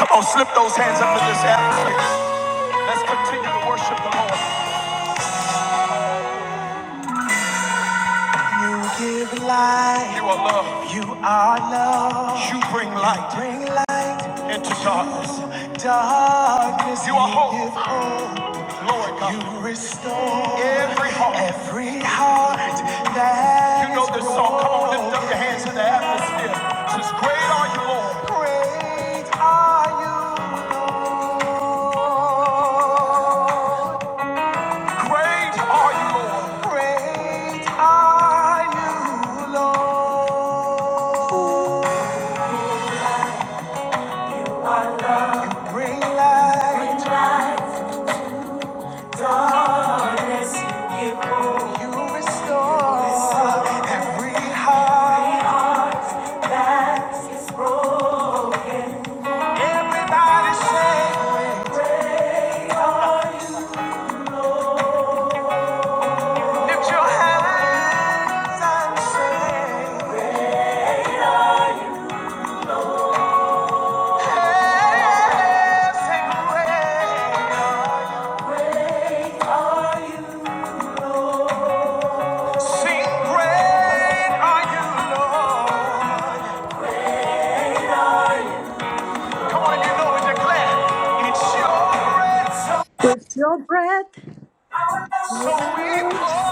Come on, slip those hands up in this atmosphere. Let's continue to worship the Lord. You give light. You are love. You are love. You bring light. You bring light into darkness. Darkness. You are you hope. You give hope. Lord God. You restore every heart. Every heart that You know this song. Come on, lift up your hands in the atmosphere. Just great are you, Lord. Great are you, Lord. Great are you, Lord. Great are you, Lord. You bring light. You restore every heart. Everybody say, lift your hands and say, Hey, say great. are you." Sing great are you, Lord. Come on, if you know it, declare, it's your great It's your breath in So our we pour, pour lungs,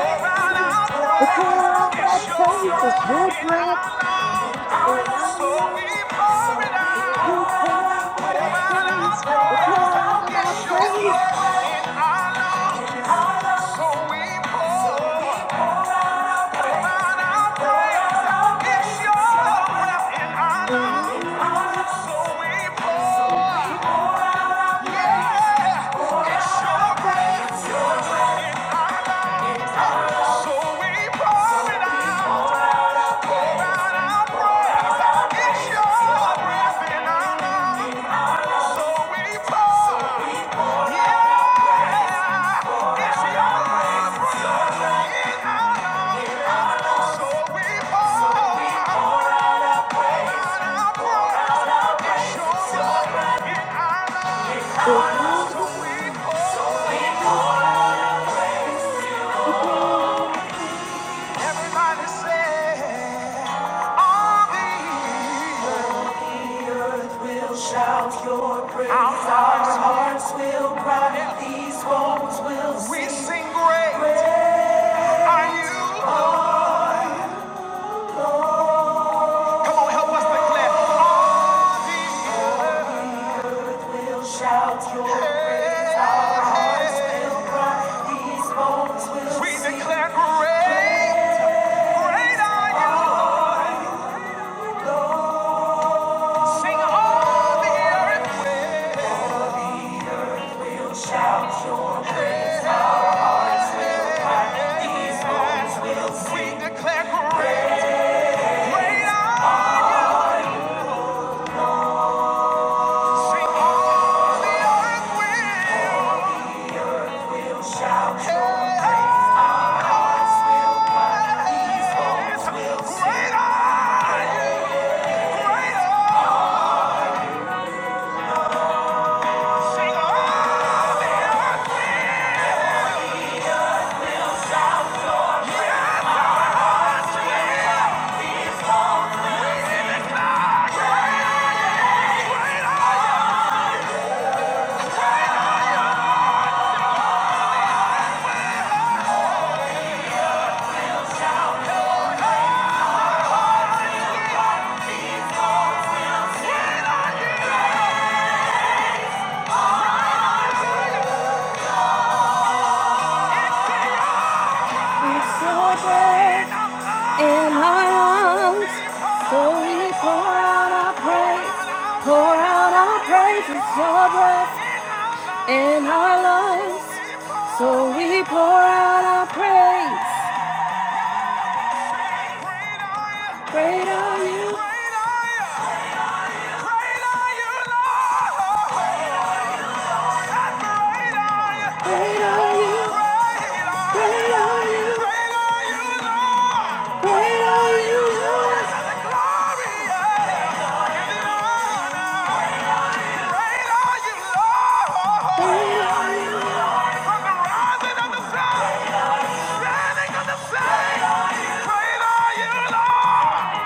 our our praise. We praise. pour out It's our your praise. It's your in our breath lungs. in our So we lungs. pour it So we out, pour out pour our out our praise. We praise. pour out Yes, our sure, praise in our lungs. So we pour. So we in our lungs. We pour out our praise. We pour out our praise pour, yeah, it's your breath. in our lungs. So we pour out our praise. We pour out our praise. We sing great. great Are you? oh, Come on, help us declare. oh, We declare great. Great are you. Sing all the earth. We declare great, great are Sing all the earth will. Yes. Great are great are Sing all the Soldiers in our arms, so we pour out our praise, pour out our praise. it's your breath in our lungs, So we pour out our praise. Great are you. Great are you, Lord. Great are you. Great are you. Great are you, Lord. Great are you. Standing on the same. great are You, Lord.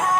the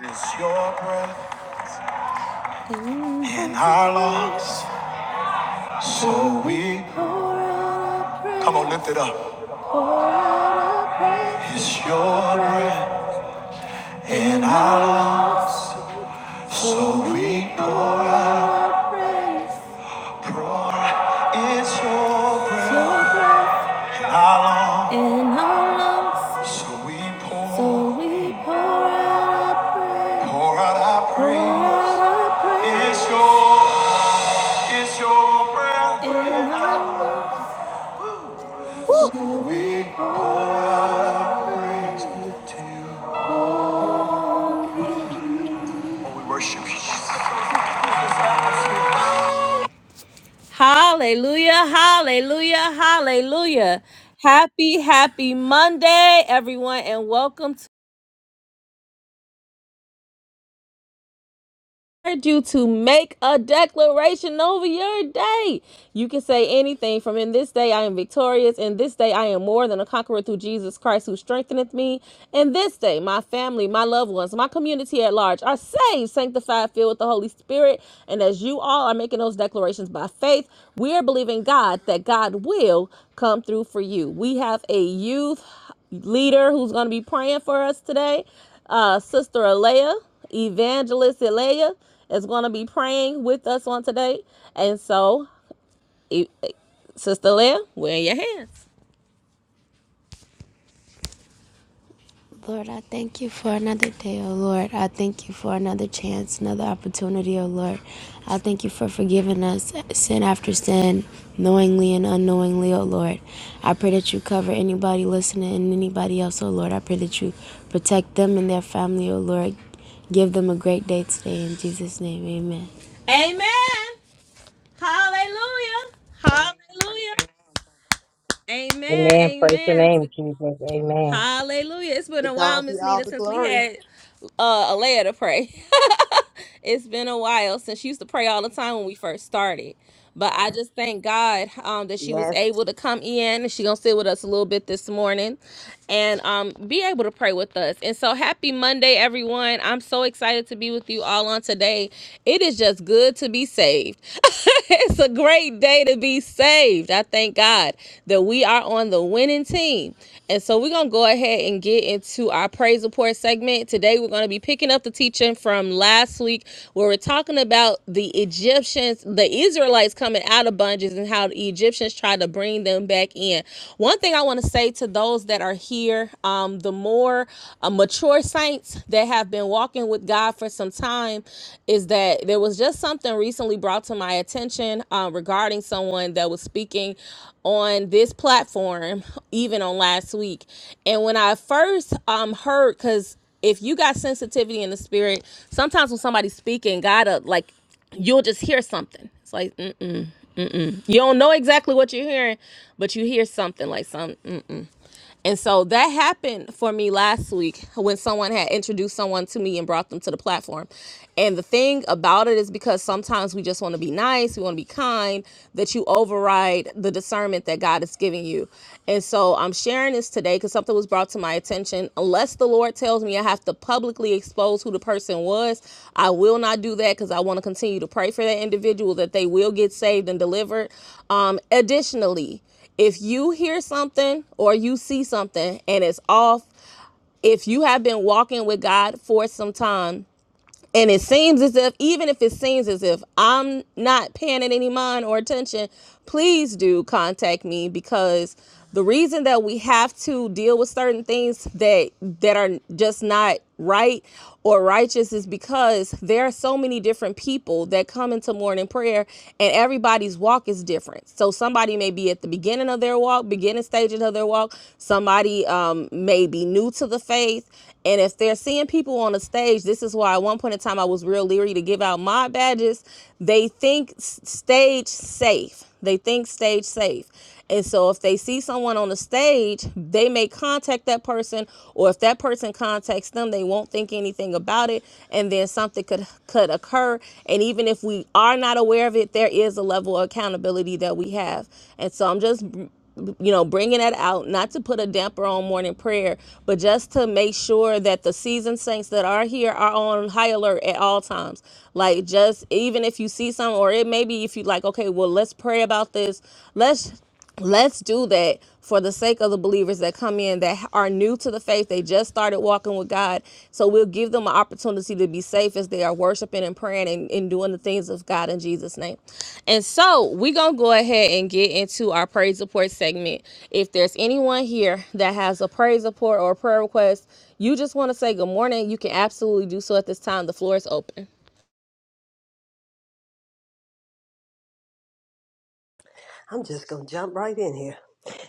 Is your breath in our lungs? So we come on, lift it up. It's your breath in us. So we pour out, pour out. It's your breath in our lungs. So we pour, pour out our praise. It's your, it's your breath. It's your in our. breath, lungs. Lord. We pour our praise. Woo! To on you. Oh, we worship you. Hallelujah, hallelujah, hallelujah. Happy, happy Monday, everyone, and welcome to. encourage you to make a declaration over your day. You can say anything from in this day I am victorious, in this day I am more than a conqueror through Jesus Christ who strengtheneth me. In this day, my family, my loved ones, my community at large are saved, sanctified, filled with the Holy Spirit. And as you all are making those declarations by faith, we are believing God that God will come through for you. We have a youth leader who's going to be praying for us today, uh, Sister Alea, Evangelist Alea, is going to be praying with us on today. And so, E- Sister Alea, we're in your hands. Lord, I thank you for another day, oh Lord. I thank you for another chance, another opportunity, oh Lord. I thank you for forgiving us sin after sin, knowingly and unknowingly, oh Lord. I pray that you cover anybody listening and anybody else, oh Lord. I pray that you protect them and their family, oh Lord. Give them a great day today. In Jesus' name, amen. Amen. Hallelujah. Hallelujah. Amen. Amen. Praise your Amen. name, Jesus. Amen. Hallelujah. It's been a while, God be Miss all Nita, the since we glory. had uh, Alea to pray. it's been a while since she used to pray all the time when we first started. But I just thank God um, that she was Yes, able to come in and she gonna sit with us a little bit this morning and um, be able to pray with us. And so happy Monday, everyone. I'm so excited to be with you all on today. It is just good to be saved. it's a great day to be saved. I thank God that we are on the winning team. And so we're going to go ahead and get into our praise report segment. Today, we're going to be picking up the teaching from last week where we're talking about the Egyptians, the Israelites coming out of bondage and how the Egyptians tried to bring them back in. One thing I want to say to those that are here, um, the more uh, mature saints that have been walking with God for some time is that there was just something recently brought to my attention uh, regarding someone that was speaking on this platform, even on last week. And when I first um, heard, because if you got sensitivity in the spirit, sometimes when somebody's speaking, God, uh, like you'll just hear something. It's like mm, you don't know exactly what you're hearing, but you hear something like some. And so that happened for me last week when someone had introduced someone to me and brought them to the platform. And the thing about it is because sometimes we just want to be nice, we want to be kind, that you override the discernment that God is giving you. And so I'm sharing this today because something was brought to my attention. Unless the Lord tells me I have to publicly expose who the person was, I will not do that because I want to continue to pray for that individual that they will get saved and delivered. Um, additionally, if you hear something or you see something and it's off, if you have been walking with God for some time and it seems as if, even if it seems as if I'm not paying it any mind or attention, please do contact me because the reason that we have to deal with certain things that that are just not right or righteous is because there are so many different people that come into morning prayer and everybody's walk is different so somebody may be at the beginning of their walk walk, beginning stages of their walk. Somebody um, may be new to the faith. And if they're seeing people on the stage, this is why at one point in time I was real leery to give out my badges. They think stage safe. They think stage safe. And so if they see someone on the stage, they may contact that person, or if that person contacts them, they won't think anything about it. And then something could could occur. And even if we are not aware of it, there is a level of accountability that we have. And so I'm just you know, bringing that out, not to put a damper on morning prayer, but just to make sure that the seasoned saints that are here are on high alert at all times. Like, just even if you see something, or it may be if you like, okay, well, let's pray about this. Let's let's do that for the sake of the believers that come in that are new to the faith. They just started walking with God. So we'll give them an opportunity to be safe as they are worshiping and praying and, and doing the things of God in Jesus' name. And so we're going to go ahead and get into our praise report segment. If there's anyone here that has a praise report or a prayer request, you just want to say good morning, you can absolutely do so at this time. The floor is open. I'm just going to jump right in here.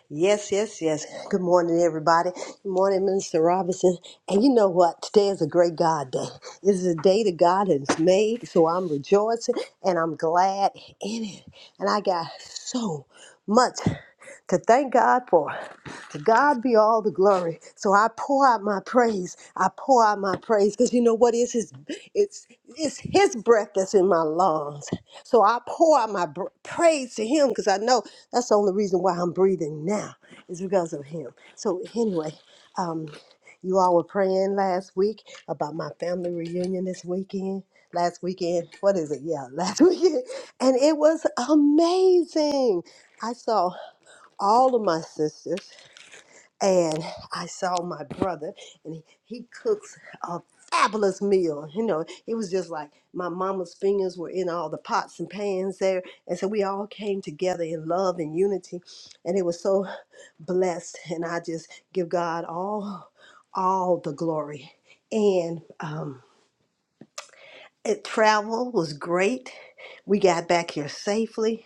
Yes, yes, yes. Good morning, everybody. Good morning, Minister Robinson. And you know what? Today is a great God day. This is a day that God has made, so I'm rejoicing and I'm glad in it. And I got so much to thank God for. To God be all the glory. So I pour out my praise. I pour out my praise because you know what is His? It's it's His breath that's in my lungs. So I pour out my br- praise to Him because I know. That's the only reason why I'm breathing now is because of him. So anyway, um, you all were praying last week about my family reunion this weekend. Last weekend, what is it? Yeah, last weekend, and it was amazing. I saw all of my sisters and I saw my brother, and he, he cooks a fabulous meal. You know, it was just like my mama's fingers were in all the pots and pans there, and so we all came together in love and unity, and it was so blessed. And I just give God all, all the glory. And um, it travel was great. We got back here safely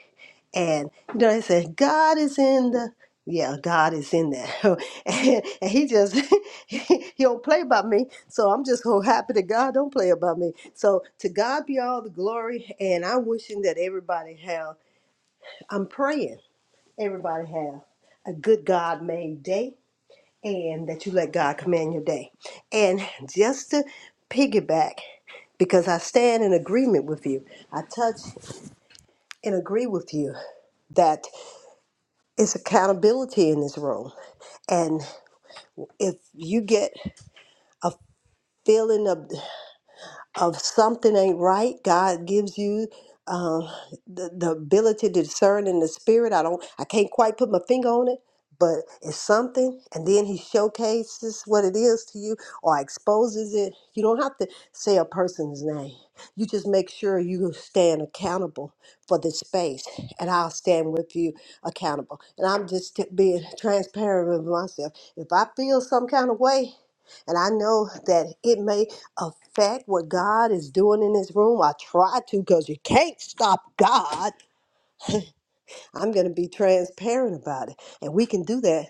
and you know, they said God is in the yeah, God is in there. and, and he just he, he don't play about me. So I'm just so happy that God don't play about me. So to God be all the glory and I'm wishing that everybody have I'm praying everybody have a good God made day and that you let God command your day. And just to piggyback, because I stand in agreement with you, I touch and agree with you that. it's accountability in this room. And if you get a feeling of of something ain't right, God gives you um, the, the ability to discern in the spirit. I don't, I can't quite put my finger on it, but it's something. And then He showcases what it is to you or exposes it. You don't have to say a person's name. You just make sure you stand accountable for this space, and I'll stand with you accountable. And I'm just t- being transparent with myself. If I feel some kind of way, and I know that it may affect what God is doing in this room. I try to because you can't stop God. I'm going to be transparent about it. And we can do that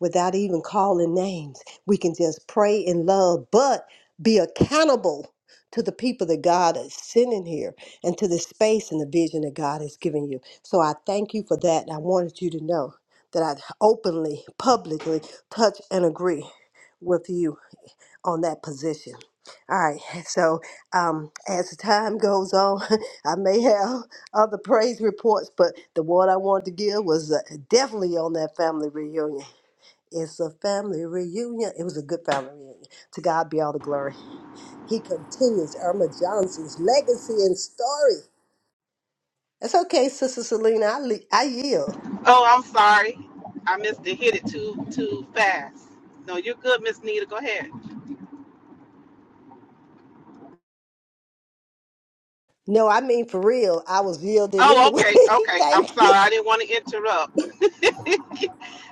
without even calling names. We can just pray in love, but be accountable to the people that God is sending here and to the space and the vision that God has given you. So I thank you for that. And I wanted you to know that I openly, publicly touch and agree with you on that position. All right, so um, as the time goes on, I may have other praise reports, but the one I wanted to give was uh, definitely on that family reunion. It's a family reunion. It was a good family reunion. To God be all the glory. He continues Irma Johnson's legacy and story. That's okay, Sister Selena. I, le- I yield. Oh, I'm sorry. I missed it. Hit it too too fast. No, you're good, Miss Nita. Go ahead. No, I mean for real. I was yielding Oh, anyway. okay, okay. I'm Thank sorry. I you. didn't want to interrupt.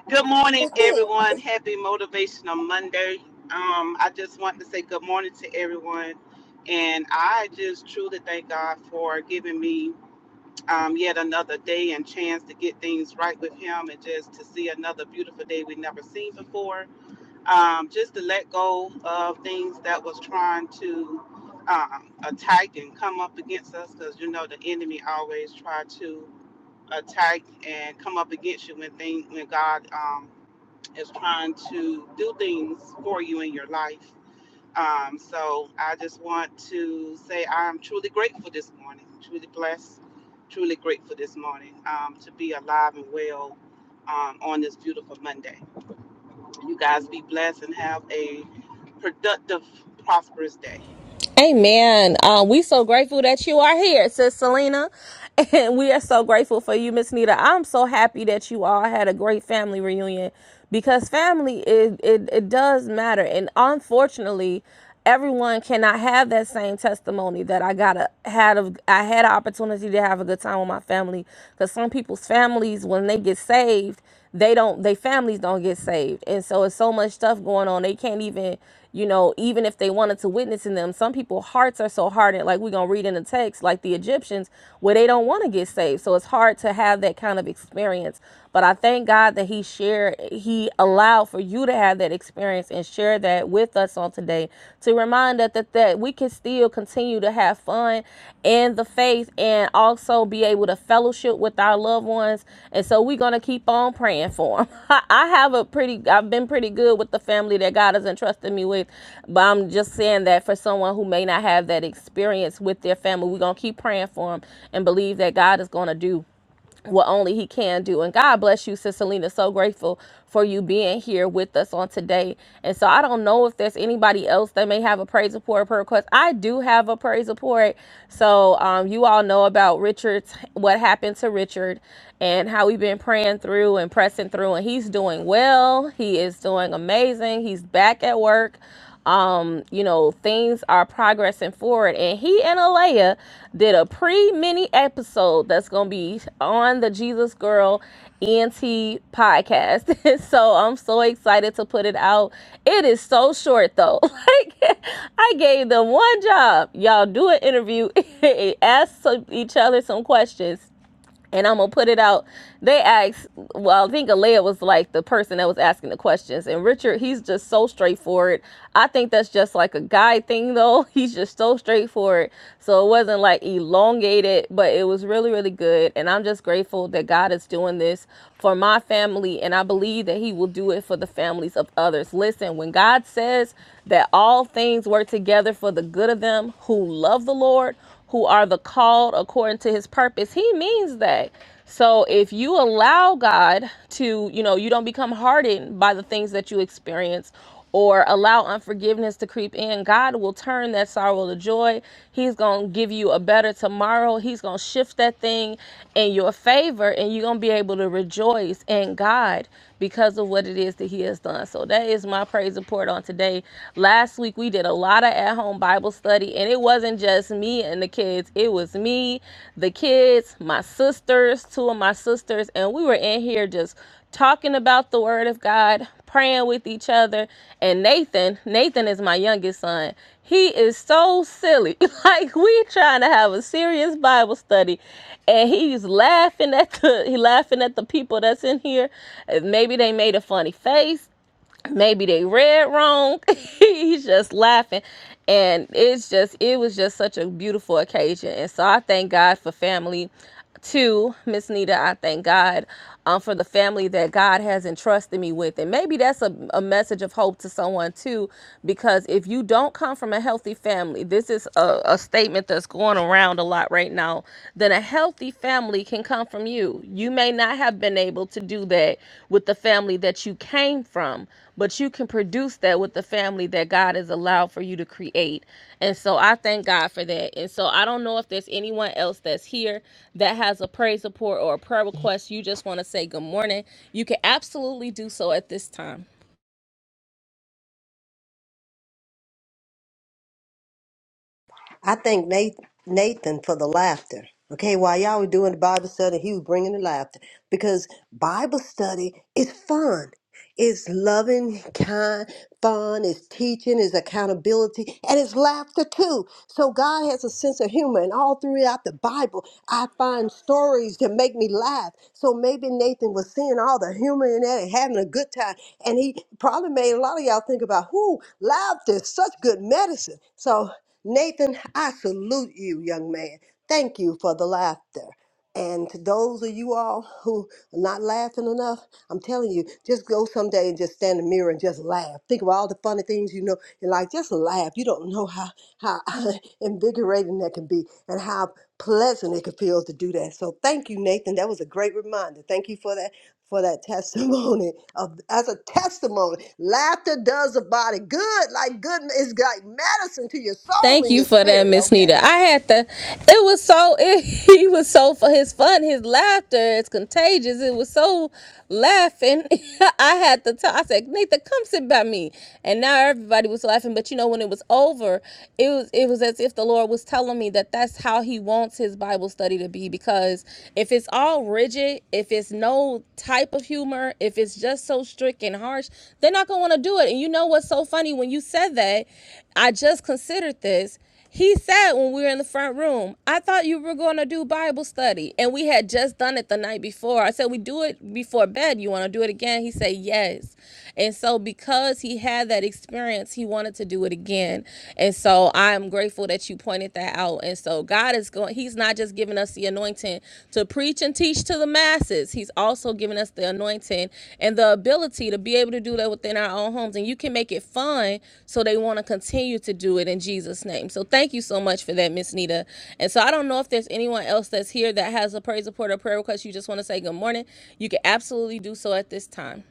good morning, everyone. Happy Motivational Monday. Um, I just want to say good morning to everyone, and I just truly thank God for giving me um, yet another day and chance to get things right with Him, and just to see another beautiful day we have never seen before. um, just to let go of things that was trying to um, attack and come up against us because you know the enemy always try to attack and come up against you when thing when God um, is trying to do things for you in your life. Um, so I just want to say I'm truly grateful this morning, truly blessed, truly grateful this morning um, to be alive and well um, on this beautiful Monday. You guys be blessed and have a productive, prosperous day. Amen. Uh, we so grateful that you are here, Sis Selena. And we are so grateful for you, Miss Nita. I'm so happy that you all had a great family reunion because family it, it it does matter. And unfortunately, everyone cannot have that same testimony that I got a had of I had an opportunity to have a good time with my family. Because some people's families, when they get saved, they don't they families don't get saved and so it's so much stuff going on they can't even you know even if they wanted to witness in them some people hearts are so hardened like we're gonna read in the text like the egyptians where they don't want to get saved so it's hard to have that kind of experience but i thank god that he shared he allowed for you to have that experience and share that with us on today to remind find that, that that we can still continue to have fun in the faith and also be able to fellowship with our loved ones. And so we're gonna keep on praying for them. I have a pretty, I've been pretty good with the family that God has entrusted me with, but I'm just saying that for someone who may not have that experience with their family, we're gonna keep praying for them and believe that God is gonna do Okay. what only he can do. And God bless you, Sister Lena. So grateful for you being here with us on today. And so I don't know if there's anybody else that may have a praise report or prayer request. I do have a praise report. So um, you all know about Richard's, what happened to Richard and how we've been praying through and pressing through. And he's doing well. He is doing amazing. He's back at work um, you know, things are progressing forward. And he and Alea did a pre mini episode that's going to be on the Jesus Girl ENT podcast. so I'm so excited to put it out. It is so short though. Like, I gave them one job. Y'all do an interview, ask some, each other some questions and I'm gonna put it out. They asked, well, I think Alea was like the person that was asking the questions, and Richard, he's just so straightforward. I think that's just like a guy thing, though. He's just so straightforward, so it wasn't like elongated, but it was really, really good. And I'm just grateful that God is doing this for my family, and I believe that He will do it for the families of others. Listen, when God says that all things work together for the good of them who love the Lord who are the called according to his purpose, he means that. So if you allow God to, you know, you don't become hardened by the things that you experience or allow unforgiveness to creep in, God will turn that sorrow to joy. He's going to give you a better tomorrow. He's going to shift that thing in your favor and you're going to be able to rejoice in God because of what it is that he has done. So that is my praise report on today. Last week we did we did a lot of at home Bible study, and it wasn't just me and the kids. It was me, the kids, my sisters, two of my sisters, and we were in here just talking about the Word of God, praying with each other. And Nathan, Nathan is my youngest son. He is so silly. Like we trying to have a serious Bible study, and he's laughing at the he laughing at the people that's in here. Uh, Maybe they made a funny face maybe they read wrong. He's just laughing. And it's just, it was just such a beautiful occasion. And so I thank God for family. too, Miss Nita, I thank God um, for the family that God has entrusted me with. And maybe that's a, a message of hope to someone too, because if you don't come from a healthy family, this is a, a statement that's going around a lot right now, then a healthy family can come from you. You may not have been able to do that with the family that you came from but you can produce that with the family that God has allowed for you to create. And so I thank God for that. And so I don't know if there's anyone else that's here that has a praise report or a prayer request. You just want to say good morning. You can absolutely do so at this time. I thank Nathan, Nathan for the laughter. Okay, while y'all were doing the Bible study, he was bringing the laughter because Bible study is fun. It's loving, kind, fun. It's teaching. It's accountability, and it's laughter too. So God has a sense of humor, and all throughout the Bible, I find stories that make me laugh. So maybe Nathan was seeing all the humor in that and having a good time, and he probably made a lot of y'all think about who laughter is such good medicine. So Nathan, I salute you, young man. Thank you for the laughter. And to those of you all who are not laughing enough, I'm telling you, just go someday and just stand in the mirror and just laugh. Think of all the funny things you know and like just laugh. You don't know how how invigorating that can be and how pleasant it can feel to do that. So thank you, Nathan. That was a great reminder. Thank you for that for that testimony of as a testimony. Laughter does the body good, like good it's like medicine to your soul Thank and you your for that, spirit. Miss Nita. Okay. I had to. It was so. It, he was so for his fun. His laughter is contagious. It was so laughing. I had to. Tell, I said, Nita, come sit by me. And now everybody was laughing. But you know, when it was over, it was it was as if the Lord was telling me that that's how He wants His Bible study to be. Because if it's all rigid, if it's no type of humor, if it's just so strict and harsh, they're not gonna want to do it. And you know what's so funny when you said that? I just considered this. He said when we were in the front room, I thought you were going to do Bible study. And we had just done it the night before. I said, We do it before bed. You want to do it again? He said, Yes. And so, because he had that experience, he wanted to do it again. And so, I'm grateful that you pointed that out. And so, God is going, He's not just giving us the anointing to preach and teach to the masses. He's also given us the anointing and the ability to be able to do that within our own homes. And you can make it fun so they want to continue to do it in Jesus' name. So thank you so much for that, Miss Nita. And so I don't know if there's anyone else that's here that has a praise report or prayer request. You just want to say good morning. You can absolutely do so at this time.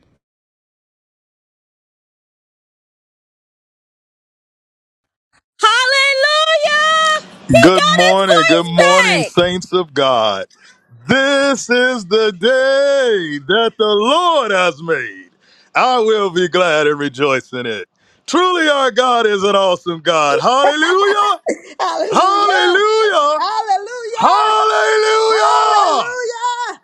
Hallelujah! He Good got his morning, good voice morning, back. saints of God. This is the day that the Lord has made. I will be glad and rejoice in it. Truly, our God is an awesome God. Hallelujah! Hallelujah. Hallelujah! Hallelujah! Hallelujah. Hallelujah.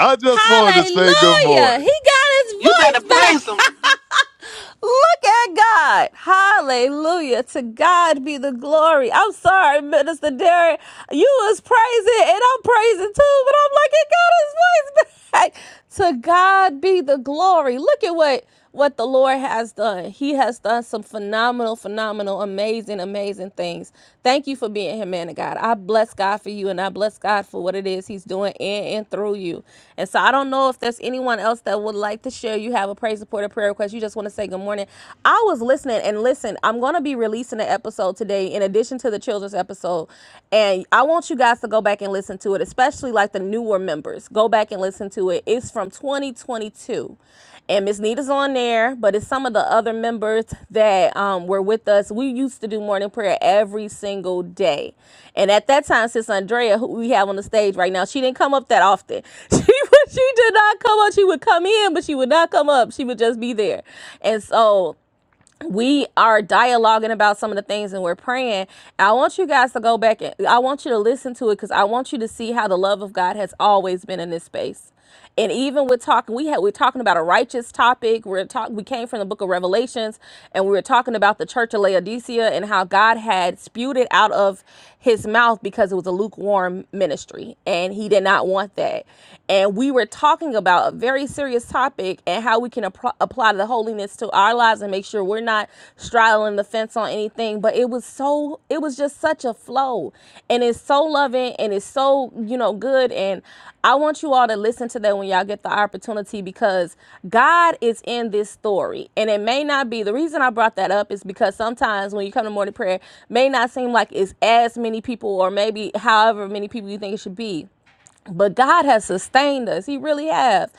I just wanted to say good Hallelujah. morning. He got his You better voice praise back. him. Look at God. Hallelujah. To God be the glory. I'm sorry, Minister Derek. You was praising and I'm praising too, but I'm like, he got his voice back. To God be the glory. Look at what what the Lord has done. He has done some phenomenal, phenomenal, amazing, amazing things. Thank you for being here, man of God. I bless God for you and I bless God for what it is He's doing in and through you. And so I don't know if there's anyone else that would like to share. You have a praise support or prayer request. You just want to say good morning. I was listening and listen, I'm going to be releasing an episode today in addition to the children's episode. And I want you guys to go back and listen to it, especially like the newer members. Go back and listen to it. It's from 2022 and Miss Nita's on there, but it's some of the other members that um, were with us. We used to do morning prayer every single day, and at that time, since Andrea, who we have on the stage right now, she didn't come up that often. She would, she did not come up. She would come in, but she would not come up. She would just be there, and so we are dialoguing about some of the things and we're praying. I want you guys to go back and I want you to listen to it because I want you to see how the love of God has always been in this space. And even with talking, we had we're talking about a righteous topic. We're talking. We came from the Book of Revelations, and we were talking about the Church of Laodicea and how God had spewed it out of his mouth because it was a lukewarm ministry and he did not want that. And we were talking about a very serious topic and how we can appro- apply the holiness to our lives and make sure we're not straddling the fence on anything. But it was so, it was just such a flow. And it's so loving loving and it's so, you know, good. And I want you all to listen to that when y'all get the opportunity because God is in this story. And it may not be the reason I brought that up is because sometimes when you come to morning prayer, may not seem like it's as many people or maybe however many people you think it should be but God has sustained us. He really has.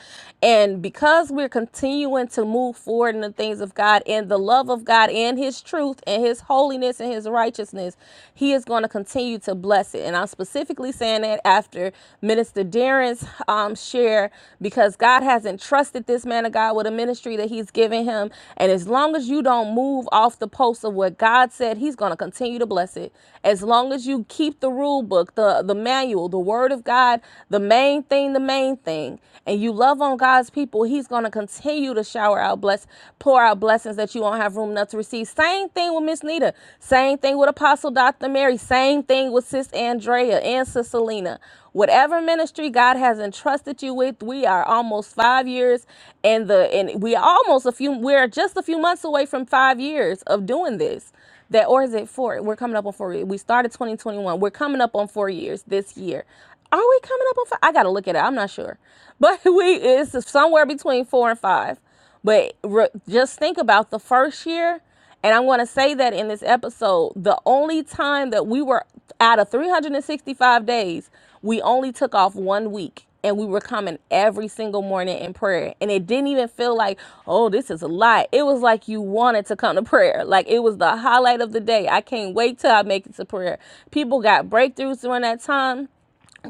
And because we're continuing to move forward in the things of God and the love of God and His truth and His holiness and His righteousness, He is going to continue to bless it. And I'm specifically saying that after Minister Darren's um, share, because God has entrusted this man of God with a ministry that He's given him. And as long as you don't move off the post of what God said, He's going to continue to bless it. As long as you keep the rule book, the, the manual, the word of God. God the main thing, the main thing, and you love on God's people, He's going to continue to shower out, bless, pour out blessings that you won't have room enough to receive. Same thing with Miss Nita. Same thing with Apostle Dr. Mary. Same thing with Sis Andrea and Sis Selena. Whatever ministry God has entrusted you with, we are almost five years and the and we are almost a few we're just a few months away from five years of doing this that or is it four? We're coming up on four. We started 2021. We're coming up on four years this year. Are we coming up on five? I gotta look at it. I'm not sure, but we it's somewhere between four and five. But re- just think about the first year, and I'm gonna say that in this episode, the only time that we were out of 365 days we only took off one week and we were coming every single morning in prayer. And it didn't even feel like, oh, this is a lot. It was like you wanted to come to prayer. Like it was the highlight of the day. I can't wait till I make it to prayer. People got breakthroughs during that time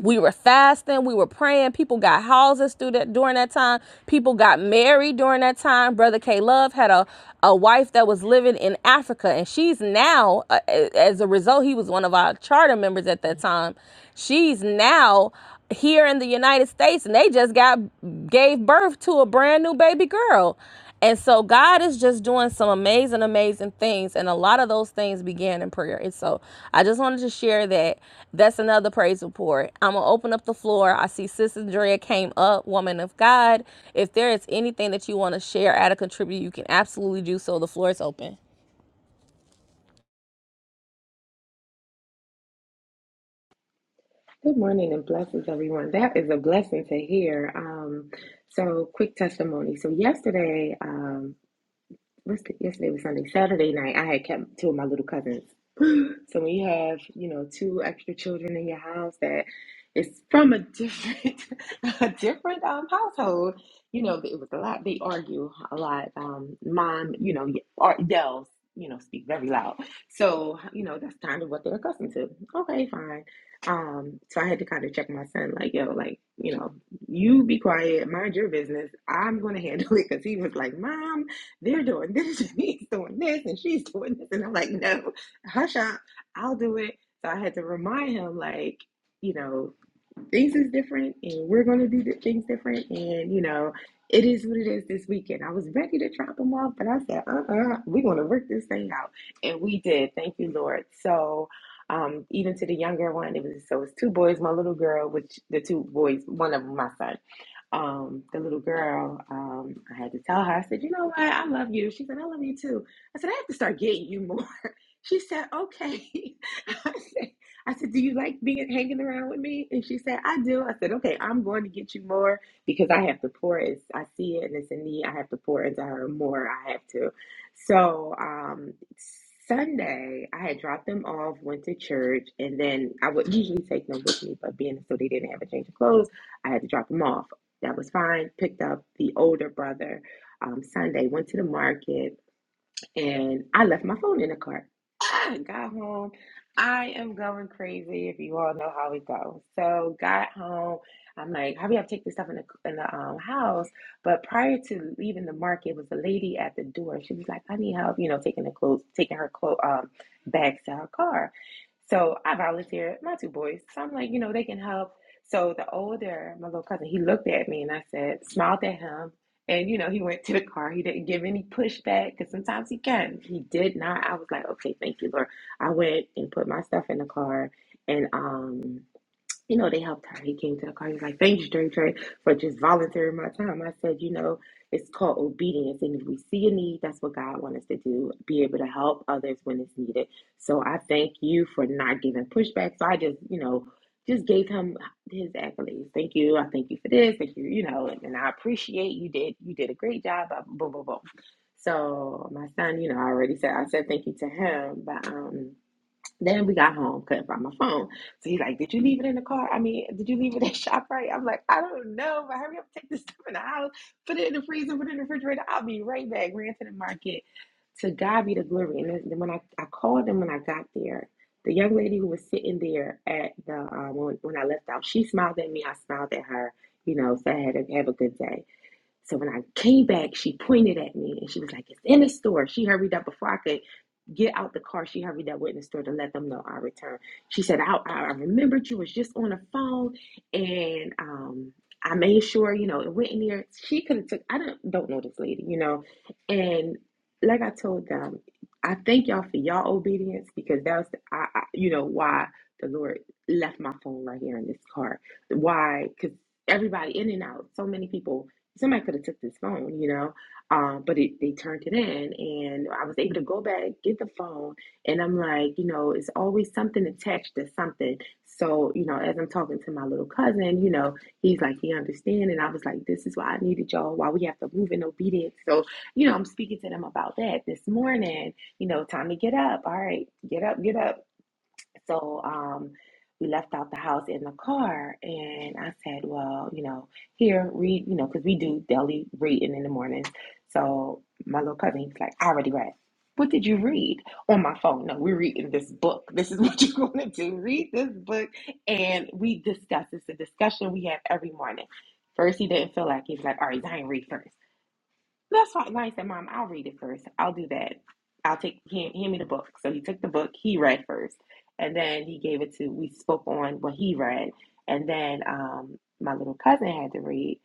we were fasting, we were praying. People got houses through that during that time. People got married during that time. Brother K Love had a a wife that was living in Africa and she's now uh, as a result he was one of our charter members at that time. She's now here in the United States and they just got gave birth to a brand new baby girl. And so God is just doing some amazing, amazing things. And a lot of those things began in prayer. And so I just wanted to share that. That's another praise report. I'm going to open up the floor. I see Sister Drea came up, woman of God. If there is anything that you want to share, add or contribute, you can absolutely do so. The floor is open. Good morning and blessings, everyone. That is a blessing to hear. Um, so, quick testimony. So, yesterday, um, what's the, yesterday was Sunday, Saturday night, I had kept two of my little cousins. So when you have, you know, two extra children in your house that is from a different a different um, household, you know, it was a lot. They argue a lot. Um, mom, you know, ye- ar- yells, you know, speak very loud. So you know, that's kind of what they're accustomed to. Okay, fine. Um, so I had to kind of check my son, like, yo, like, you know, you be quiet, mind your business. I'm gonna handle it because he was like, Mom, they're doing this, and he's doing this, and she's doing this, and I'm like, no, hush up. I'll do it. So I had to remind him, like, you know, things is different and we're going to do di- things different. And, you know, it is what it is this weekend. I was ready to drop him off, but I said, uh uh-uh, uh, we are going to work this thing out. And we did. Thank you, Lord. So, um, even to the younger one, it was so it was two boys, my little girl, which the two boys, one of them, my son. Um, the little girl, um, I had to tell her, I said, you know what, I love you. She said, I love you too. I said, I have to start getting you more. She said, okay. I said, I said, do you like being hanging around with me? And she said, I do. I said, okay, I'm going to get you more because I have to pour it. I see it and it's a need. I have to pour into her more. I have to. So um, Sunday, I had dropped them off, went to church, and then I would usually take them with me, but being so they didn't have a change of clothes, I had to drop them off. That was fine. Picked up the older brother um, Sunday, went to the market and I left my phone in the car. I got home. I am going crazy. If you all know how we go, so got home. I'm like, "How hurry up, take this stuff in the in the um, house. But prior to leaving the market, was a lady at the door. She was like, I need help, you know, taking the clothes, taking her clothes um, bags to her car. So I volunteered my two boys. So I'm like, you know, they can help. So the older, my little cousin, he looked at me and I said, smiled at him. And you know, he went to the car. He didn't give any pushback because sometimes he can. He did not. I was like, okay, thank you, Lord. I went and put my stuff in the car, and um you know, they helped her. He came to the car. He's like, thank you, Dre Dre, for just volunteering my time. I said, you know, it's called obedience. And if we see a need, that's what God wants us to do, be able to help others when it's needed. So I thank you for not giving pushback. So I just, you know, just gave him his accolades. Thank you. I thank you for this. Thank you. You know, and, and I appreciate you did you did a great job. Boom, boom, boom. So my son, you know, I already said I said thank you to him, but um then we got home, couldn't find my phone. So he's like, Did you leave it in the car? I mean, did you leave it at Shoprite?" I'm like, I don't know, but hurry up, take this stuff in the house, put it in the freezer, put it in the refrigerator. I'll be right back. Ran to the market. To God be the glory. And then then when I, I called them when I got there, the young lady who was sitting there at the um, when, when I left out, she smiled at me. I smiled at her, you know, so I had to have a good day. So when I came back, she pointed at me and she was like, It's in the store. She hurried up before I could get out the car. She hurried up went in the store to let them know I returned. She said, I, I remembered you was just on the phone and um I made sure, you know, it went in there. She could have took I don't don't know this lady, you know. And like I told them, I thank y'all for y'all obedience because that was the, I, I you know why the Lord left my phone right here in this car. Why? Because everybody in and out, so many people somebody could have took this phone, you know, um, but it, they turned it in, and I was able to go back get the phone, and I'm like, you know, it's always something attached to something. So, you know, as I'm talking to my little cousin, you know, he's like, he understands, and I was like, this is why I needed y'all, why we have to move in obedience. So, you know, I'm speaking to them about that this morning. You know, time to get up. All right, get up, get up so um, we left out the house in the car, and I said, "Well, you know, here read, you know, because we do daily reading in the mornings." So my little cousin, he's like, "I already read." What did you read on my phone? No, we're reading this book. This is what you're going to do. Read this book, and we discuss. It's a discussion we have every morning. First, he didn't feel like it. he's like, "All right, Zion, read first. That's why, why I said, Mom, I'll read it first. I'll do that. I'll take, hand, hand me the book. So he took the book, he read first. And then he gave it to, we spoke on what he read. And then um, my little cousin had to read.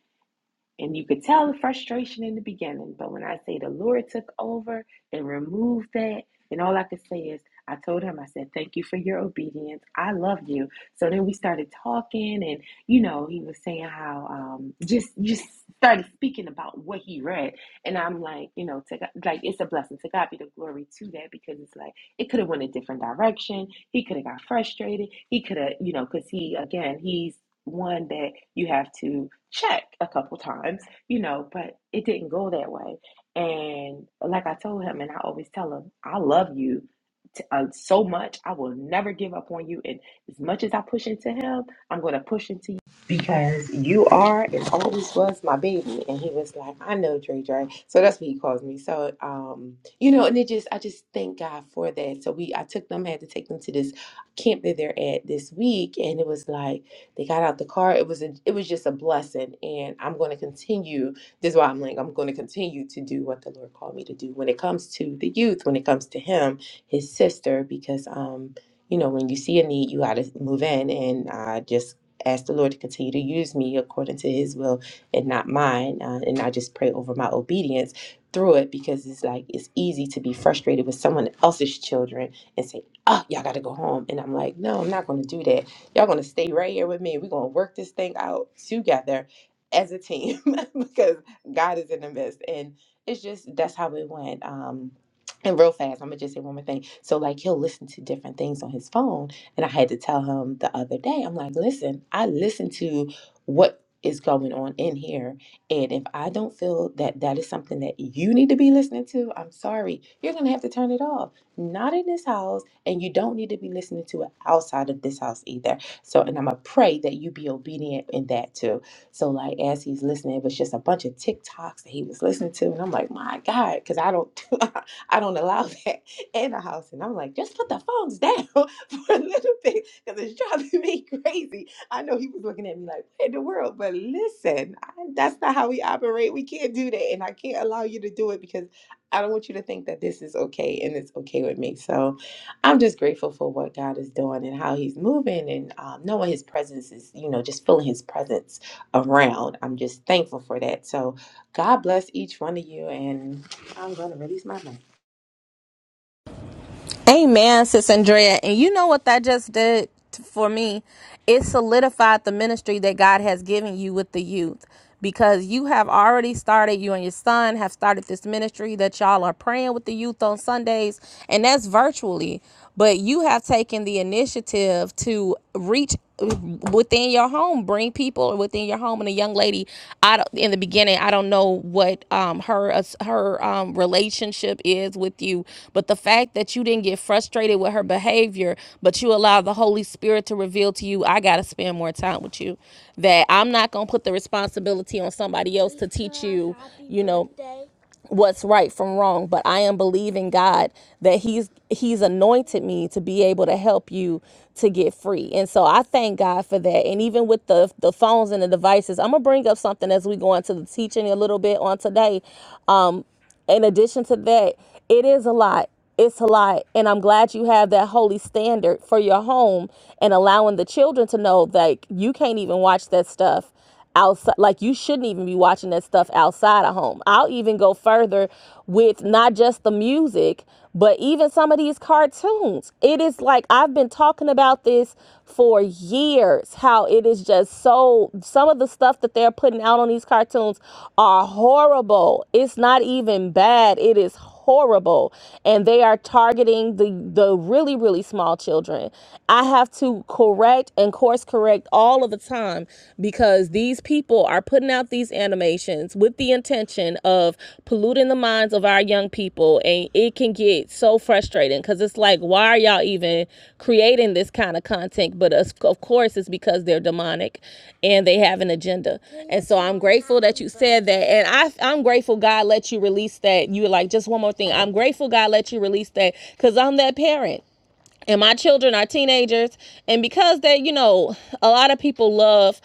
And you could tell the frustration in the beginning, but when I say the Lord took over and removed that, and all I could say is, I told him, I said, Thank you for your obedience. I love you. So then we started talking, and you know, he was saying how um, just just started speaking about what he read. And I'm like, you know, to God, like it's a blessing. To God be the glory to that because it's like it could have went a different direction. He could have got frustrated. He could have, you know, because he again, he's one that you have to check a couple times, you know, but it didn't go that way. And like I told him, and I always tell him, I love you t- uh, so much. I will never give up on you. And as much as I push into him, I'm going to push into you because you are and always was my baby. And he was like, I know, Dre Dre. So that's what he calls me. So, um, you know, and it just, I just thank God for that. So we, I took them, had to take them to this camp that they're at this week. And it was like, they got out the car. It was a, it was just a blessing, and I'm going to continue. This is why I'm like I'm going to continue to do what the Lord called me to do when it comes to the youth, when it comes to him, his sister, because um you know when you see a need, you got to move in, and I just ask the Lord to continue to use me according to His will and not mine, uh, and I just pray over my obedience through it because it's like it's easy to be frustrated with someone else's children and say, oh, y'all got to go home. And I'm like, no, I'm not going to do that. Y'all gonna stay right here with me. We're gonna work this thing out together as a team because God is in the midst. And it's just that's how it went. Um and real fast, I'm gonna just say one more thing. So like he'll listen to different things on his phone. And I had to tell him the other day, I'm like, listen, I listen to what is going on in here. And if I don't feel that that is something that you need to be listening to, I'm sorry. You're going to have to turn it off. Not in this house. And you don't need to be listening to it outside of this house either. So, and I'm gonna pray that you be obedient in that too. So, like as he's listening, it was just a bunch of TikToks that he was listening to, and I'm like, my God, because I don't, I don't allow that in the house, and I'm like, just put the phones down for a little bit because it's driving me crazy. I know he was looking at me like, what in the world? But listen, I, that's not how we operate. We can't do that, and I can't allow you to do it because I don't want you to think that this is okay and it's okay with me. So, I'm just grateful for what God is doing and how He's moving and um, knowing His presence is, you know, just feeling His presence around. I'm just thankful for that. So, God bless each one of you, and I'm going to release my mic. Amen, Sis Andrea. And you know what that just did t- for me? It solidified the ministry that God has given you with the youth because you have already started, you and your son have started this ministry that y'all are praying with the youth on Sundays, and that's virtually. But you have taken the initiative to reach within your home bring people within your home and a young lady i don't, in the beginning i don't know what um her as- her um relationship is with you but the fact that you didn't get frustrated with her behavior but you allow the holy spirit to reveal to you i gotta spend more time with you that i'm not gonna put the responsibility on somebody else to teach you you know what's right from wrong but i am believing god that he's he's anointed me to be able to help you to get free and so i thank god for that and even with the the phones and the devices i'm gonna bring up something as we go into the teaching a little bit on today Um, in addition to that, it is a lot. It's a lot. And I'm glad you have that holy standard for your home and allowing the children to know that you can't even watch that stuff outside. Like, you shouldn't even be watching that stuff outside of home. I'll even go further with not just the music, but even some of these cartoons. It is like I've been talking about this this for years. How it is just so some of the stuff that they're putting out on these cartoons are horrible. It's not even bad. It is horrible. And they are targeting the the really really small children. I have to correct and course correct all of the time because these people are putting out these animations with with the intention of polluting the minds of our young people. And it can get so frustrating because it's like, why are y'all even creating this kind of content? But of course, it's because they're demonic and they have an agenda. And so I'm grateful that you said that. And I, I'm grateful God let you release that. You were like, just one more thing. I'm grateful God let you release that because I'm that parent and my children are teenagers and because they you know a lot of people love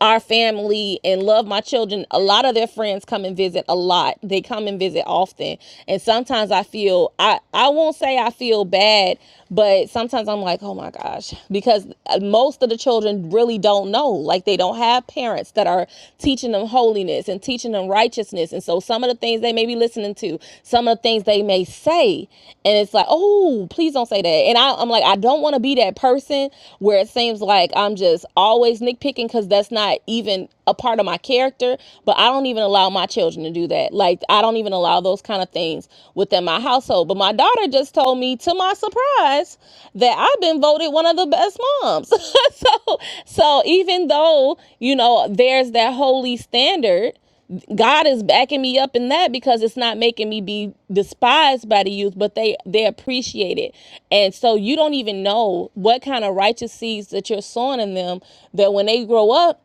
our family and love my children a lot of their friends come and visit a lot they come and visit often and sometimes i feel i i won't say i feel bad but sometimes i'm like oh my gosh because uh, most of the children really don't know like they don't have parents that are teaching them holiness and teaching them righteousness and so some of the things they may be listening to some of the things things they may say and it's like oh please don't say that and I, i'm like i don't want to be that person where it seems like i'm just always nitpicking because that's not even a part of my character but i don't even allow my children to do that like i don't even allow those kind of things within my household but my daughter just told me to my surprise that i've been voted one of the best moms so so even though you know there's that holy standard God is backing me up in that because it's not making me be despised by the youth, but they they appreciate it. And so you don't even know what kind of righteous seeds that you're sowing in them that when they grow up,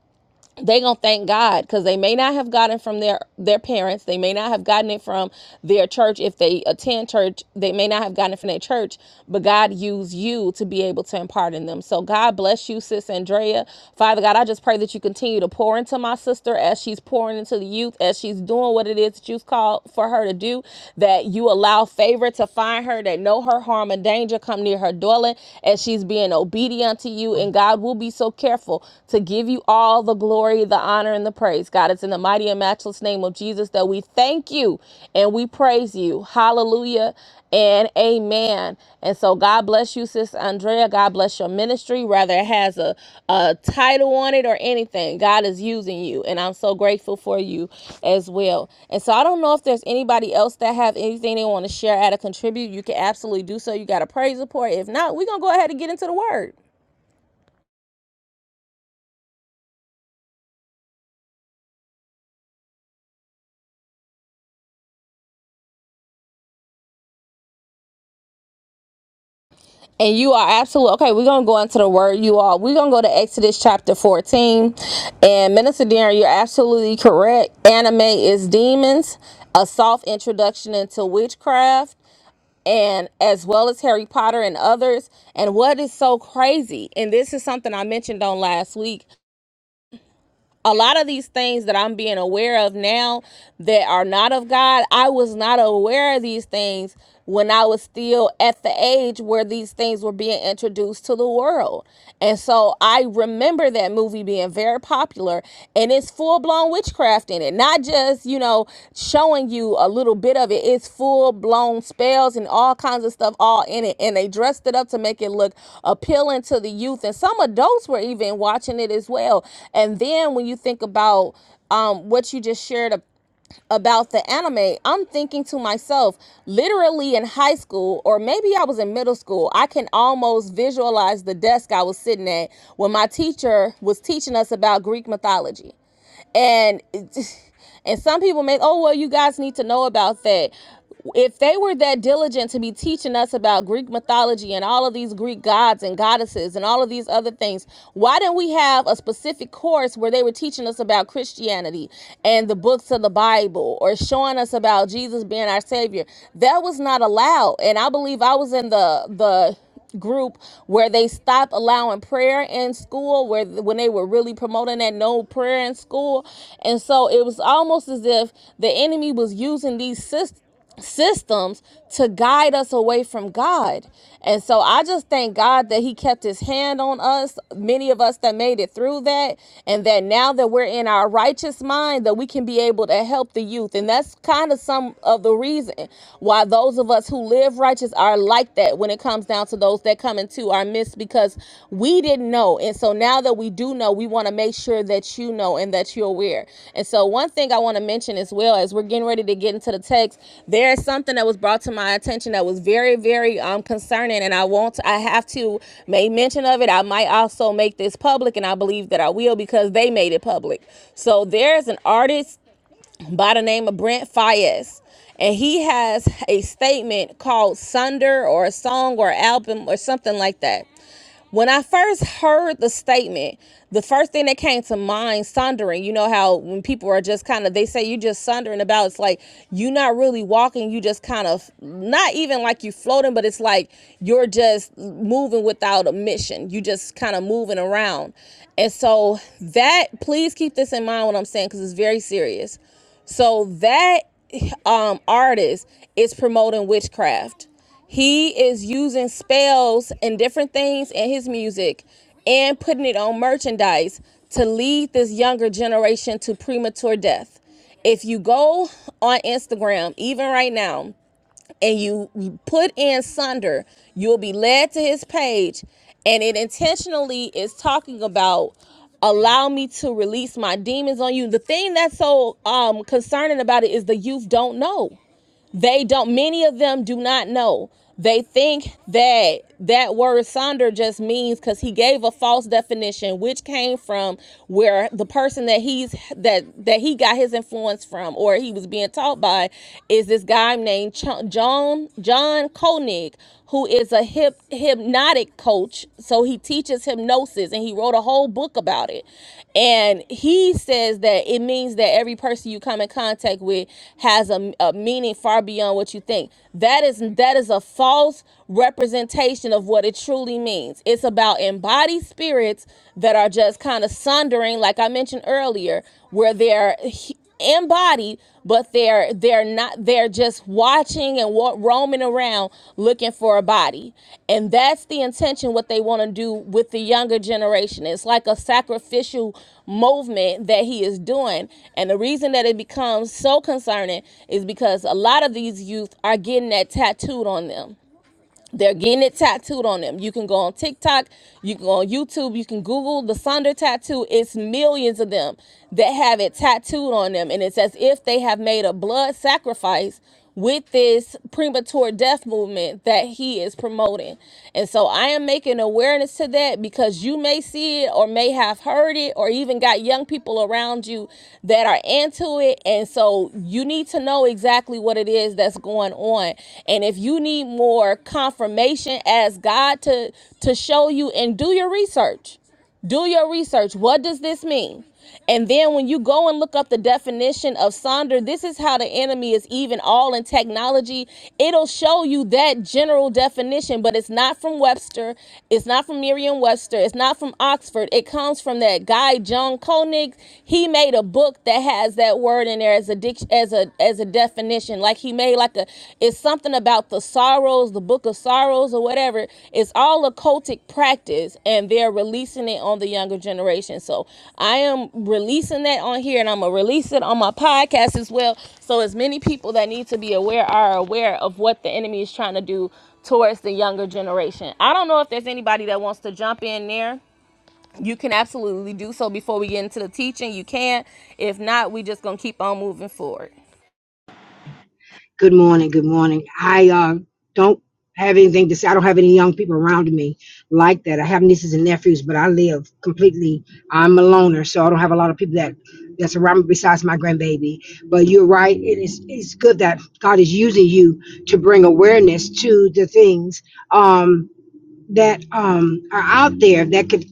they gonna thank God because they may not have gotten from their their parents. They may not have gotten it from their church if they attend church. They may not have gotten it from their church, but God used you to be able to impart in them. So God bless you, sis Andrea. Father God, I just pray that you continue to pour into my sister as she's pouring into the youth, as she's doing what it is that you've called for her to do. That you allow favor to find her, that no her harm and danger come near her dwelling, as she's being obedient to you. And God will be so careful careful to give you all the glory, the honor, and the praise. God, it's in the mighty and matchless name of Jesus that we thank you and we praise you. Hallelujah and amen. And so God bless you, Sis Andrea. God bless your ministry, whether it has a, a title on it or anything. God is using you, and I'm so grateful for you as well. And so I don't know if there's anybody else that have anything they want to share, add, or contribute. You can absolutely do so. You got a praise report. If not, we're going to go ahead and get into the word. And you are absolutely okay. We're gonna go into the word, you all. We're gonna go to Exodus chapter 14. And Minister Darren, you're absolutely correct. Anime is demons, a soft introduction into witchcraft, and as well as Harry Potter and others. And what is so crazy, and this is something I mentioned on last week a lot of these things that I'm being aware of now that are not of God, I was not aware of these things when I was still at the age where these things were being introduced to the world. And so I remember that movie being very popular and it's full blown witch witchcraft in it not just you know showing you a little bit of it it's full blown spells and all kinds of stuff all in it and they dressed it up to make it look appealing to the youth and some adults were even watching it as well and then when you think about um what you just shared ab- about the anime, I'm thinking to myself, literally in high school, or maybe I was in middle school, I can almost visualize the desk I was sitting at when my teacher was teaching us about Greek mythology and and some people make oh well you guys need to know about that if they were that diligent to be teaching us about greek mythology and all of these greek gods and goddesses and all of these other things why didn't we have a specific course where they were teaching us about christianity and the books of the bible or showing us about jesus being our savior that was not allowed and i believe i was in the the group where they stopped allowing prayer in school where when they were really promoting that no prayer in school and so it was almost as if the enemy was using these systems systems to guide us away from God. And so I just thank God that He kept His hand on us, many of us that made it through that, and that now that we're in our righteous mind, that we can be able to help the youth. And that's kind of some of the reason why those of us who live righteous are like that when it comes down to those that come into our midst because we didn't know. And so now that we do know, we want to make sure that you know and that you're aware. And so one thing I want to mention as well as we're getting ready to get into the text, there is something that was brought to my attention that was very, very um concerning. And I won't I have to make mention of it. I might also make this public and I believe that I will because they made it public. So there's an artist by the name of Brent Fayez. And he has a statement called Sunder or a song or album or something like that. When I first heard the statement, the first thing that came to mind, sundering, you know how when people are just kind of, they say you just sundering about, it's like you're not really walking, you just kind of, not even like you floating, but it's like you're just moving without a mission. You just kind of moving around. And so that, please keep this in mind when I'm saying, because it's very serious so that um artist is promoting witchcraft. He is using spells and different things in his music and putting it on merchandise to lead this younger generation to premature death. If you go on Instagram, even right now, and you put in Sunder, you'll be led to his page. And it intentionally is talking about allow me to release my demons on you. The thing that's so um concerning about it is the youth don't know they don't many of them do not know they think that that word sonder just means because he gave a false definition which came from where the person that he's that that he got his influence from or he was being taught by is this guy named Ch- john john koenig who is a hip, hypnotic coach so he he teaches hypnosis and he wrote a whole book about it. And he says that it means that every person you come in contact with has a, a meaning far beyond what you think. That is that is a false representation of what it truly means. It's about embodied spirits that are just kind of sundering, like I mentioned earlier, where they're in body, but they're they're not they're just watching and wa- roaming around looking for a body. And that's the intention what they want to do with the younger generation. It's like a sacrificial movement that he is doing. And the reason that it becomes so concerning is because a lot of these youth are getting that tattooed on them. They're getting it tattooed on them. You can go on TikTok, you can go on YouTube, you can Google the Sonder tattoo. It's millions of them that have it tattooed on them. And it's as if they have made a blood sacrifice with this premature death movement that he is promoting. And so I am making awareness to that because you may see it or may have heard it or even got young people around you that are into it. And so you need to know exactly exactly what it is that's going on. And if you need more confirmation, ask God to to show you and do your research. Do your research. What does this mean? And then when you go and look up the definition of sonder, this is how the enemy is even all in technology. It'll show you that general definition, but it's not from Webster. It's not from Merriam Webster. It's not from Oxford. It comes from that guy, John Koenig. He made made a book that has that word in there as a dic- as a as a definition. Like he made like a it's something about the sorrows, the book of sorrows or whatever. It's all occultic practice and they're releasing it on the younger generation. So I am releasing that on here and I'm gonna release it on my podcast as well. So as many people that need to be aware are aware of what the enemy is trying to do towards the younger generation. I don't know if there's anybody that wants to jump in there you can absolutely do so before we get into the teaching. You can. If not, we just gonna keep on moving forward. Good morning. Good morning. I uh, don't have anything to say. I don't have any young people around me like that. I have nieces and nephews, but I live completely. I'm a loner, so I don't have a lot of people that that's around me besides my grandbaby. But you're right. It is it's good that God is using you to bring awareness to the things. Um, that um, are out there that could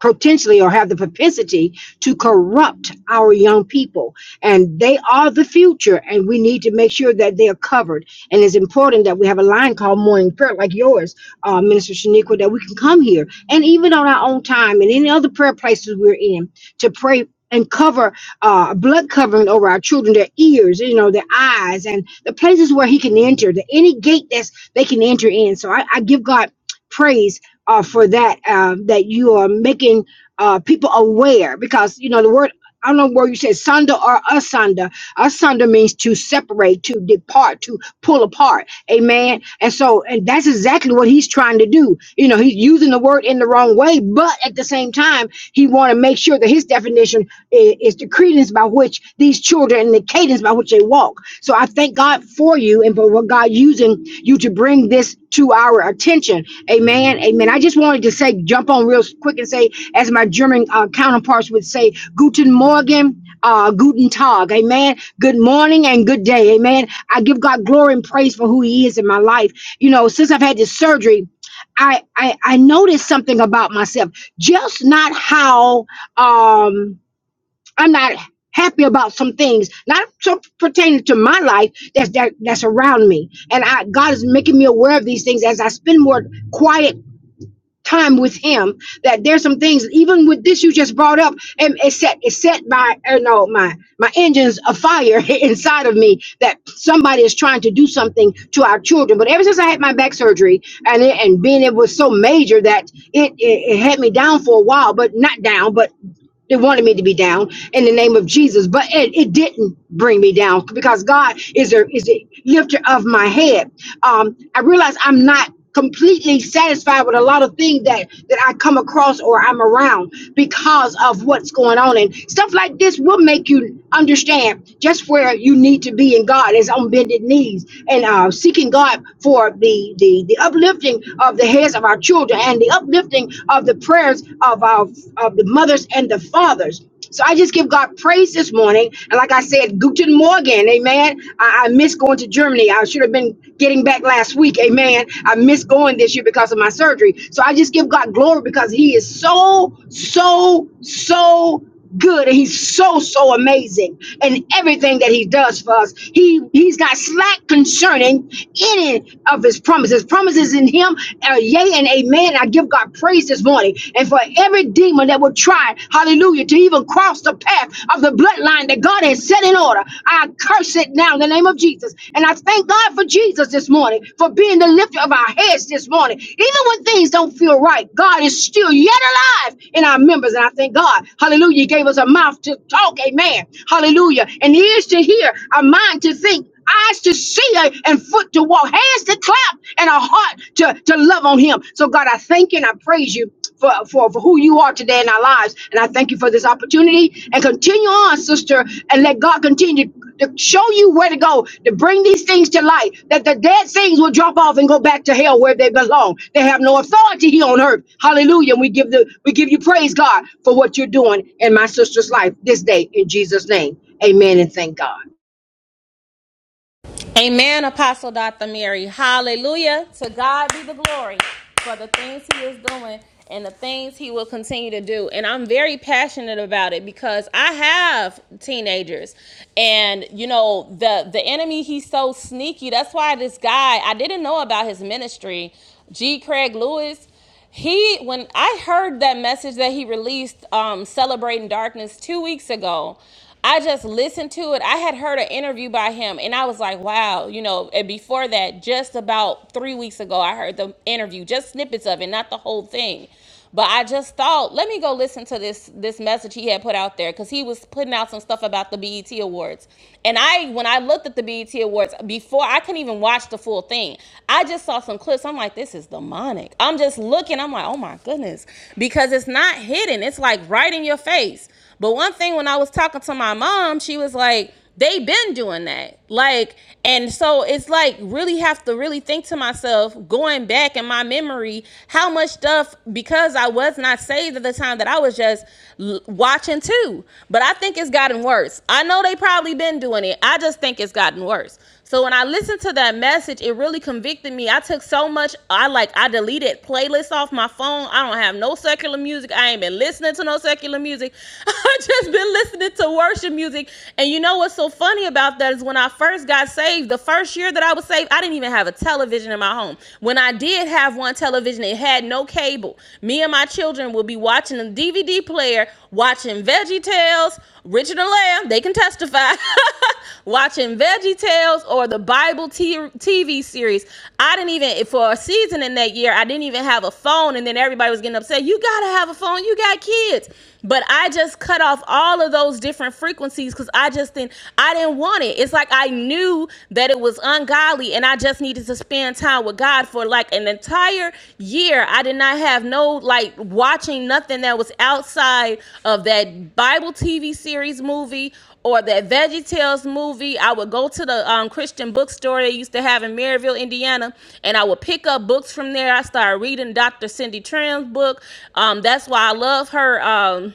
potentially or have the propensity to corrupt our young people and they are the future and we need to make sure that they are covered and it's important that we have a line called morning prayer like yours uh, minister shaniqua that we can come here and even on our own time and any other prayer places we're in to pray and cover uh, blood covering over our children their ears you know their eyes and the places where he can enter the any gate that's they can enter in so I I give god praise uh, for that uh, that you are making uh, people aware because you know the word I don't know where you said sunder or asunder. Asunder means to separate, to depart, to pull apart. Amen. And so, and that's exactly what he's trying to do. You know, he's using the word in the wrong way, but at the same time, he want to make sure that his definition is, is the credence by which these children and the cadence by which they walk. So I thank God for you and for what God using you to bring this to our attention Amen. Amen. I just wanted to say, jump on real quick and say, as my German uh, counterparts would say, Guten Morgen, uh, Guten Tag. Amen. Good morning and good day. Amen. I give God glory and praise for who He is in my life. You know, since I've had this surgery, I I, I noticed something about myself. Just not how um I'm not happy about some things, not so pertaining to my life that's that, that's around me. And I God is making me aware of these things as I spend more quiet time with him that there's some things even with this you just brought up and it set it set my uh, no my my engines afire inside of me that somebody is trying to do something to our children but ever since i had my back surgery and it, and being it was so major that it, it it had me down for a while but not down but they wanted me to be down in the name of jesus but it, it didn't bring me down because god is a is a lifter of my head um, I realize I'm not completely satisfied with a lot of things that that I come across or I'm around because of what's going on and stuff like this will make you understand just where you need to be in God is on bended knees and uh, seeking God for the, the the uplifting of the heads of our children and the uplifting of the prayers of our of the mothers and the fathers so I just give God praise this morning. And like like I said, Guten Morgen, amen. I, I miss going to Germany. I should have been getting back last week, amen. I missed going this year because of my surgery. So I just give God glory because He is so, so, so good and he's so so amazing and everything that he does for us he he's not slack concerning any of his promises promises in him are yea and amen i give god praise this morning and for every every demon that would try, hallelujah, to even cross the path of the bloodline that God has set in order. I curse it now in the name of Jesus. And I thank God for Jesus this morning, for being the lifter of our heads this morning. Even when things don't feel right, God is still yet alive in our members. And I thank God, hallelujah, He gave us a mouth to talk, amen, hallelujah, and ears to hear, a mind to think, eyes to see uh, and foot to walk, hands to clap, and a heart to, to love on him. So, God, I thank you and I praise you for, for, for who you are today in our lives. And I thank you for this opportunity. And continue on, sister, and let God continue to show you where to go, to bring these things to light, that the dead things will drop off and go back to hell where they belong. They have no authority here on earth. Hallelujah. And we give the we give you praise, God, for what you're doing in my sister's life this day in Jesus' name. Amen and thank God. Amen, Apostle Dr. Mary. Hallelujah. To God be the glory for the things he is doing and the things he will continue to do. And I'm very passionate about it because I have teenagers. And you know, the the enemy he's so sneaky. That's why this guy, I didn't know about his ministry, G. Craig Lewis. He when I heard that message that he released um celebrating darkness 2 weeks ago, I just listened to it. I had heard an interview by him and I was like, wow, you know, and before that just about 3 weeks ago I heard the interview, just snippets of it, not the whole thing. But I just thought, let me go listen to this this message he had put out there because he was putting out some stuff about the BET Awards. And I, when I looked at the BET Awards before, I couldn't even watch the full thing. I just saw some clips. I'm like, this is demonic. I'm just looking. I'm like, oh my goodness, because it's not hidden. It's like right in your face. But one thing when I was talking to my mom, she was like, they been doing that. Like, and so it's like really have to really think to myself, going back in my memory, how much stuff because I was not saved at the time that I was just l- watching too. But I think it's gotten worse. I know they probably been doing it. I just think it's gotten worse. So when I listened to that message, it really convicted me. I took so much. I like I deleted playlists off my phone. I don't have no secular music. I ain't been listening to no secular music. I just been listening to worship music. And you know what's so funny about that is when I first got saved, the first year that I was saved, I didn't even have a television in my home. When I did have one television, it had no cable. Me and my children would be watching a DVD player, watching Veggie Tales Richard and Lamb, they can testify. Watching Veggie Tales or the Bible TV series. I didn't even, for a season in that year, I didn't even have a phone. And then everybody was getting upset. You got to have a phone. You got kids. But I just cut off all of those different frequencies because I just didn't, I didn't want it. It's like I knew that it was ungodly and I just needed to spend spending time with God for like an entire year. I did not have no like watching nothing that was outside of that Bible TV series movie or that VeggieTales movie. I would go to the um, Christian bookstore they used to have in Maryville, Indiana, and I would pick up books from there. I started reading Dr. Cindy Tram's book. Um, that's why I love her. Um,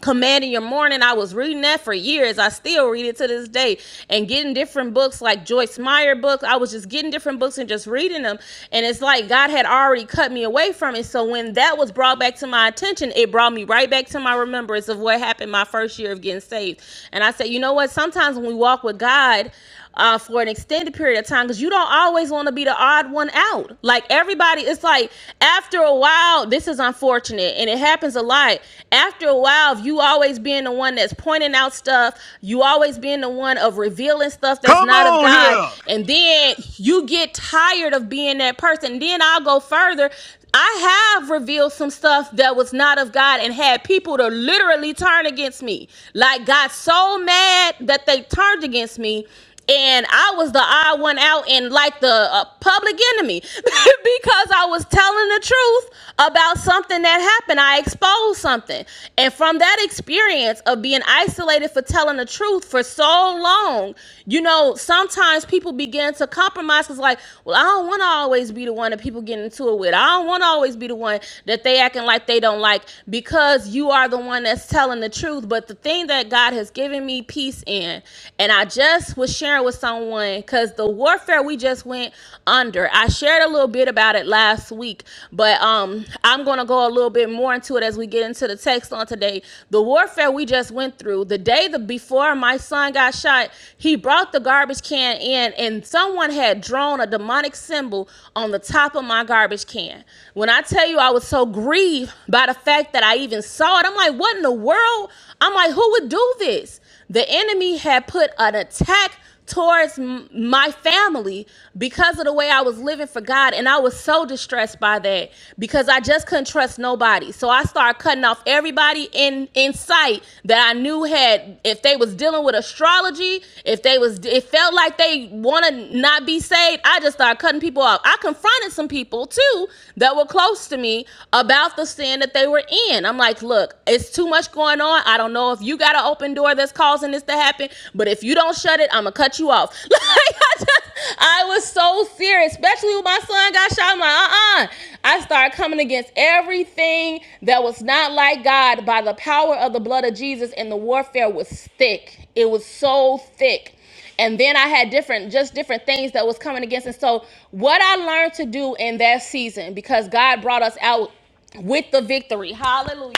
Commanding Your Morning. I was reading that for years. I still read it to this day and getting different books like Joyce Meyer books. I was just getting different books and just reading them. And it's like God had already cut me away from it. So when that was brought back to my attention, it brought me right back to my remembrance of what happened my first year of getting saved. And I said, you know what? Sometimes when we walk with God, uh, for an extended period of time because you don't always want to be the odd one out. Like everybody, it's like after a while, this is unfortunate and it happens a lot. After a while, if you always being the one that's pointing out stuff, you always being the one of revealing stuff that's Come not of on God, here! and then you get tired of being that person. Then I'll go further. I have revealed some stuff that was not of God and had people to literally turn against me. Like got so mad that they turned against me and I was the odd one out and like the uh, public enemy because I was telling the truth about something that happened. I exposed something. And from that experience of being isolated for telling the truth for so long, you know, sometimes people begin to compromise It's like, well, I don't want to always be the one that people get into it with. I don't want to always be the one that they acting like they don't like because you are the one that's telling the truth. But the thing that God has given me peace in, and and I just was sharing with someone because the warfare we just went under. I shared a little bit about it last week, but um, I'm going to go a little bit more into it as we get into the text on today. The warfare we just went through, the day the, before my son got shot, he brought the garbage can in, and someone had drawn a demonic symbol on the top of my garbage can. When I tell you I was so grieved by the fact that I even saw it, I'm like, what in the world? I'm like, who would do this? The enemy had put an attack towards m- my family because of the way I was living for God. And I was so distressed by that because I just couldn't trust nobody. So I started cutting off everybody in, in sight that I knew had, if they was dealing with astrology, if they was, it felt like they want to not be saved. I just started cutting people off. I confronted some people too that were close to me about the sin that they were in. I'm like, look, it's too much going on. I don't know if you got an got an open door that's causing this to happen. But if you don't shut it, I'm gonna cut you off. Like I just, I was so serious, especially when my son got shot. I'm like, uh-uh. I started coming against everything that was not like God by the power of the blood of Jesus, and the warfare was thick. It was so thick and then i had different just different things that was coming against and so what i learned to do in that season because god brought us out with the victory hallelujah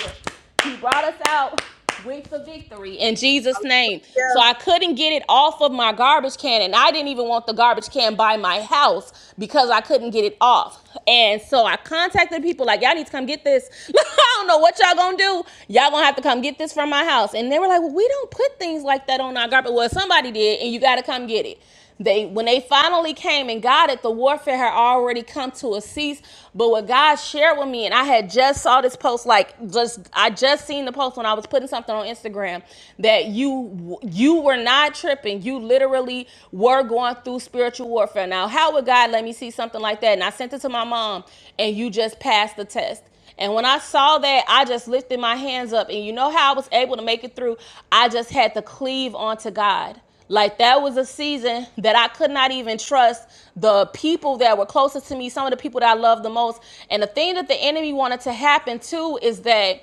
he brought us out with the victory in jesus name so i couldn't get it off of my garbage can and i didn't even want the garbage can by my house because i couldn't get it off and so i contacted people like y'all need to come get this I don't know what y'all gonna do. Y'all gonna have to come get this from my house. And they were like, well, we don't put things like that on our garbage. Well, somebody did, and you gotta come get it. They when they finally came and got it, the warfare had already come to a cease. But what God shared with me, and I had just saw this post, like just I just seen the post when I was putting something on Instagram that you you were not tripping. You literally were going through spiritual warfare. Now, how would God let me see something like that? And I sent it to my mom, and you just passed the test. And when I saw that, I just lifted my hands up. And you know how I was able to make it through? I just had to cleave onto God. Like that was a season that I could not even trust the people that were closest to me, some of the people that I loved the most. And the thing that the enemy wanted to happen too is that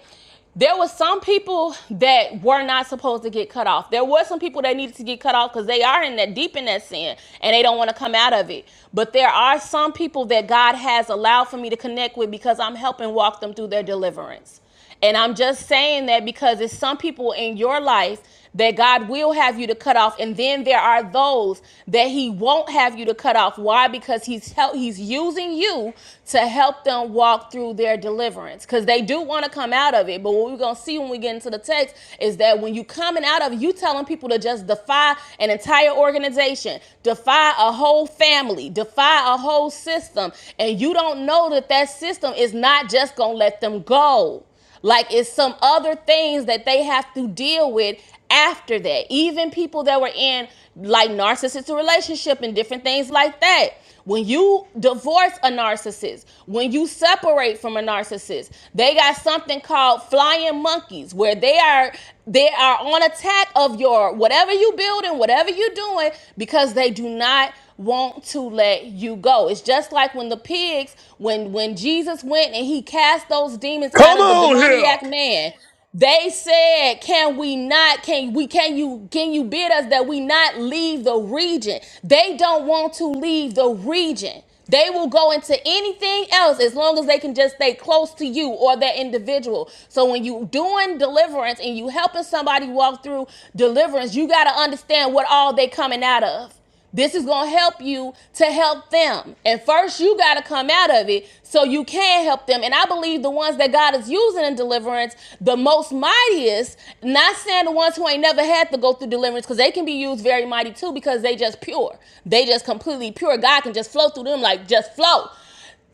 there were some people that were not supposed to get cut off. There were some people that needed to get cut off because they are in that deep in that sin and they don't want to come out of it. But there are some people that God has allowed for me to connect with because I'm helping walk them through their deliverance. And I'm just saying that because it's some people in your life that God will have you to cut off, and then there are those that He won't have you to cut off. Why? Because He's help, He's using you to help them walk through their deliverance, because they do want to come out of it. But what we're gonna see when we get into the text is that when you coming out of it, you telling people to just defy an entire organization, defy a whole family, defy a whole system, and you don't know that that system is not just gonna let them go. Like it's some other things that they have to deal with after that. Even people that were in like narcissistic relationship and different things like that. When you divorce a narcissist, when you separate from a narcissist, they got something called flying monkeys where they are they are on attack of your whatever you building, whatever you're doing because they do not want to let you go. It's just like when the pigs, when when Jesus went and he cast those demons out Come of the on here! demoniac man, they said, "Can we not? Can we? Can you? Can you bid us that we not leave the region?" They don't want to leave the region. They will go into anything else as long as they can just stay close to you or that individual. So when you doing deliverance and you helping somebody walk through deliverance, you got to understand what all they coming out of. This is going to help you to help them. And first, you got to come out of it so you can help them. And I believe the ones that God is using in deliverance, the most mightiest, not saying the ones who ain't never had to go through deliverance, because they can be used very mighty too, because they just pure. They just completely pure. God can just flow through them like just flow.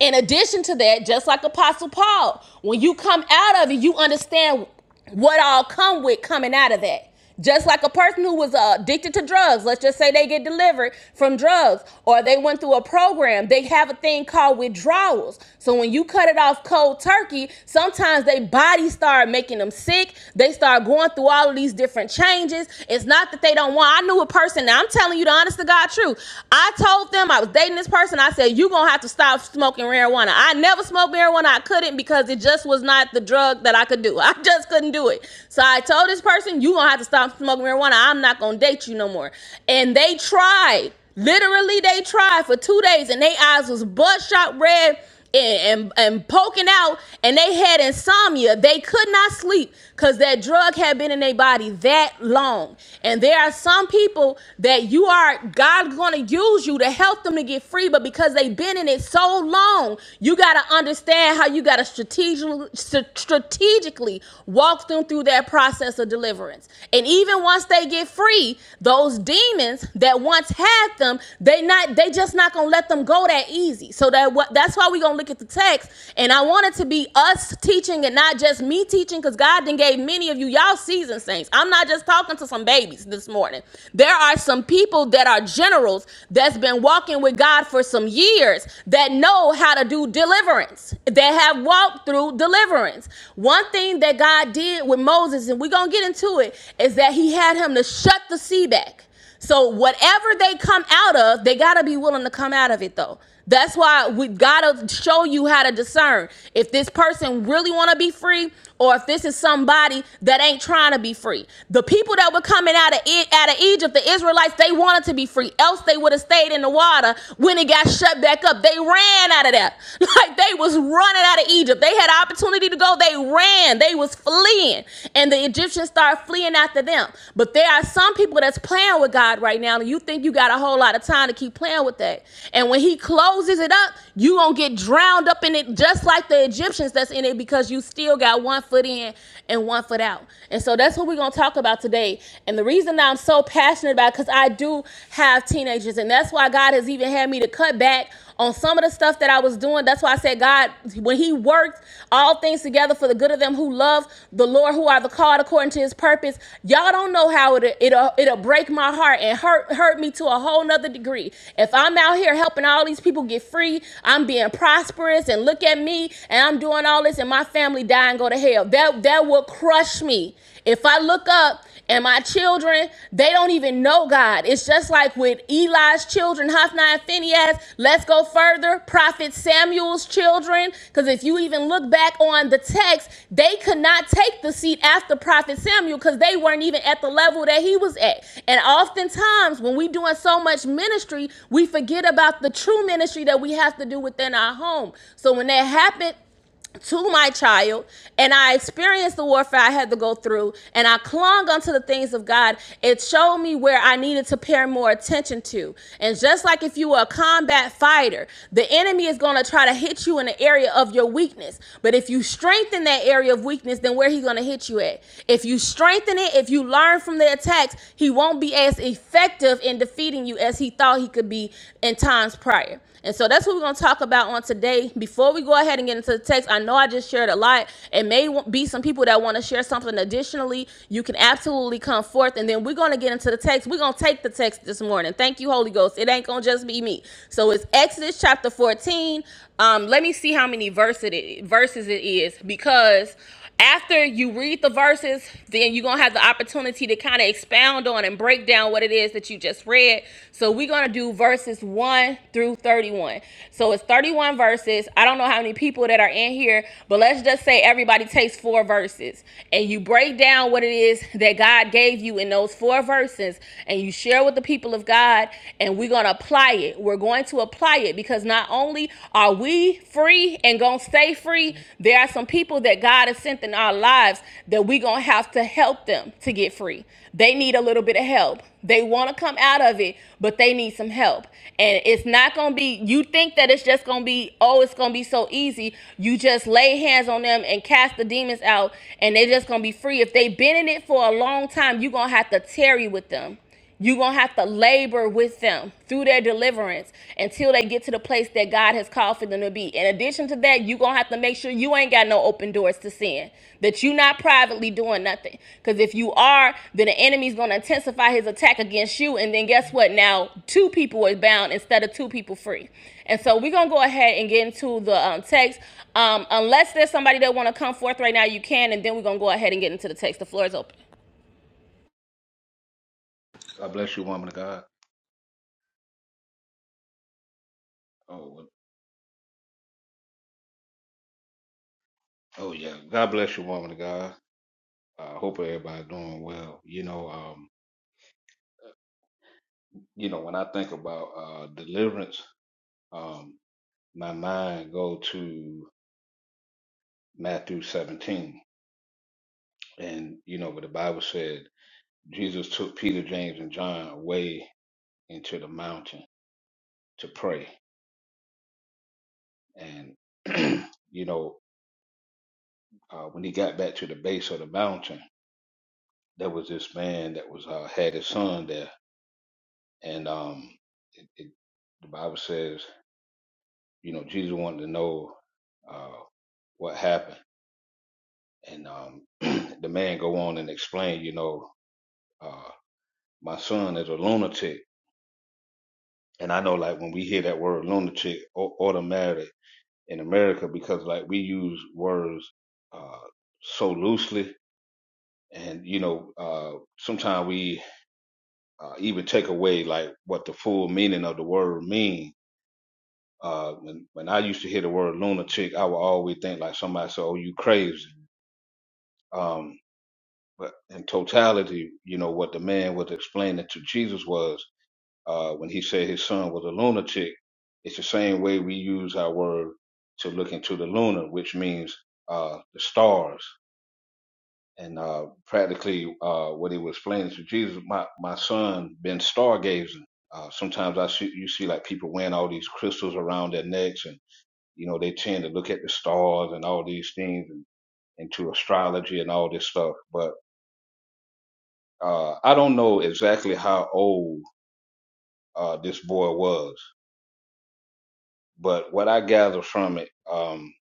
In addition to that, just like Apostle Paul, when you come out of it, you understand what all come with coming out of that. Just like a person who was uh, addicted to drugs, let's just say they get delivered from drugs or they went through a program, they have a thing called withdrawals. So when you cut it off cold turkey, sometimes their body start making them sick. They start going through all of these different changes. It's not that they don't want. I knew a person, now I'm telling you the honest to God truth. I told them I was dating this person. I said, You're going to have to stop smoking marijuana. I never smoked marijuana. I couldn't because it just was not the drug that I could do. I just couldn't do it. So I told this person, you gonna have to stop smoking marijuana. I'm not gonna date you no more. And they tried. Literally, they tried for two days, and their eyes was bloodshot red and, and, and poking out and they had insomnia. They could not sleep because that drug had been in their body that long. And there are some people that you are, God's going to use you to help them to get free, but because they've been in it so long, you got to understand how you got to strategically, strategically walk them through that process of deliverance. And even once they get free, those demons that once had them, they not, they just not going to let gonna let them go that easy. So that what that's why we gonna look at the text. And I want it to be us teaching and not just me teaching, because God then gave many of you y'all seasoned saints. I'm not just talking to some babies this morning. There are some people that are generals that's been walking with God for some years that know how to do deliverance, that have walked through deliverance. One thing that God did with Moses, and we're gonna get into it, is that he had him to shut the sea back. So whatever they come out of, they gotta be willing to come out of it though. That's why we gotta show you how to discern if this person really wanna be free or if this is somebody that ain't trying to be free. The people that were coming out of it out of Egypt, the Israelites, they wanted to be free. Else they would have stayed in the water when it got shut back up. They ran out of that. Like they was running out of Egypt. They had opportunity to go. They ran. They was fleeing. And the Egyptians started fleeing after them them. But there are some people that's playing with God right now, and you think you got a whole lot of time to keep playing with that. And when He closes it up, you gonna get drowned up in it, just like the Egyptians that's in it, because you still got one foot in and one foot out. And so that's what we're gonna talk about today. And the reason that I'm so passionate about, it, because I do have teenagers, and that's why God has even had me to cut back on some of the stuff that I was doing. That's why I said, God, when He worked all things together for the good of them who love the Lord, who are the called according to His purpose. Y'all don't know how it it'll it'll break my heart and hurt hurt me to a whole nother degree. If I'm out here helping all these people get free, I'm being prosperous, and look at me, and I'm doing all this, and my family die and go to hell. That that will crush me. If I look up and my children, they don't even know God. It's just like with Eli's children, Hophni and Phineas. Let's go further. Prophet Samuel's children. Because if you even look back on the text, they could not take the seat after Prophet Samuel because they weren't even at the level that he was at. And oftentimes, when we are doing so much ministry, we forget about the true ministry that we have to do within our home. So when that happened, to my child and I experienced the warfare I had to go through and I clung unto the things of God, it showed me where I needed to pay more attention to. And just like if you were a combat fighter, the enemy is going to try to hit you in the area of your weakness. But if you strengthen that area of weakness, then where he's going to hit you at? If you strengthen it, if you learn from the attacks, he won't be as effective in defeating you as he thought he could be in times prior. And so that's what we're going to talk about on today. Before we go ahead and get into the text, I know I just shared a lot. It may be some people that want to share something additionally. You can absolutely come forth. And then we're going to get into the text. We're going to take the text this morning. Thank you, Holy Ghost. It ain't going to just be me. So it's Exodus chapter 14. Um, let me see how many verse it is, verses it is because after you read the verses, then you're gonna have the opportunity to kind of expound on and break down what it is that you just read. So we're gonna do verses one through 31. So it's 31 verses. I don't know how many people that are in here, but let's just say everybody takes four verses and you break down what it is that God gave you in those four verses and you share with the people of God, and we're gonna apply it. We're going to apply it because not only are are we free and gonna stay free? There are some people that God has sent in our lives that we gonna have to help them to get free. They need a little bit of help. They wanna come out of it, but they need some help. And it's not gonna be, you think that it's just gonna be, oh, it's gonna be so easy. You just lay hands on them and cast the demons out, and they're just gonna be free. If they've been in it for a long time, you're gonna have to tarry with them. You're going to have to labor with them through their deliverance until they get to the place that God has called for them to be. In addition to that, you're going to have to make sure you ain't got no open doors to sin, that you're not privately doing nothing. Because if you are, then the enemy's going to intensify his attack against you. And then guess what? Now, two people are bound instead of two people free. And so we're going to go ahead and get into the um, text. Um, unless there's somebody that want to come forth right now, you can. And then we're going to go ahead and get into the text. The floor is open. God bless you, woman of God. Oh, well- oh yeah. God bless you, woman of God. I uh, hope everybody doing well. You know, um, you know, when I think about uh, deliverance, um, my mind go to Matthew 17, and you know, what the Bible said Jesus took Peter, James, and John away into the mountain to pray, and you know, uh, when he got back to the base of the mountain, there was this man that was uh, had his son there And um, it, it, the Bible says, you know, Jesus wanted to know uh, what happened, and um, the man go on and explain, you know, uh, my son is a lunatic, and I know like when we hear that word lunatic, au- automatic in America because like we use words uh, so loosely, and you know, uh, sometimes we uh, even take away like what the full meaning of the word means Uh, when when I used to hear the word lunatic, I would always think like somebody said, "Oh, you crazy." Um, but in totality, you know what the man was explaining to Jesus was uh, when he said his son was a lunatic. It's the same way we use our word to look into the lunar, which means uh, the stars. And uh, practically, uh, what he was explaining to Jesus, my my son been stargazing. Uh, sometimes I see you see like people wearing all these crystals around their necks and You know, they tend to look at the stars and all these things and into astrology and all this stuff. But uh, I don't know exactly how old uh, this boy was, but what I gather from it, um,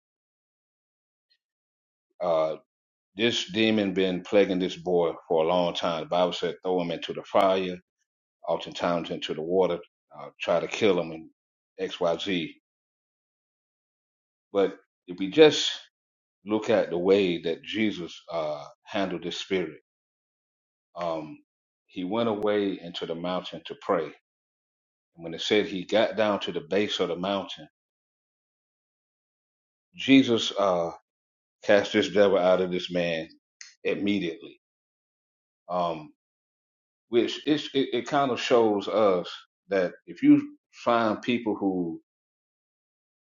uh, this demon been plaguing this boy for a long time. The Bible said throw him into the fire, oftentimes into the water, uh, try to kill him and X, Y, Z. But if we just look at the way that Jesus uh, handled this spirit, um, he went away into the mountain to pray. And when it said he got down to the base of the mountain, Jesus uh, cast this devil out of this man immediately, um, which it's, it, it kind of shows us that if you find people who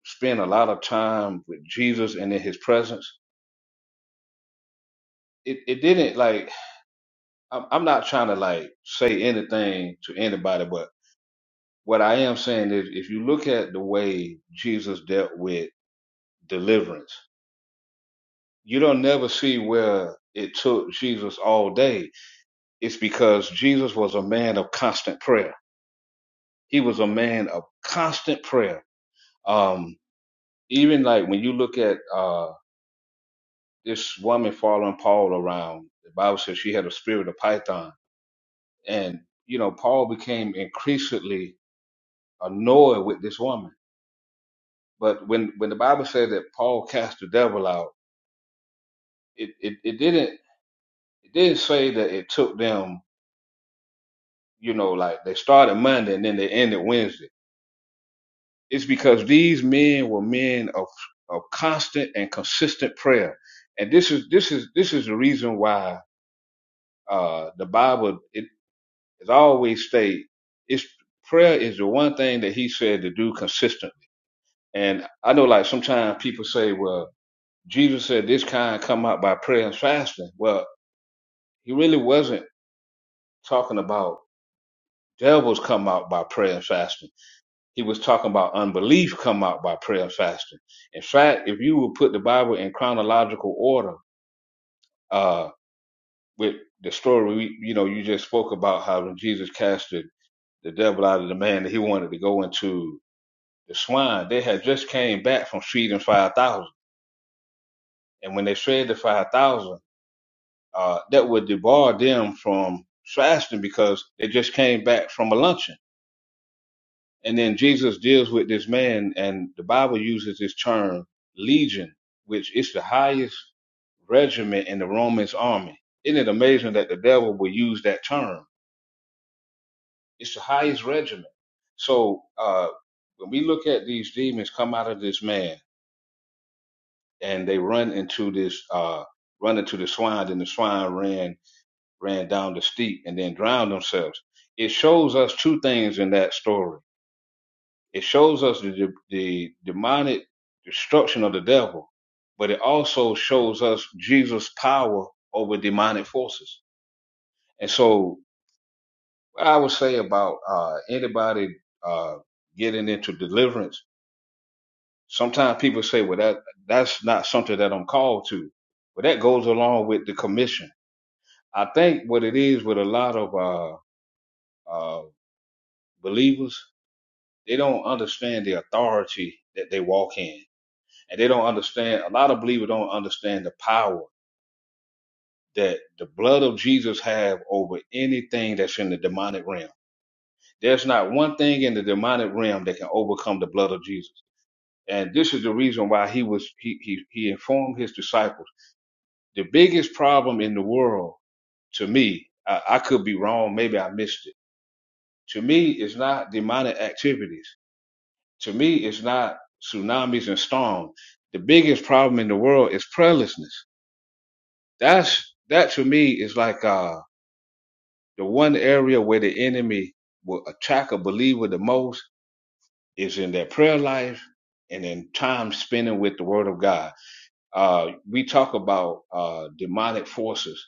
spend a lot of time with Jesus and in his presence, it, it didn't like, I'm, I'm not trying to like say anything to anybody, but what I am saying is if you look at the way Jesus dealt with deliverance. You don't never see where it took Jesus all day. It's because Jesus was a man of constant prayer. He was a man of constant prayer. Um, even like when you look at uh, this woman following Paul around, the Bible says she had a spirit of Python. And, you know, Paul became increasingly annoyed with this woman. But when, when the Bible says that Paul cast the devil out, it, it, it didn't it didn't say that it took them you know, like they started Monday and then they ended Wednesday. It's because these men were men of of constant and consistent prayer, and this is this is this is the reason why uh, the Bible it is always state it's prayer is the one thing that He said to do consistently. And I know, like sometimes people say, well, Jesus said this kind come out by prayer and fasting. Well, He really wasn't talking about devils come out by prayer and fasting he was talking about unbelief come out by prayer and fasting. In fact, if you would put the Bible in chronological order, uh, with the story, we, you know, you just spoke about how when Jesus casted the devil out of the man that he wanted to go into the swine, they had just came back from feeding 5,000. And when they fed the 5,000, uh, that would debar them from fasting because they just came back from a luncheon And then Jesus deals with this man, and the Bible uses this term legion, which is the highest regiment in the Romans army. Isn't it amazing that the devil will use that term? It's the highest regiment. So uh, when we look at these demons come out of this man, and they run into this, uh, run into the swine, and the swine ran ran down the steep and then drowned themselves. It shows us two things in that story It shows us the, the, the demonic destruction of the devil, but it also shows us Jesus' power over demonic forces. And so, what I would say about uh, anybody uh, getting into deliverance, sometimes people say, "Well, that that's not something that I'm called to," but that goes along with the commission. I think what it is with a lot of uh, uh, believers, they don't understand the authority that they walk in and they don't understand a lot of believers don't understand the power that the blood of jesus have over anything that's in the demonic realm there's not one thing in the demonic realm that can overcome the blood of jesus and this is the reason why he was he he, he informed his disciples the biggest problem in the world to me I, I could be wrong maybe i missed it to me it's not demonic activities to me it's not tsunamis and storms the biggest problem in the world is prayerlessness That's that to me is like uh the one area where the enemy will attack a believer the most is in their prayer life and in time spending with the word of God. Uh we talk about uh demonic forces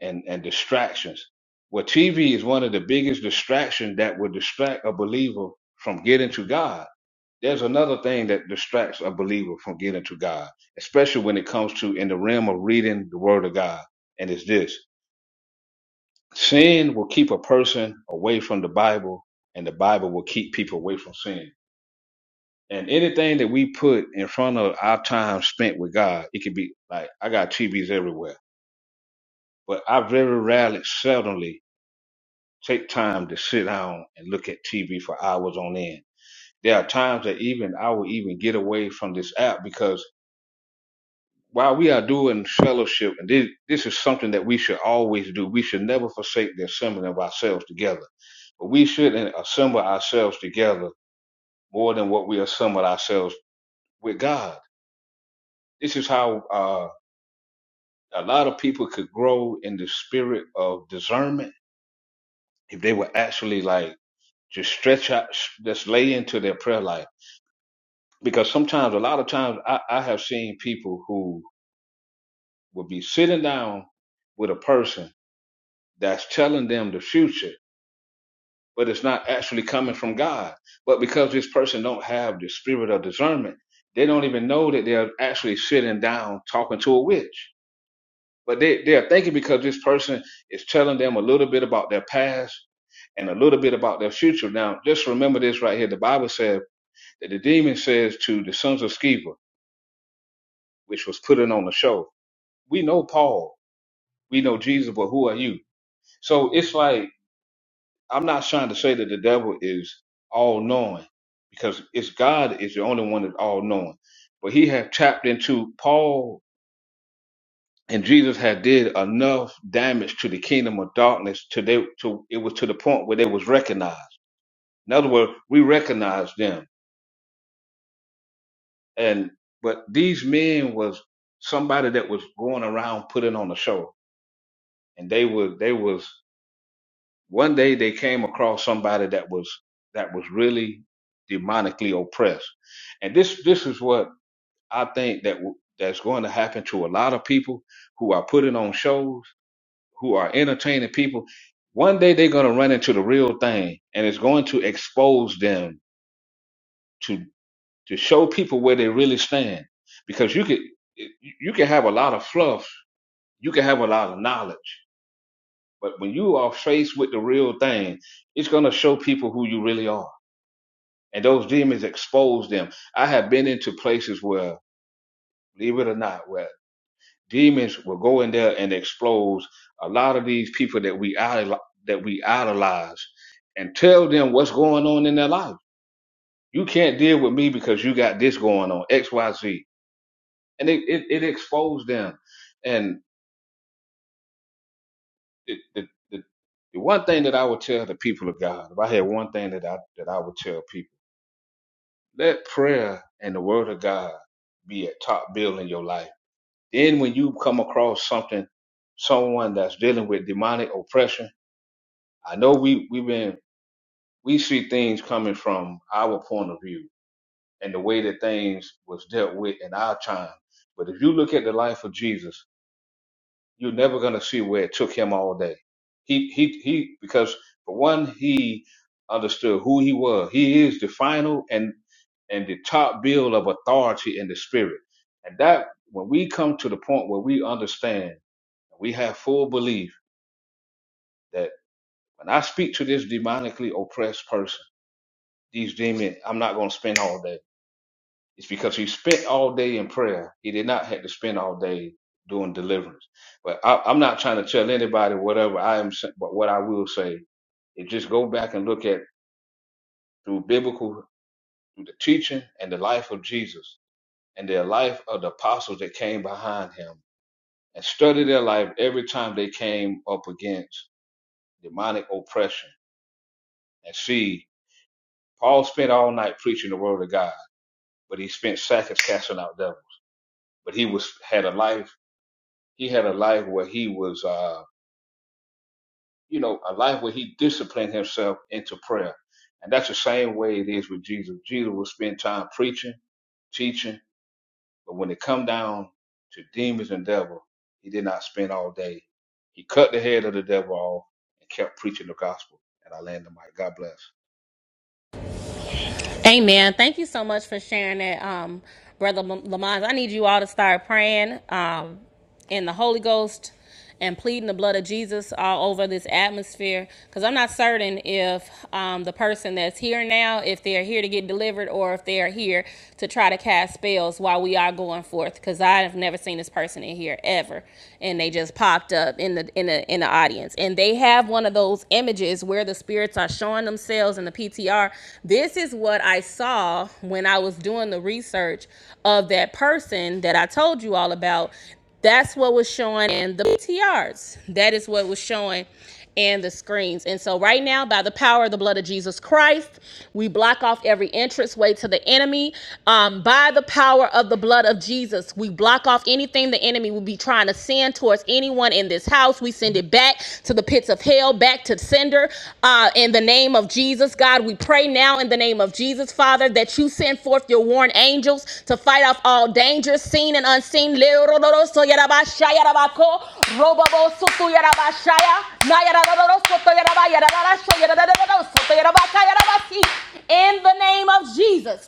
and, and distractions. Well TV is one of the biggest distractions that will distract a believer from getting to God. There's another thing that distracts a believer from getting to God, especially when it comes to in the realm of reading the word of God, and it's this. Sin will keep a person away from the Bible, and the Bible will keep people away from sin. And anything that we put in front of our time spent with God, it could be like I got TVs everywhere, but I very rarely, seldomly take time to sit down and look at TV for hours on end. There are times that even I will even get away from this app because while we are doing fellowship, and this, this is something that we should always do, we should never forsake the assembling of ourselves together. But we shouldn't assemble ourselves together more than what we assemble ourselves with God. This is how uh, a lot of people could grow in the spirit of discernment if they would actually like just stretch out, just lay into their prayer life. Because sometimes, a lot of times, I, I have seen people who will be sitting down with a person that's telling them the future but it's not actually coming from God. But because this person don't have the spirit of discernment, they don't even know that they're actually sitting down talking to a witch. But they, they're thinking because this person is telling them a little bit about their past and a little bit about their future. Now, just remember this right here. The Bible says that the demon says to the sons of Sceva, which was putting on the show, we know Paul, we know Jesus, but who are you? So it's like I'm not trying to say that the devil is all knowing because it's God is the only one that's all knowing. But he had tapped into Paul and Jesus had did enough damage to the kingdom of darkness to they to it was to the point where they was recognized. In other words, we recognized them. And but these men was somebody that was going around putting on a show. And they were they was One day they came across somebody that was that was really demonically oppressed, and this this is what I think that w- that's going to happen to a lot of people who are putting on shows, who are entertaining people. One day they're going to run into the real thing, and it's going to expose them to to show people where they really stand. Because you could you can have a lot of fluff, you can have a lot of knowledge, but when you are faced with the real thing, it's going to show people who you really are and those demons expose them. I have been into places where, believe it or not, where demons will go in there and expose a lot of these people that we idol- that we idolize, and tell them what's going on in their life. You can't deal with me because you got this going on X Y Z, and it it, it exposed them. And it, the, the the one thing that I would tell the people of God, if I had one thing that I that I would tell people, let prayer and the Word of God be at top bill in your life Then when you come across something, someone that's dealing with demonic oppression, I know we we've been we see things coming from our point of view and the way that things was dealt with in our time. But if you look at the life of Jesus, you're never gonna see where it took him all day. He he he because for one he understood who he was. He is the final and and the top bill of authority in the spirit. And that when we come to the point where we understand We have full belief that when I speak to this demonically oppressed person, these demons, I'm not going to spend all day. It's because he spent all day in prayer. He did not have to spend all day doing deliverance. But I, I'm not trying to tell anybody whatever I am, sa- but what I will say is just go back and look at through biblical, through the teaching and the life of Jesus and the life of the apostles that came behind him and study their life every time they came up against demonic oppression and see Paul spent all night preaching the word of God, but he spent seconds casting out devils. But he was had a life. He had a life where he was, uh, you know, a life where he disciplined himself into prayer, and that's the same way it is with Jesus. Jesus will spend time preaching, teaching, but when it come down to demons and devil, he did not spend all day. He cut the head of the devil off and kept preaching the gospel. And I land the mic. God bless. Amen. Thank you so much for sharing that, um, Brother Lamont. I need you all to start praying um, in the Holy Ghost and pleading the blood of Jesus all over this atmosphere. Because I'm not certain if um, the person that's here now, if they're here to get delivered or if they're here to try to cast spells while we are going forth. Because I have never seen this person in here ever, and they just popped up in the in the in the audience, and they have one one of those images where the spirits are showing themselves in the PTR. This is what I saw when I was doing the research of that person that I told you all about. That's what was showing in the PTRs. That is what was showing and the screens. And so, right now, by the power of the blood of Jesus Christ, we block off every entranceway to the enemy. Um, by the power of the blood of Jesus, we block off anything the enemy enemy will be trying to send towards anyone in this house. We send it back to the pits of hell, back to sender. Uh, in the name of Jesus, God, we pray now in the name of Jesus, Father, that you send forth your warring angels to fight off all dangers, seen and unseen. In the name of Jesus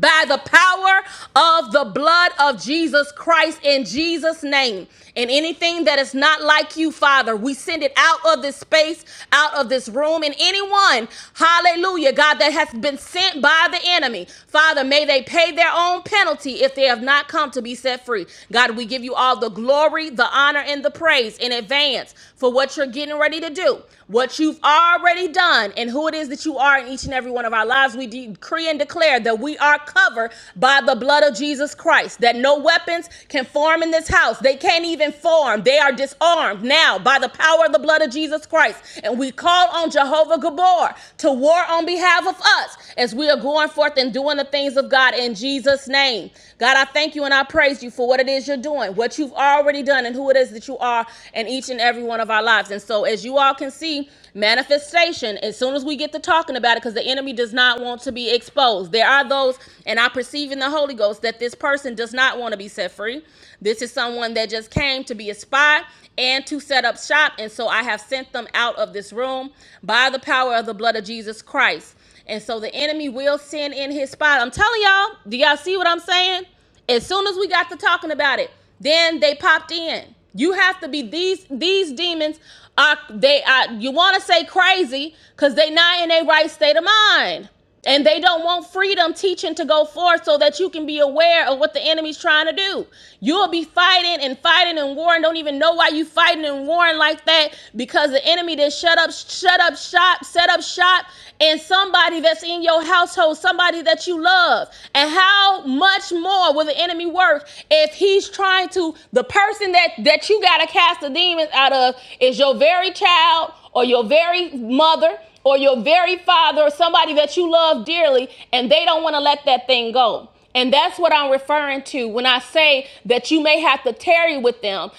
by the power of the blood of Jesus Christ in Jesus' name. And anything that is not like you, Father, we send it out of this space, out of this room. And anyone, hallelujah, God, that has been sent by the enemy, Father, may they pay their own penalty if they have not come to be set free. God, we give you all the glory, the honor, and the praise in advance for what you're getting ready to do, what you've already done, and who it is that you are in each and every one of our lives. We decree and declare that we we are covered by the blood of Jesus Christ, that no weapons can form in this house. They can't even form. They are disarmed now by the power of the blood of Jesus Christ. And we call on Jehovah Gabor to war on behalf of us as we are going forth and doing the things of God in Jesus' name. God, I thank you and I praise you for what it is you're doing, what you've already done, and who it is that you are in each and every one of our lives. And so, as you all can see, Manifestation, as soon as we get to talking about it, because the enemy does not want to be exposed. There are those, and I perceive in the Holy Ghost that this person does not want to be set free. This is someone that just came to be a spy and to set up shop. And so I have sent them out of this room by the power of the blood of Jesus Christ. And so the enemy will send in his spot. I'm telling y'all, do y'all see what I'm saying? As soon as we got to talking about it, then they popped in. You have to be these these demons are they are you want to say crazy because they not in a right state of mind. And they don't want freedom teaching to go forth so that you can be aware of what the enemy's trying to do. You'll be fighting and fighting and warring. Don't even know why you fighting and warring like that because the enemy did shut up, shut up shop, set up shop, and somebody that's in your household, somebody that you love. And how much more will the enemy work if he's trying to the person that that you gotta cast the demons out of is your very child or your very mother or your very father or somebody that you love dearly and they don't want to let that thing go. And that's what I'm referring to when I say that you may have to tarry with them.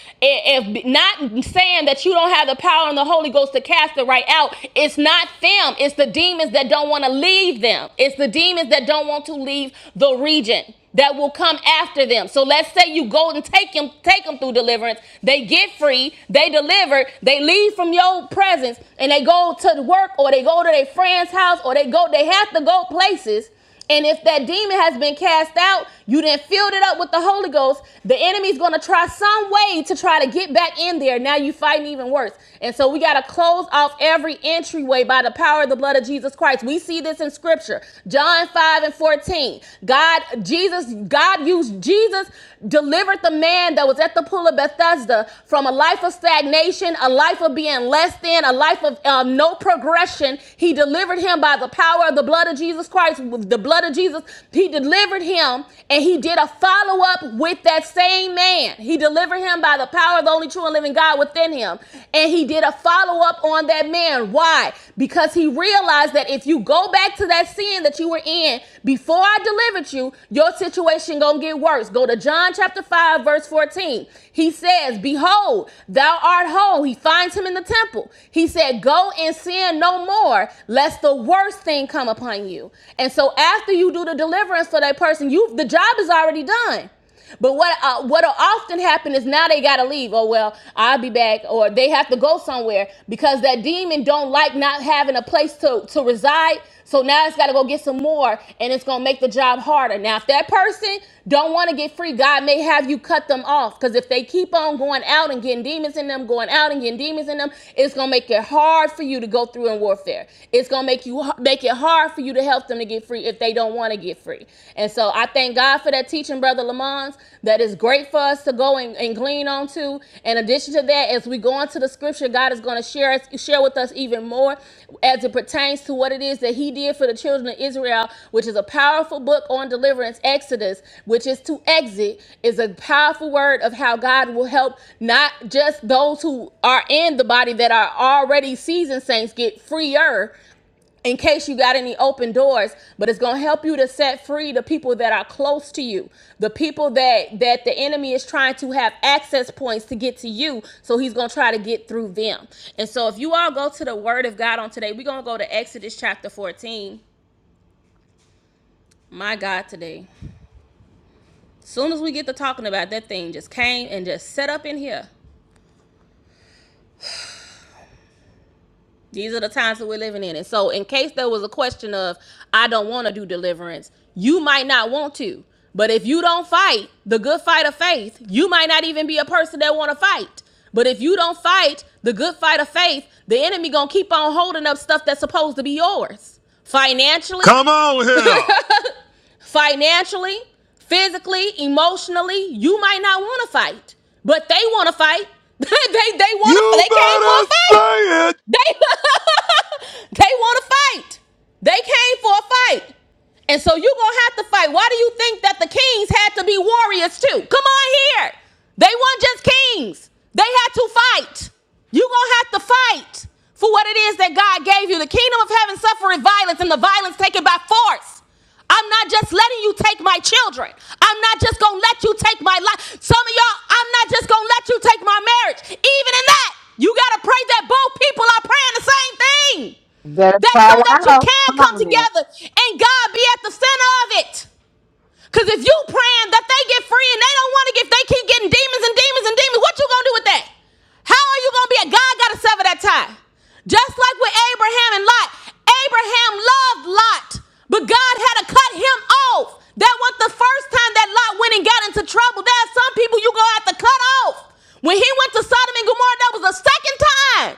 If not saying that you don't have the power and the Holy Ghost to cast it right out, it's not them. It's the demons that don't want to leave them. It's the demons that don't want to leave the region that will come after them. So let's say you go and take them, take them through deliverance. They get free, they deliver, they leave from your presence, and they go to work or they go to their friend's house or they go, they have to go places. And if that demon has been cast out, you then filled it up with the Holy Ghost, the enemy's gonna try some way to try to get back in there. Now you fighting even worse. And so we gotta close off every entryway by the power of the blood of Jesus Christ. We we see this in scripture. John 5 and 14. God, Jesus, God used Jesus, delivered the man that was at the pool of Bethesda from a life of stagnation, a life of being less than, a life of um, no progression. He delivered him by the power of the blood of Jesus Christ, with the blood of Jesus. He delivered him and he did a follow up with that same man. He delivered him by the power of the only true and living God within him. And he did a to follow up on that man. Why? Because he realized that if you go back to that sin that you were in before I delivered you, your situation gonna get worse. Go to John chapter 5, verse 14. He says, Behold, thou art whole. He finds him in the temple. He said, Go and sin no more, lest the worst thing come upon you. And so after you do the deliverance for that person, you the job is already done. But what uh, what'll often happen is now they gotta leave. Oh well, I'll be back, or they have to go somewhere because that demon don't like not having a place to to reside. So now it's gotta go get some more, and it's gonna make the job harder. Now, if that person don't want to get free, God may have you cut them off because if they keep on going out and getting demons in them, going out and getting demons in them, it's gonna make it hard for you to go through in warfare. It's gonna make you make it hard for you to help them to get free if they don't want want to get free. And so I thank God for that teaching, Brother Lamont. That is great for us to go and, and glean onto. In addition to that, as we go into the scripture, God is going to share us, share with us even more as it pertains to what it is that He did for the children of Israel, which is a powerful book on deliverance, Exodus, which is to exit, is a powerful word of how God will help not just those who are in the body that are already seasoned saints get freer in case you got any open doors but it's going to help you to set free the people that are close to you the people that that the enemy is trying to have access points to get to you so he's going to try to get through them and so if you all go to the word of god on today we're going to go to exodus chapter 14 my god today as soon as we get to talking about that thing just came and just set up in here These are the times that we're living in. And so, in case there was a question of, I don't want to do deliverance, you might not want to. But if you don't fight the good fight of faith, you might not even be a person that want to fight. But if you don't fight the good fight of faith, the enemy going to keep on holding up stuff that's supposed to be yours. Financially, Come on here! financially, physically, emotionally, you might not want to fight. But they want to fight. they they want to You they came for a better fight. say it! They they want to fight. They came for a fight. And so you're gonna have to fight. Why do you think that the kings had to be warriors too? Come on here. They weren't just kings. They had to fight. You're gonna have to fight for what it is that God gave you. The kingdom of heaven suffered violence, and the violence taken by force. I'm not just letting you take my children. I'm not just gonna let you take my life. Some of y'all, I'm not just gonna let you take my marriage. Even in that, you gotta pray that both people are praying the same thing. Better That's cry so that you out. can Come come on now. together and God be at the center of it. Cause if you praying that they get free and they don't want to get, they keep getting demons and demons and demons. What you gonna do with that? How are you gonna be a God? Got to sever that tie. Just like with Abraham and Lot, Abraham loved Lot, but God had to cut him off. That was the first time that Lot went and got into trouble. There are some people you gonna have to cut off. When he went to Sodom and Gomorrah, that was the second time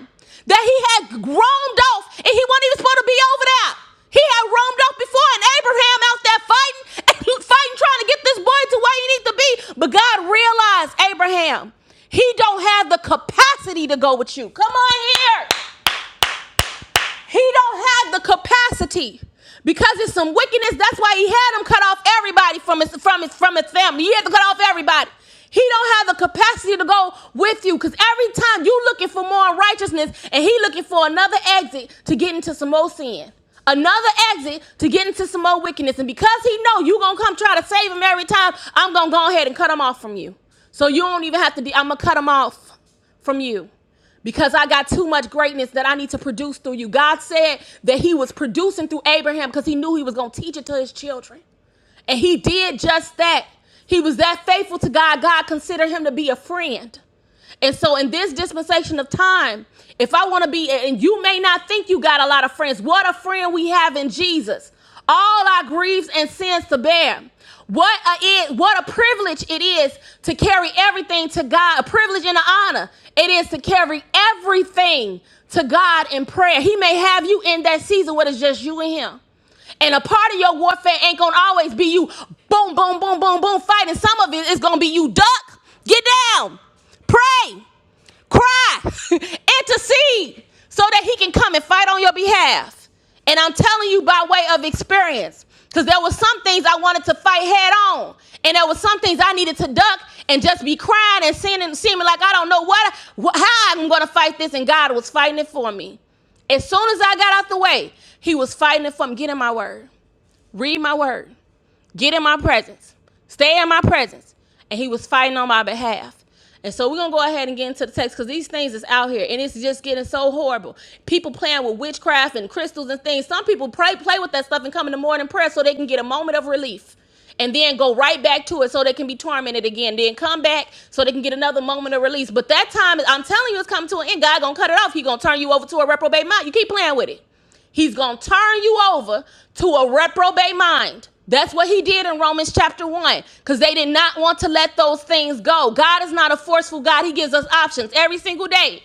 that he had roamed off and he wasn't even supposed to be over there. He had roamed off before, and Abraham out there fighting, fighting, trying to get this boy to where he needs to be. But God realized Abraham, he don't have the capacity to go with you. Come on here. He don't have the capacity because it's some wickedness. That's why he had him cut off everybody from his from his from his family. He had to cut off everybody. He don't have the capacity to go with you because every time you looking for more righteousness and he looking for another exit to get into some more sin. Another exit to get into some more wickedness. And because he know you gonna come try to save him every time, I'm gonna go ahead and cut him off from you. So you don't even have to be, I'm gonna cut him off from you because I got too much greatness that I need to produce through you. God said that He was producing through Abraham because He knew He was going to teach it to His children. And He did just that. He was that faithful to God. God considered Him to be a friend. And so, in this dispensation of time, if I want to be, and you may not think you got a lot of friends, what a friend we have in Jesus. All our griefs and sins to bear. What a it, what a privilege it is to carry everything to God, a privilege and an honor. It is to carry everything to God in prayer. He may have you in that season where it's just you and him. And a part of your warfare ain't gonna always be you boom, boom, boom, boom, boom, fighting. Some of it is gonna be you duck, get down, pray. Cry, intercede, so that he can come and fight on your behalf. And I'm telling you by way of experience, because there were some things I wanted to fight head on, and there were some things I needed to duck and just be crying and seeming, seeming like I don't know what, how I'm going to fight this, and God was fighting it for me. As soon as I got out the way, He was fighting it for me. Get in my word, read my word. Get in my presence. Stay in my presence. And he was fighting on my behalf. And so we're gonna go ahead and get into the text because these things is out here and it's just getting so horrible. People playing with witchcraft and crystals and things. Some people pray play with that stuff and come in the morning prayer so they can get a moment of relief and then go right back to it so they can be tormented again. Then come back so they can get another moment of release. But that time, I'm telling you, it's coming to an end. God gonna cut it off. He gonna turn you over to a reprobate mind. You keep playing with it. He's going to turn you over to a reprobate mind. That's what he did in Romans chapter 1 because they did not want to let those things go. God is not a forceful God. He gives us options every single day.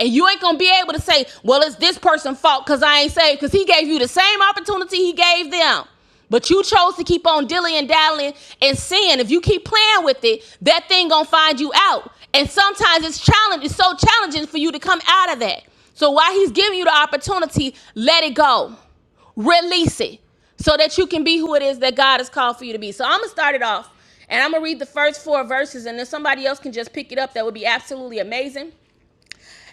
And you ain't going to be able to say, well, it's this person's fault because I ain't saved because he gave you the same opportunity he gave them. But you chose to keep on dilly and dallying and sin. If you keep playing with it, that thing gonna find you out. And sometimes it's challenge. It's so challenging for you to come out of that. So while he's giving you the opportunity, let it go, release it, so that you can be who it is that God has called for you to be. So I'm gonna start it off, and I'm gonna read the first four verses, and then somebody else can just pick it up. That would be absolutely amazing.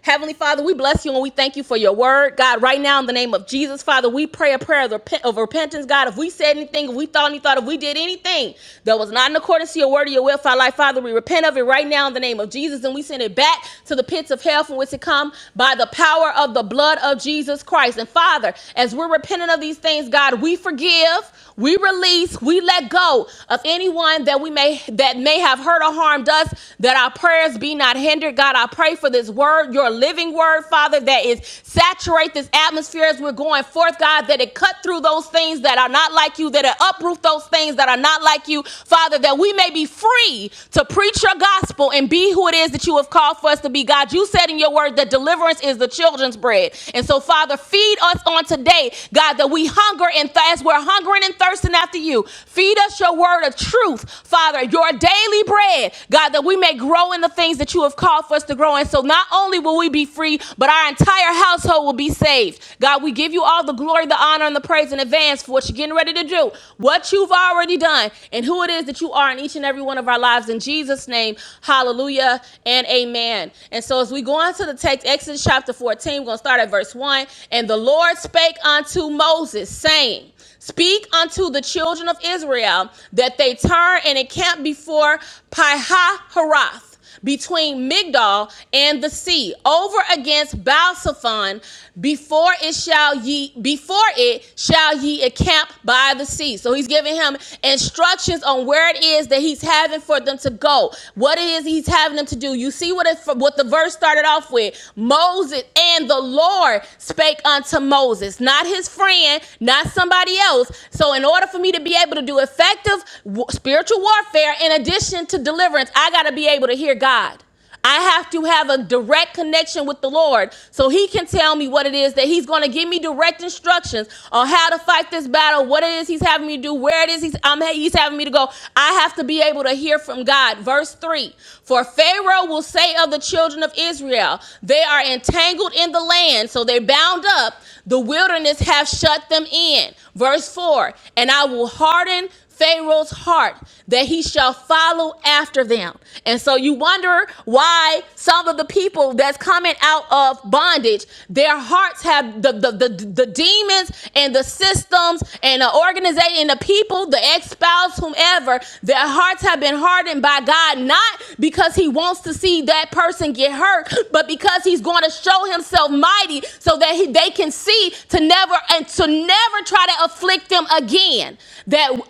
Heavenly Father, we bless you and we thank you for your word. God, right now in the name of Jesus, Father, we pray a prayer of, repent, of repentance. God, if we said anything, if we thought any thought, if we did anything that was not in accordance to your word or your will for our life, Father, we repent of it right now in the name of Jesus and we send it back to the pits of hell from which it come by the power of the blood of Jesus Christ. And Father, as we're repenting of these things, God, we forgive, we release, we let go of anyone that we may that may have hurt or harmed us, that our prayers be not hindered. God, I pray for for this word, your living word, Father, that is saturate this atmosphere as we're going forth, God, that it cut through those things that are not like you, that it uproot those things that are not like you, Father, that we may be free to preach your gospel and be who it is that you have called for us to be. God, you said in your word that deliverance is the children's bread. And so, Father, feed us on today, God, that we hunger and thirst. We're hungering and thirsting after you. Feed us your word of truth, Father, your daily bread, God, that we may grow in the things that you have called called for us to grow. And so not only will we be free, but our entire household will be saved. God, we give you all the glory, the honor, and the praise in advance for what you're getting ready to do, what you've already done, and who it is that you are in each and every one of our lives. In Jesus' name, hallelujah and amen. And so as we go on to the text, Exodus chapter 14, we're going to start at verse 1. And the Lord spake unto Moses, saying, Speak unto the children of Israel that they turn and encamp before Pihahiroth, between Migdol and the sea, over against Balsaphon, before it shall ye before it shall ye encamp by the sea. So he's giving him instructions on where it is that he's having for them to go, what it is he's having them to do. You see what it what the verse started off with. Moses and the Lord spake unto Moses, not his friend, not somebody everybody else. So, in order for me to be able to do effective w- spiritual warfare, in addition to deliverance, I got to be able to hear God. I have to have a direct connection with the Lord so He can tell me what it is that He's going to give me direct instructions on how to fight this battle, what it is He's having me do, where it is He's, I'm, he's having me to go. I have to be able to hear from God. Verse 3 For Pharaoh will say of the children of Israel, They are entangled in the land, so they're bound up. The wilderness have shut them in. Verse 4 And I will harden Pharaoh's heart that he shall follow after them. And so you wonder why some of the people that's coming out of bondage, their hearts have the, the, the, the demons and the systems and the organization and the people, the ex spouse, whomever, their hearts have been hardened by God, not because he wants to see that person get hurt, but because he's going to show himself mighty so that he, they can see to never and to never try try to afflict them again. That I'm going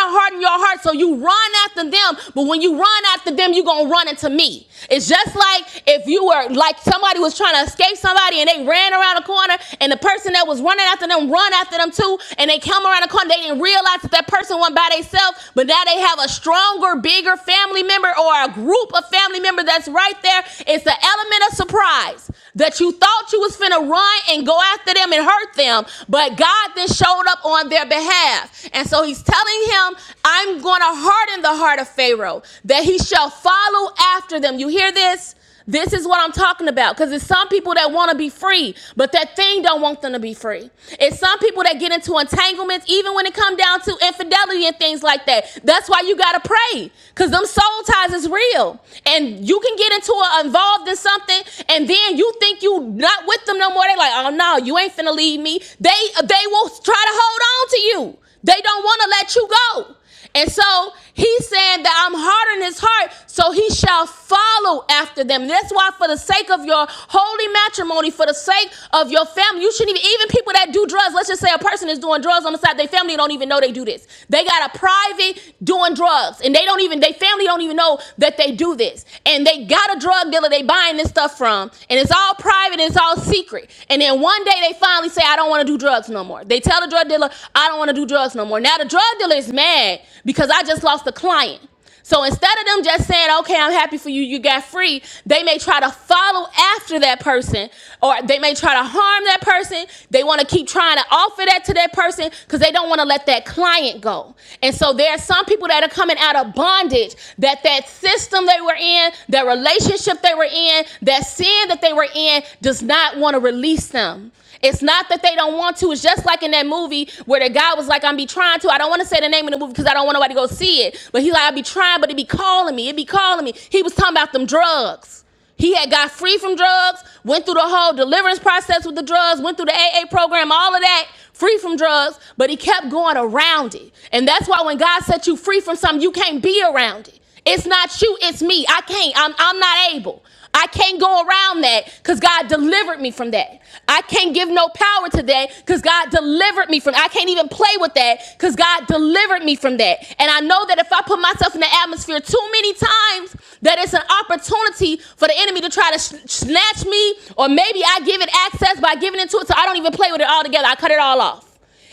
to harden your heart so you run after them, but when you run after them, you're going to run into me. It's just like if you were like somebody was trying to escape somebody and they ran around a corner and the person that was running after them run after them too and they come around the corner. They didn't realize that that person went by themselves, but now they have a stronger, bigger family member or a group of family members that's right there. It's the element of surprise that you thought you was finna run and go after them and hurt them, but God then showed up on their behalf. And so he's telling him, I'm gonna harden the heart of Pharaoh, that he shall follow after them. You hear this? This is what I'm talking about because it's some people that want to be free, but that thing don't want them to be free. It's some people that get into entanglements, even when it comes down to infidelity and things like that. That's why you gotta pray because them soul ties lies is real. And you can get into a, involved in something, and then you think you not with them no more. They like, oh no, you ain't finna leave me. They they will try to hold on to you. They don't want to let you go. And so he's saying that I'm hard in his heart, so he shall follow after them. That's why, for the sake of your holy matrimony, for the sake of your family, you shouldn't even, even people that do drugs, let's just say a person is doing drugs on the side, their family don't even know they they do this. They got a private doing drugs, and they don't even they family don't even know that they do this. And they got a drug dealer they buying this stuff from, and it's all private, and it's all secret. And then one day they finally say, "I don't want to do drugs no more." They tell the drug dealer, "I don't want to do drugs no more." Now the drug dealer is mad because I just lost a client. So instead of them just saying, okay, I'm happy for you, you got free, they may try to follow after that person or they may try to harm that person. They want to keep trying to offer that to that person because they don't want to let that client go. And so there are some people that are coming out of bondage that that system they were in, that relationship they were in, that sin that they were in does not want to release them. It's not that they don't want to. It's just like in that movie where the guy was like, I'm be trying to. I don't want to say the name of the movie because I don't want nobody to go see it. But he like, I be trying, but it be calling me. It be calling me. He was talking about them drugs. He had got free from drugs, went through the whole deliverance process with the drugs, went through the AA program, all of that, free from drugs, but he kept going around it. And that's why when God set you free from something, you can't be around it. It's not you, it's me. I can't. I'm, I'm not able. I can't go around that because God delivered me from that. I can't give no power to that because God delivered me from it. I can't even play with that because God delivered me from that. And I know that if I put myself in the atmosphere too many times, that it's an opportunity for the enemy to try to snatch me, or maybe I give it access by giving into it so I don't even play with it all together. I cut it all off.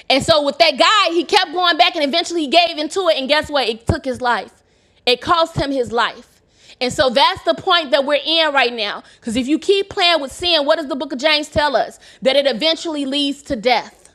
And so with that guy, he kept going back and eventually he gave into it. And guess what? It took his life. It cost him his life. And so that's the point that we're in right now. Because if you keep playing with sin, what does the book of James tell us? That it eventually leads to death.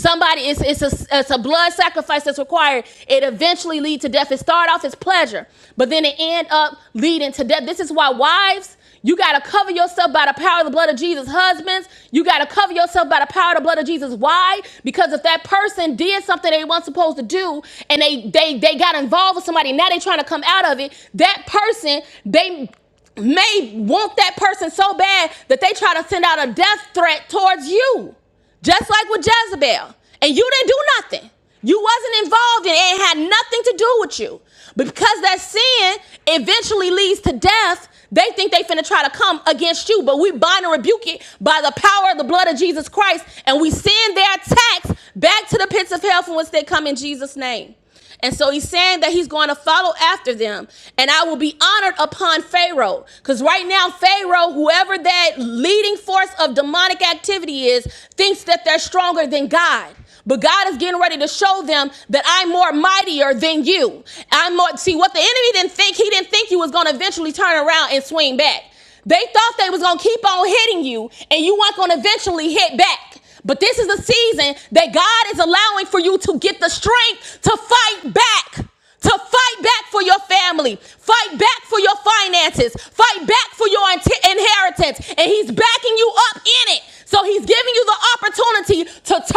Somebody, it's it's a it's a blood sacrifice that's required. It eventually lead to death. It start off as pleasure, but then it end up leading to death. This is why wives, you gotta cover yourself by the power of the blood of Jesus. Husbands, you gotta cover yourself by the power of the blood of Jesus. Why? Because if that person did something they weren't supposed to do, and they they they got involved with somebody, now they trying to come out of it. That person, they may want that person so bad that they try to send out a death threat towards you. Just like with Jezebel. And you didn't do nothing. You wasn't involved in it. It had nothing to do with you. But because that sin eventually leads to death, they think they finna try to come against you. But we bind and rebuke it by the power of the blood of Jesus Christ. And we send their attacks back to the pits of hell from which they come in Jesus' name. And so he's saying that he's going to follow after them, and I will be honored upon Pharaoh. Because right now, Pharaoh, whoever that leading force of demonic activity is, thinks that they're stronger than God. But God is getting ready to show them that I'm more mightier than you. I'm more see what the enemy didn't think, he didn't think he was gonna eventually turn around and swing back. They thought they was gonna keep on hitting you and you weren't gonna eventually hit back. But this is the season that God is allowing for you to get the strength to fight back. To fight back for your family, fight back for your finances, fight back for your inheritance. And he's backing you up in it. So he's giving you the opportunity to turn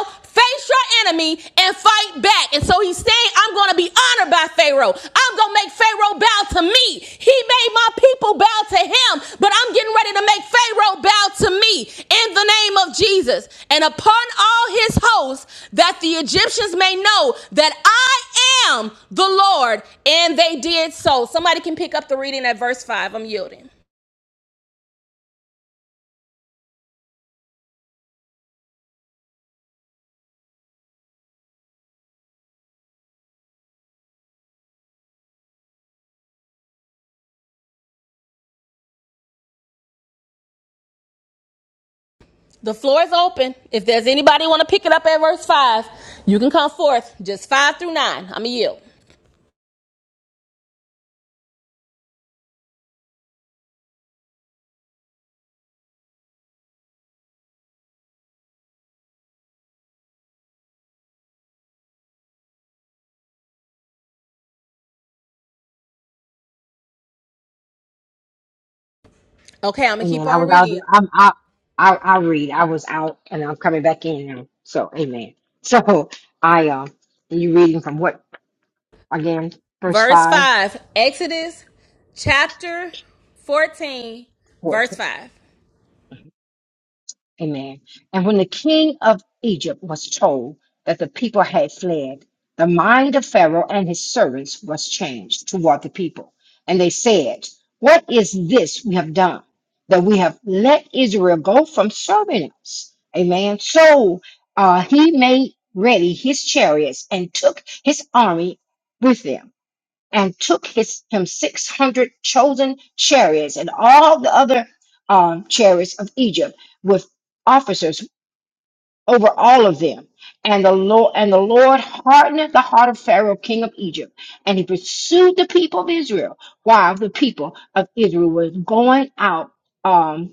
around face your enemy and fight back. And so he's saying, I'm going to be honored by Pharaoh. I'm going to make Pharaoh bow to me. He made my people bow to him, but I'm getting ready to make Pharaoh bow to me in the name of Jesus. And upon all his hosts, that the Egyptians may know that I am the Lord. And they did so. Somebody can pick up the reading at verse 5. I'm yielding. The floor is open. If there's anybody want to pick it up at verse five, you can come forth. Just five through nine. I'ma yield. Okay, I'm gonna keep Amen. I on was out. reading. I'm out. I, I read. I was out and I'm coming back in now. So, amen. So, I, um, you reading from what again? Verse Verse 5, five, Exodus chapter 14, verse 5. Amen. And when the king of Egypt was told that the people had fled, the mind of Pharaoh and his servants was changed toward the people. And they said, What is this we have done? That we have let Israel go from serving us. Amen. So uh, he made ready his chariots and took his army with them and took his him six hundred chosen chariots and all the other um, chariots of Egypt with officers over all of them. And the Lord and the Lord hardened the heart of Pharaoh, king of Egypt, and he pursued the people of Israel while the people of Israel was going out. Um,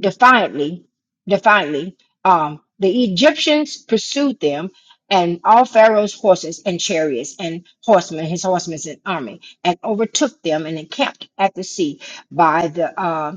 defiantly, defiantly, um, the Egyptians pursued them and all Pharaoh's horses and chariots and horsemen, his horsemen and army, and overtook them and encamped at the sea by the uh,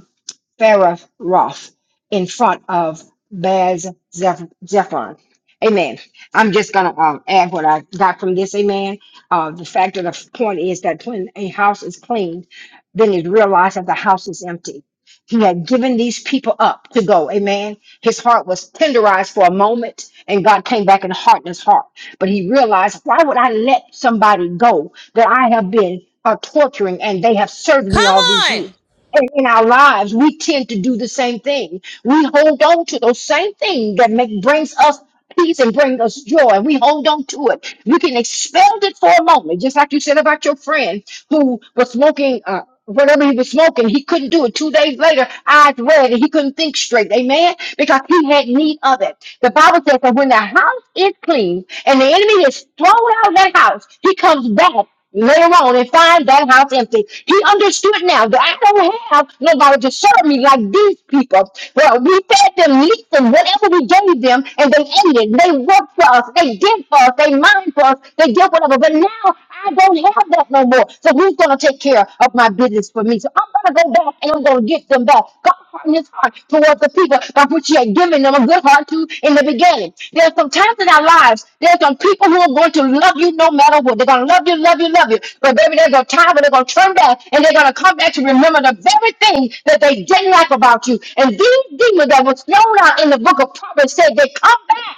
Pharaoh Roth in front of Baz Zeph- Zephon. Amen. I'm just going to um, add what I got from this. Amen. Uh, the fact of the point is that when a house is cleaned, then it realized that the house is empty. He had given these people up to go. Amen. His heart was tenderized for a moment, and God came back and hardened his heart. But he realized, why would I let somebody go that I have been uh, torturing and they have served me Come all these years? on! in, in our lives, we tend to do the same thing. We hold on to those same things that make brings us peace and bring us joy. and We hold on to it. You can expel it for a moment, just like you said about your friend who was smoking. Uh, Whatever he was smoking, he couldn't do it. Two days later, eyes red, and he couldn't think straight. Amen. Because he had need of it. The Bible says that when the house is clean and the enemy is thrown out of that house, he comes back Later on, and find that house empty. He understood now that I don't have nobody to serve me like these people. Well, we fed them meat and whatever we gave them, and they ate it. They worked for us. They did for us. They mined for us. They did whatever. But now I don't have that no more. So who's gonna take care of my business for me? So I'm gonna go back and I'm gonna get them them back. God hardened his heart towards the people by which he had given them a good heart to in the beginning. There are some times in our lives, There are some people who are going to love you no matter what. They're going to love you, love you, love you. But baby, there's a time when they're going to turn back and they're going to come back to remember the very thing that they didn't like about you. And these demons that was thrown out in the book of Proverbs said they come back.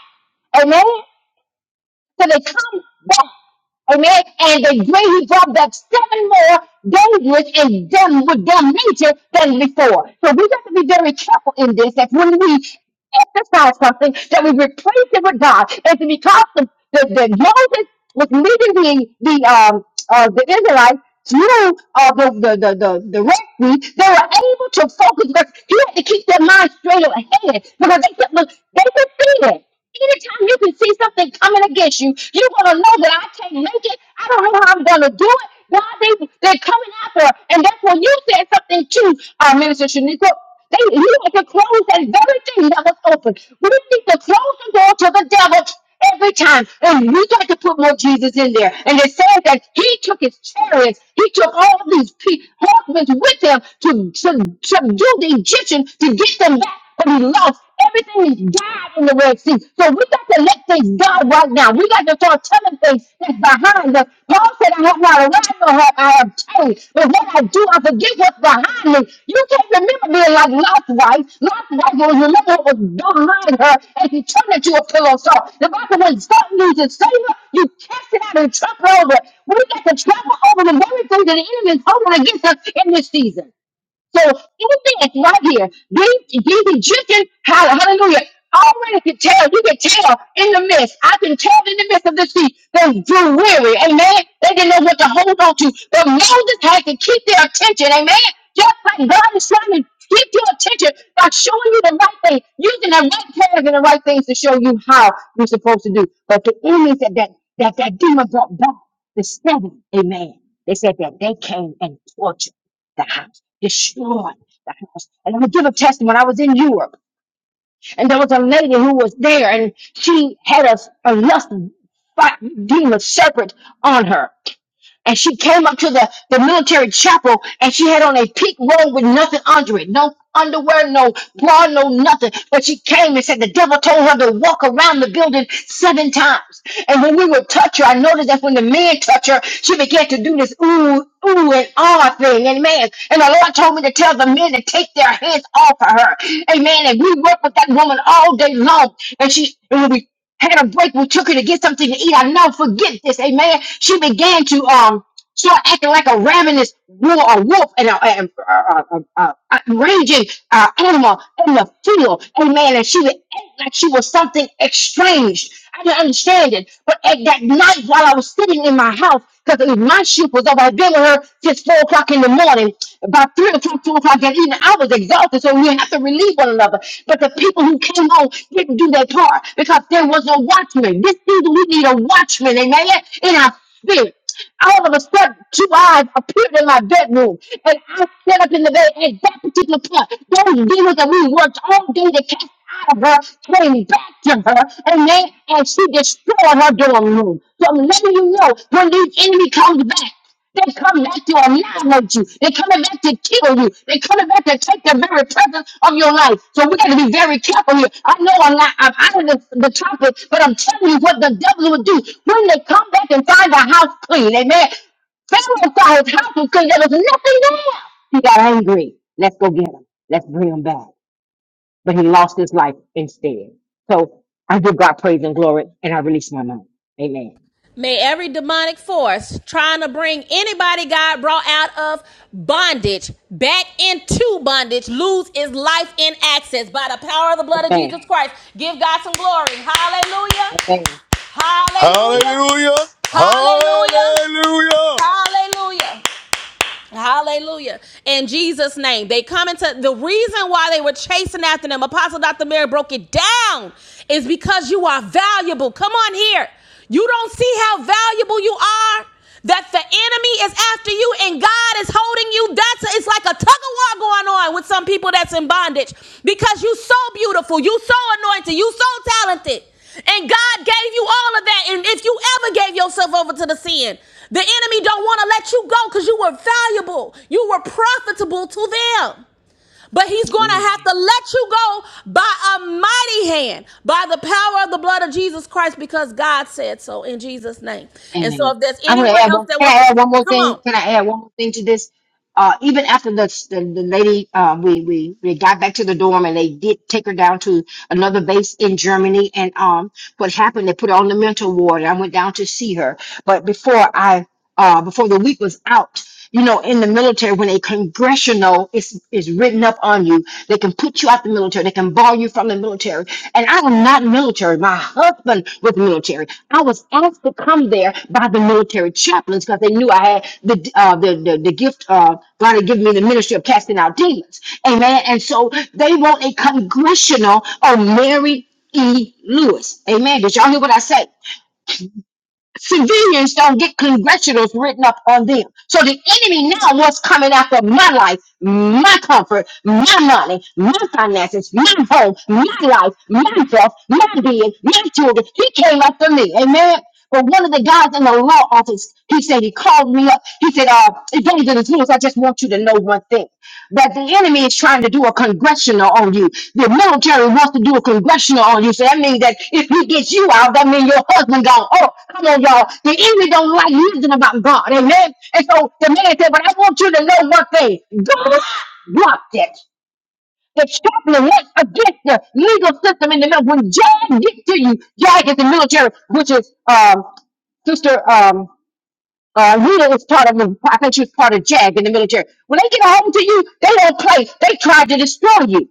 Amen. So they come back, amen. And they great brought back seven more dangerous and done with their nature than before. So we got to be very careful in this that when we exercise something, that we replace it with God. And to because the, the, the Moses was leading the the um uh, the Israelites through uh, the, the, the, the, the Red Sea, they were able to focus because he had to keep their mind straight ahead because they kept look, they could see it. Anytime you can see something coming against you, you're gonna know that I can't make it. I don't know how I'm gonna do it. God, they, they're coming after her. And that's when you said something too, uh, Minister Shaniqua. They you had to close that very thing that was open. We need to close the door to the devil every time. And we got to put more Jesus in there. And it says that he took his chariots, he took all these pe- horsemen with him to, to subdue the Egyptian to get them back. But he lost. Everything is God in the Red Sea. So we got to let things God right now. We got to start telling things that's behind us. Paul said, I have not arrived nor have I obtained. But what I do, I forget what's behind me. You can't remember being like Lot's wife. Lot's wife will remember what was behind her and she turned into a pillow of salt. The Bible when salt loses savor, you cast it out and trample over. it. We got to trample over the very thing that the enemy is holding against us in this season. So anything that's right here, these these Egyptians, hall- hallelujah, already could tell, you could tell in the midst. I can tell in the midst of the sea, they grew weary, amen. They didn't know what to hold on to. But Moses had to keep their attention, amen. Just like God is trying to keep your attention by showing you the right thing, using the right prayers and the right things to show you how you're supposed to do. But the enemy said that that, that demon brought back the seven, amen. They said that they came and tortured the house, destroyed the house. And I'm gonna give a testimony. I was in Europe, and there was a lady who was there, and she had a, a lust fi- demon serpent on her and she came up to the, the military chapel and she had on a pink robe with nothing under it no underwear no bra no nothing but she came and said the devil told her to walk around the building seven times and when we would touch her i noticed that when the men touch her she began to do this ooh ooh and ah thing amen and the lord told me to tell the men to take their hands off of her amen and we worked with that woman all day long and she and when we had a break. We took her to get something to eat. I know, forget this. Amen. She began to um Start acting like a ravenous wolf, a wolf, and a, a, a, a, a, a raging uh, animal in the field. Amen. And she would act like she was something estranged. I didn't understand it. But at that night, while I was sitting in my house, because my shift was over, I'd been with her since four o'clock in the morning. By three o'clock, two o'clock that evening, I was exhausted, so we have to relieve one another. But the people who came home didn't do their part because there was no watchman. This season, we need a watchman, amen, in our spirit. All of a sudden, two eyes appeared in my bedroom, and I sat up in the bed at that particular point. Those demons that we worked all day to cast out of her came back to her, and then and she destroyed her dorm room. So I'm letting you know when the enemy comes back. They come back to annihilate you. They coming back to kill you. They coming back to take the very presence of your life. So we got to be very careful here. I know I'm not I'm out of the, the topic, but I'm telling you what the devil will do when they come back and find the house clean. Amen. Pharaoh saw his house was clean. There was nothing there. He got angry. Let's go get him. Let's bring him back. But he lost his life instead. So I give God praise and glory, and I release my mind. Amen. May every demonic force trying to bring anybody God brought out of bondage back into bondage lose its life and access by the power of the blood of Amen. Jesus Christ. Give God some glory. Hallelujah. Amen. Hallelujah. Hallelujah! Hallelujah. Hallelujah! Hallelujah. Hallelujah. In Jesus' name. They come into the reason why they were chasing after them. Apostle Dr. Mary broke it down is because you are valuable. Come on here. You don't see how valuable you are. That the enemy is after you and God is holding you. That's it's like a tug of war going on with some people that's in bondage because you so beautiful, you so anointed, you so talented. And God gave you all of that. And if you ever gave yourself over to the sin, the enemy don't want to let you go because you were valuable. You were profitable to them. But he's going to Amen. have to let you go by a mighty hand, by the power of the blood of Jesus Christ, because God said so in Jesus' name. And so Amen. if there's I'm gonna anyone add else one. that Can wants to, I add one more come thing? on. Can I add one more thing to this? Uh, even after the the, the lady, uh, we we we got back to the dorm and they did take her down to another base in Germany. And um, what happened? They put her on the mental ward. And I went down to see her, but before I uh before the week was out. You know, in the military, when a congressional is is written up on you, they can put you out the military and it can bar you from the military. And I am not military. My husband was military. I was asked to come there by the military chaplains because they knew I had the uh, the, the the gift uh, God had given me the ministry of casting out demons. Amen. And so they want a congressional on Mary E. Lewis. Amen. Did y'all hear what I said? Civilians don't get congressionals written up on them. So the enemy now wants coming after my life, my comfort, my money, my finances, my home, my life, my health, my being, my children. He came after me. Amen. But one of the guys in the law office, he said he called me up. He said, "Uh." Evangelist Lewis, I just want you to know one thing that the enemy is trying to do a congressional on you. The military wants to do a congressional on you. So that means that if he gets you out, that means your husband gone. Oh, come on, y'all. The enemy don't like nothing about God. Amen. And so the man said, But I want you to know one thing. God blocked it. The chaplain went against the legal system in the middle. When Job gets to you, Job is the military, which is um, sister. um, uh, Rita was part of, the. I think she was part of JAG in the military. When they get a hold to you, they don't play. They tried to destroy you.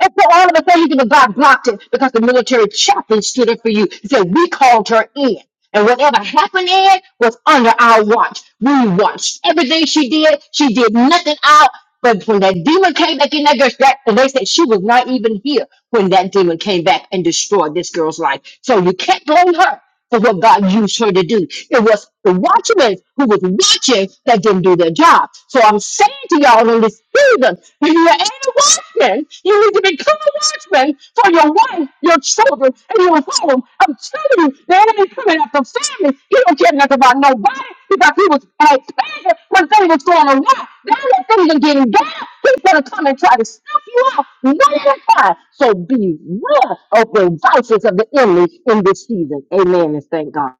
And so all of a sudden, you think God blocked it because the military chaplain stood up for you. He said, we called her in. And whatever happened in was under our watch. We watched everything she did. She did nothing out. But when that demon came back in that girl's back, and they said she was not even here when that demon came back and destroyed this girl's life. So you can't blame her for what God used her to do. It was the watchman who was watching that didn't do their job. So I'm saying to y'all in this season, when you are a watchman, you need to become a watchman for your wife, your children, and your home. I'm telling you, the enemy famine after family, He don't care nothing about nobody because he was expanding when things was going around. Now that things are getting better, he's gonna come and try to snuff you out one at a time. So beware of the vices of the enemy in this season. Amen and thank God.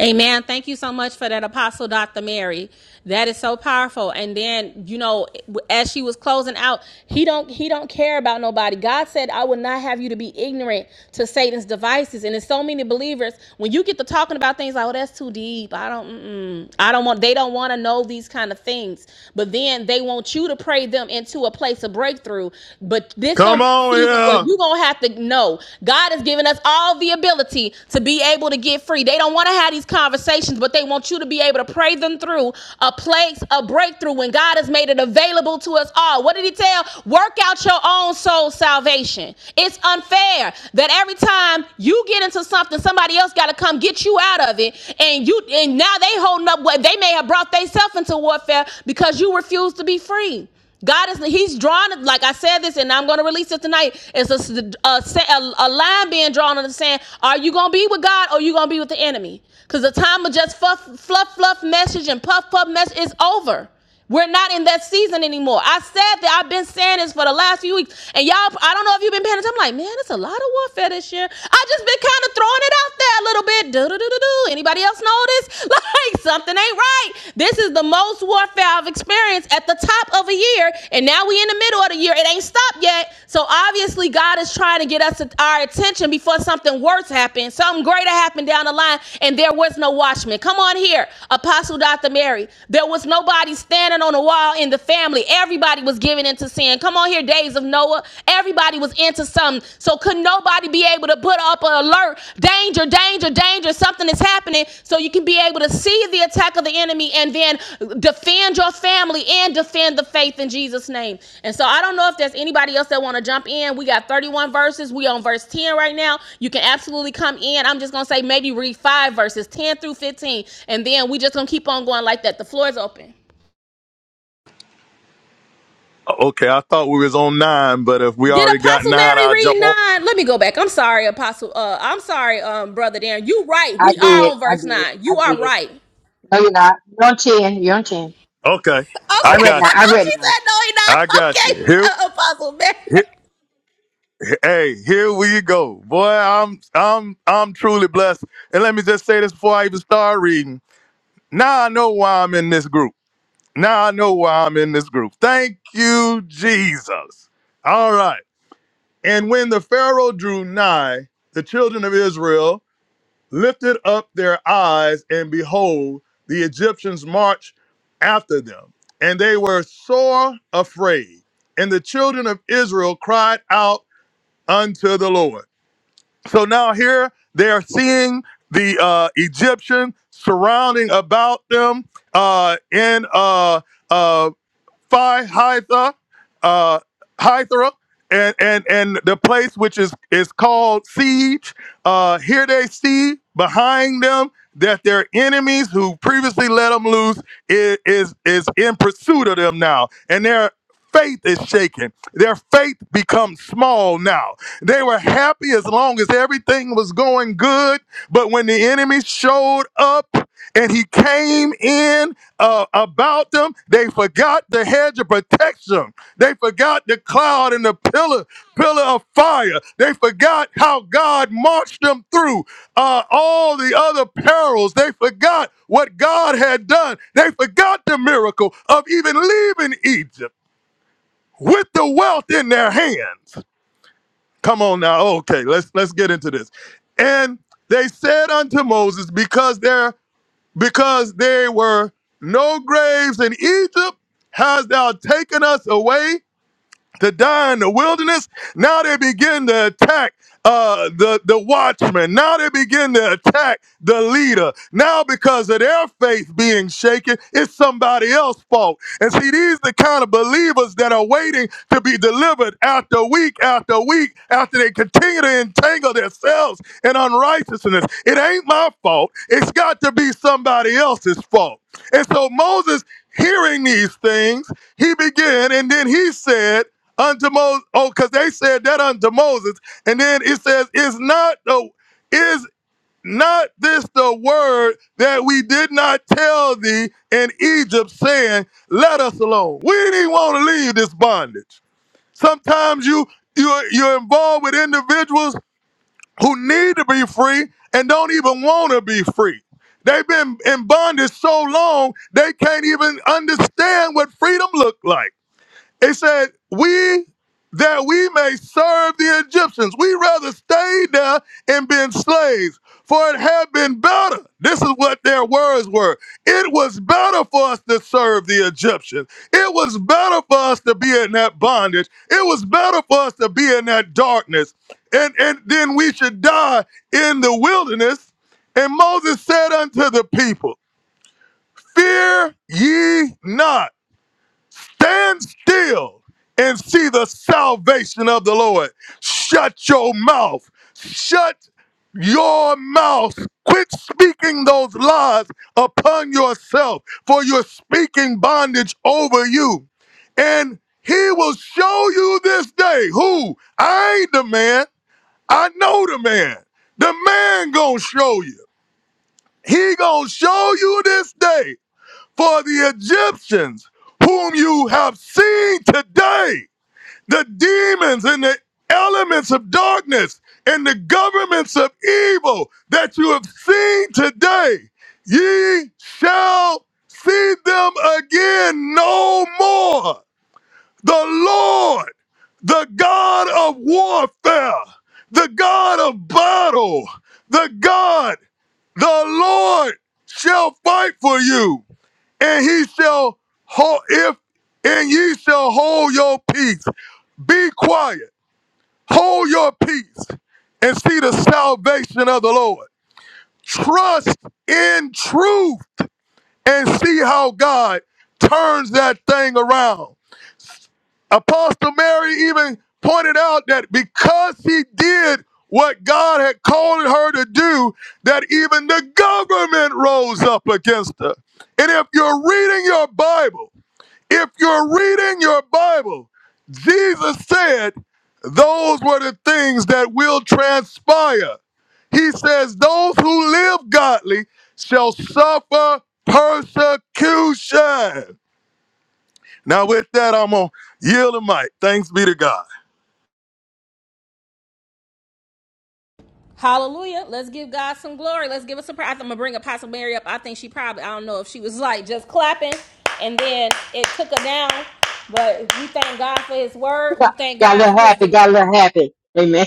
Amen. Thank you so much for that, Apostle Dr. Mary. That is so powerful. And then, you know, as she was closing out, he don't he don't care about nobody. God said, "I will not have you to be ignorant to Satan's devices." And it's so many believers when you get to talking about things like, "Oh, that's too deep. I don't, mm-mm. I don't want." They don't want to know these kind of things. But then they want you to pray them into a place of breakthrough. But this Come gonna be a on season where here. you gonna have to know God has given us all the ability to be able to get free. They don't want to have these conversations, but they want you to be able to pray them through a place, a breakthrough when God has made it available to us all. What did he tell? Work out your own soul salvation. It's unfair that every time you get into something, somebody else gotta come get you out of it. And you and now they holding up what they may have brought themselves into warfare because you refuse to be free. God is He's drawn like I said this, and I'm going to release it tonight. It's a, a, a- line being drawn on the sand. Are you going to be with God, or are you going to be with the enemy? Because the time of just fluff, fluff, fluff message and puff, puff message is over. We're not in that season anymore. I said that I've been saying this for the last few weeks, and y'all, I don't know if you've been paying attention. I'm like, man, it's a lot of warfare this year. I just been kind of throwing it out there a little bit. Do do do do do. Anybody nobody else notice? Like something ain't right. This is the most warfare I've experienced at the top of a year, and now we in the middle of the year. It ain't stopped yet. So obviously God is trying to get us our attention before something worse happens, something greater happened down the line, and there was no watchman. Come on here, Apostle Dr. Mary. There was nobody standing on the wall in the family. Everybody was giving into sin. Come on here, days of Noah. Everybody was into something. So could nobody be able to put up an alert, danger, danger, danger, something is happening, so you can be able to see the attack of the enemy and then defend your family and defend the faith in Jesus' name. And so I don't know if there's anybody else that want to jump in. We got 31 verses. We on verse 10 right now. You can absolutely come in. I'm just gonna say maybe read five verses, 10 through 15, and then we just gonna keep on going like that. The floor is open. Oh, Okay, I thought we was on nine, but if we Did already got Apostle nine, Mary I'll read jump on. nine? Let me go back. I'm sorry, Apostle. Uh, I'm sorry, um, brother Darren. You right. I We are did. on I verse did. nine. I You are did. right. No, you're not. You're on 10. You're on 10. Okay, I I Okay. she read now. got you. I read now. said no, he not. I got Okay, you. Here, uh, Apostle Mary. here, hey, here we go, boy. I'm, I'm, I'm truly blessed. And let me just say this before I even start reading. Now I know why I'm in this group. Now I know why I'm in this group. Thank you, Jesus. All right. And when the Pharaoh drew nigh, the children of Israel lifted up their eyes, and behold, the Egyptians marched after them. And they were sore afraid. And the children of Israel cried out unto the Lord. So now here they are seeing the uh, Egyptian surrounding about them uh, in uh, uh, Phi Hitha, uh, Hythra, and, and and the place which is is called siege. Uh, here they see behind them that their enemies who previously let them loose is is, is in pursuit of them now, and their faith is shaken. Their faith becomes small now. They were happy as long as everything was going good, but when the enemy showed up and he came in uh, about them. They forgot the hedge of protection. They forgot the cloud and the pillar, pillar of fire. They forgot how God marched them through uh, all the other perils. They forgot what God had done. They forgot the miracle of even leaving Egypt with the wealth in their hands. Come on now. Okay, let's let's get into this. And they said unto Moses, because their because there were no graves in Egypt, hast thou taken us away to die in the wilderness. Now they begin to attack uh, the, the watchman. Now they begin to attack the leader. Now, because of their faith being shaken, it's somebody else's fault. And see, these the kind of believers that are waiting to be delivered after week after week after they continue to entangle themselves in unrighteousness. It ain't my fault. It's got to be somebody else's fault. And so Moses, hearing these things, he began and then he said, unto Moses. Oh, because they said that unto Moses. And then it says, Is not the is not this the word that we did not tell thee in Egypt, saying, Let us alone. We didn't want to leave this bondage. Sometimes you you're you're involved with individuals who need to be free and don't even want to be free. They've been in bondage so long they can't even understand what freedom looked like. It said, We that we may serve the Egyptians. We rather stayed there and been slaves, for it had been better. This is what their words were. It was better for us to serve the Egyptians. It was better for us to be in that bondage. It was better for us to be in that darkness. And, and then we should die in the wilderness. And Moses said unto the people, Fear ye not Stand still and see the salvation of the Lord. Shut your mouth. Shut your mouth. Quit speaking those lies upon yourself, for you're speaking bondage over you. And he will show you this day who I ain't the man. I know the man. The man gonna show you. He gonna show you this day for the Egyptians, whom you have seen today, the demons and the elements of darkness and the governments of evil that you have seen today, ye shall see them again no more. The Lord, the God of warfare, the God of battle, the God, the Lord shall fight for you and he shall hold if and ye shall hold your peace. Be quiet, hold your peace, and see the salvation of the Lord. Trust in truth and see how God turns that thing around. Apostle Mary even pointed out that because he did what God had called her to do, that even the government rose up against her. And if you're reading your Bible, if you're reading your Bible, Jesus said those were the things that will transpire. He says, Those who live godly shall suffer persecution. Now, with that, I'm going to yield the mic. Thanks be to God. Hallelujah. Let's give God some glory. Let's give us some praise. I'm gonna bring Apostle Mary up. I think she probably. I don't know if she was like just clapping, and then it took her down. But we thank God for His word. We thank got a God for little His happy. deliverance. Got a little happy. Amen.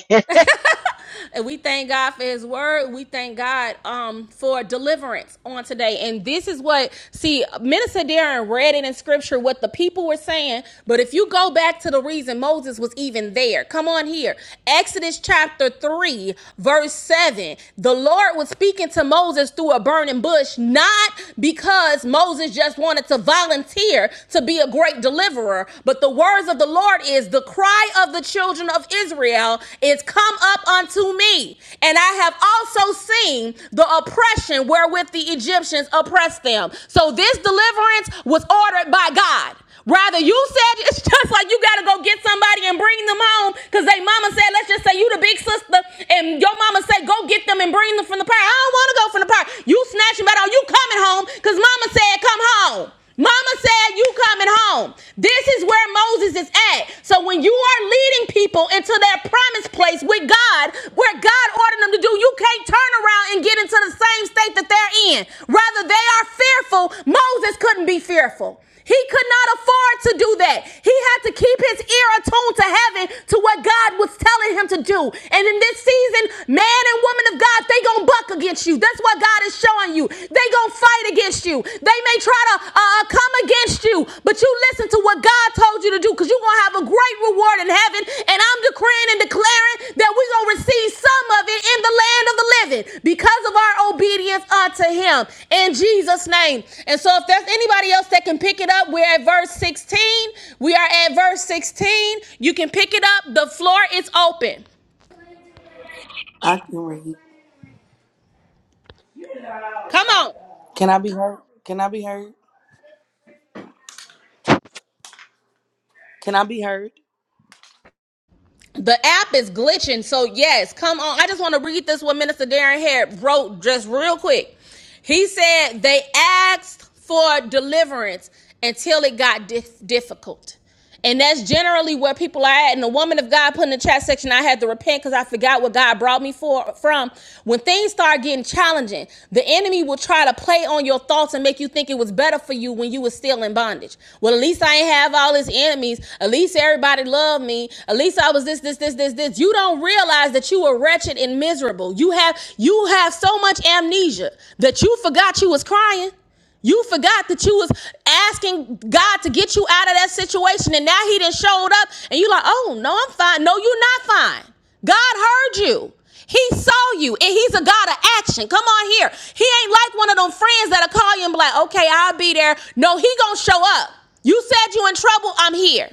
And we thank God for his word. We thank God um, for deliverance on today. And this is what, see, Minister Darren read it in scripture, what the people were saying. But if you go back to the reason Moses was even there, come on here. Exodus chapter 3, verse 7. The Lord was speaking to Moses through a burning bush, not because Moses just wanted to volunteer to be a great deliverer, but the words of the Lord is, is the cry of the children of Israel is come up unto me. And I have also seen the oppression wherewith the Egyptians oppressed them. So this deliverance was ordered by God. Rather, you said it's just like you gotta go get somebody and bring them home because they mama said, let's just say you the big sister, and your mama said, go get them and bring them from the park. I don't wanna go from the park. You snatching about all you coming home because mama said, come home. Mama said, glad you coming home. This is where Moses is at. So when you are leading people into their promised place with God, where God ordered them to do, you can't turn around and get into the same state that they're in. Rather, they are fearful. Moses couldn't be fearful. He could not afford to do that. He had to keep his ear attuned to heaven to what God was telling him to do. And in this season, man and woman of God, they gonna buck against you. That's why God God is showing you. They gonna fight against you. They may try to uh, uh, come against you, but you listen to what God told you to do, because you're gonna have a great reward in heaven. And I'm decreeing and declaring that we're gonna receive some of it in the land of the living because of our obedience unto Him in Jesus' name. And so, if there's anybody else that can pick it up, we're at verse 16. We are at verse 16. You can pick it up. The floor is open. I can read. Come on. Can I be heard? Can I be heard? Can I be heard? The app is glitching. So yes, come on. I just want to read this what Minister Darren Harris wrote just real quick. He said they asked for deliverance until it got dif- difficult. And that's generally where people are at. And the woman of God put in the chat section, I had to repent because I forgot what God brought me for from. When things start getting challenging, the enemy will try to play on your thoughts and make you think it was better for you when you were still in bondage. Well, at least I ain't have all his enemies. At least everybody loved me. At least I was this, this, this, this, this. You don't realize that you were wretched and miserable. You have you have so much amnesia that you forgot you was crying. You forgot that you was asking God to get you out of that situation, and now He didn't showed up, and you like, oh no, I'm fine. No, you're not fine. God heard you. He saw you, and he's a God of action. Come on here. He ain't like one of them friends that'll call you and be like, okay, I'll be there. No, he gonna show up. You said you in trouble, I'm here.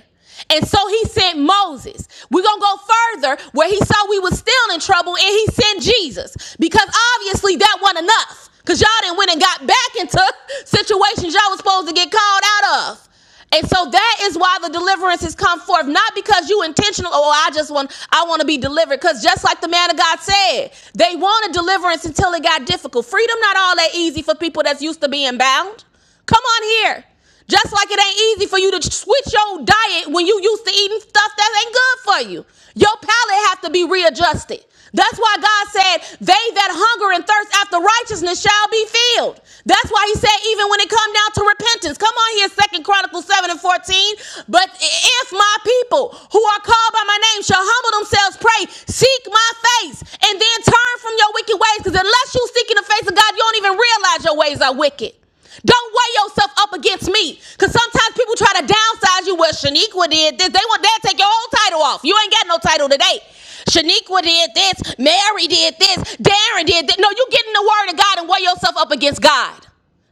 And so he sent Moses. We're gonna go further where he saw we was still in trouble and he sent Jesus. Because obviously that wasn't enough. Because y'all didn't went and got back into situations y'all was supposed to get called out of. And so that is why the deliverance has come forth, not because you intentional. Oh, I just want, I want to be delivered. Because just like the man of God said, they wanted deliverance until it got difficult. Freedom not all that easy for people that's used to being bound. Come on here. Just like it ain't easy for you to switch your diet when you used to eating stuff that ain't good for you. Your palate have to be readjusted. That's why God said, they that hunger and thirst after righteousness shall be filled. That's why he said, even when it come down to repentance, come on here, Second Chronicles 7 and 14. But if my people who are called by my name shall humble themselves, pray, seek my face, and then turn from your wicked ways, because unless you seek in the face of God, you don't even realize your ways are wicked. Don't weigh yourself up against me. Cause sometimes people try to downsize you. Well, Shaniqua did this. They want that to take your whole title off. You ain't got no title today. Shaniqua did this. Mary did this. Darren did this. No, you get in the word of God and weigh yourself up against God.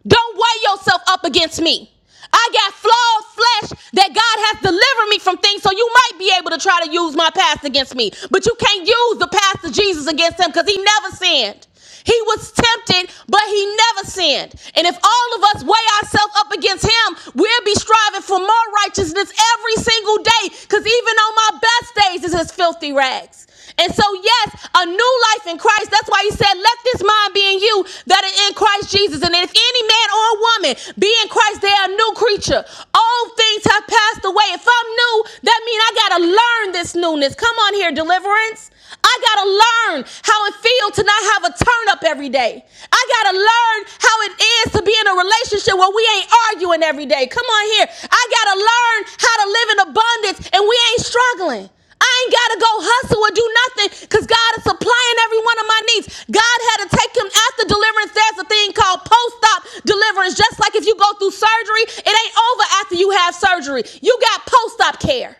Don't weigh yourself up against me. I got flawed flesh that God has delivered me from things, so you might be able to try to use my past against me. But you can't use the past of Jesus against him because he never sinned. He was tempted, but he never sinned. And if all of us weigh ourselves up against him, we'll be striving for more righteousness every single day because even on my best days, it's his filthy rags. And so, yes, a new life in Christ. That's why he said, Let this mind be in you that is in Christ Jesus. And if any man or woman be in Christ, they are a new creature. Old things have passed away. If I'm new, that means I got to learn this newness. Come on here, deliverance. I got to learn how it feels to not have a turn up every day. I got to learn how it is to be in a relationship where we ain't arguing every day. Come on here. I got to learn how to live in abundance and we ain't struggling. I ain't gotta go hustle or do nothing because God is supplying every one of my needs. God had to take him after deliverance. There's a thing called post op deliverance. Just like if you go through surgery, it ain't over after you have surgery. You got post op care.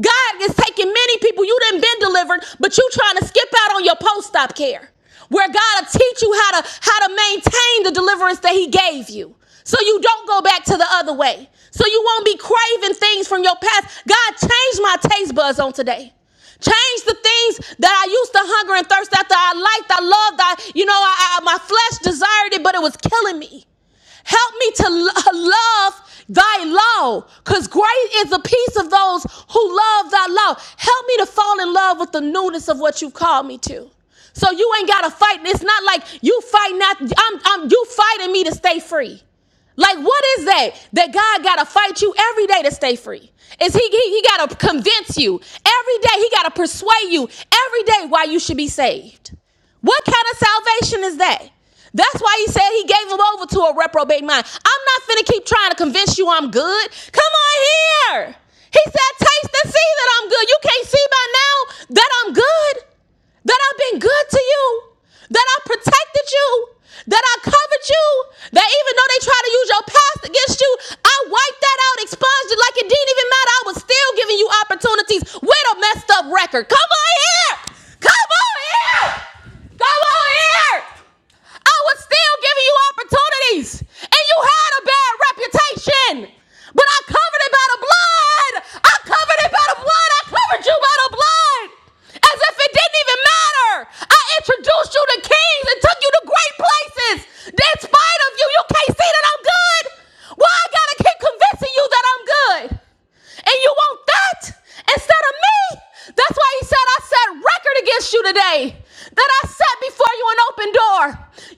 God is taking many people. You didn't been delivered, but you trying to skip out on your post op care where God will teach you how to how to maintain the deliverance that He gave you, so you don't go back to the other way, so you won't be craving things from your past. God, change my taste buds on today. Change the things that I used to hunger and thirst after. I liked, I loved, I you know, I, I- my flesh desired it, but it was killing me. Help me to love thy law, because great is the peace of those who love thy law. Help me to fall in love with the newness of what you've called me to. So you ain't gotta fight. It's not like you fighting. Not, I'm, I'm you fighting me to stay free. Like, what is that? That God got to fight you every day to stay free. Is he, he, he got to convince you every day. He got to persuade you every day why you should be saved. What kind of salvation is that? That's why he said he gave him over to a reprobate mind. I'm not finna keep trying to convince you I'm good. Come on here. He said, taste and see that I'm good. You can't see by now that I'm good that I've been good to you, that I protected you, that I covered you, that even though they try to use your past against you, I wiped that out, expunged it like it didn't even matter. I was still giving you opportunities with a messed up record. Come on here! Come on here! Come on here! I was still giving you opportunities, and you had a bad reputation. But I covered it by the blood. I covered it by the blood. I covered you by the blood. As if it didn't even matter. I introduced you to kings and took you to great places. In spite of you, you can't see that I'm good. Why I gotta keep convincing you that I'm good? And you want that instead of me? That that's why he said, I set record against you today. That I set before you an open door.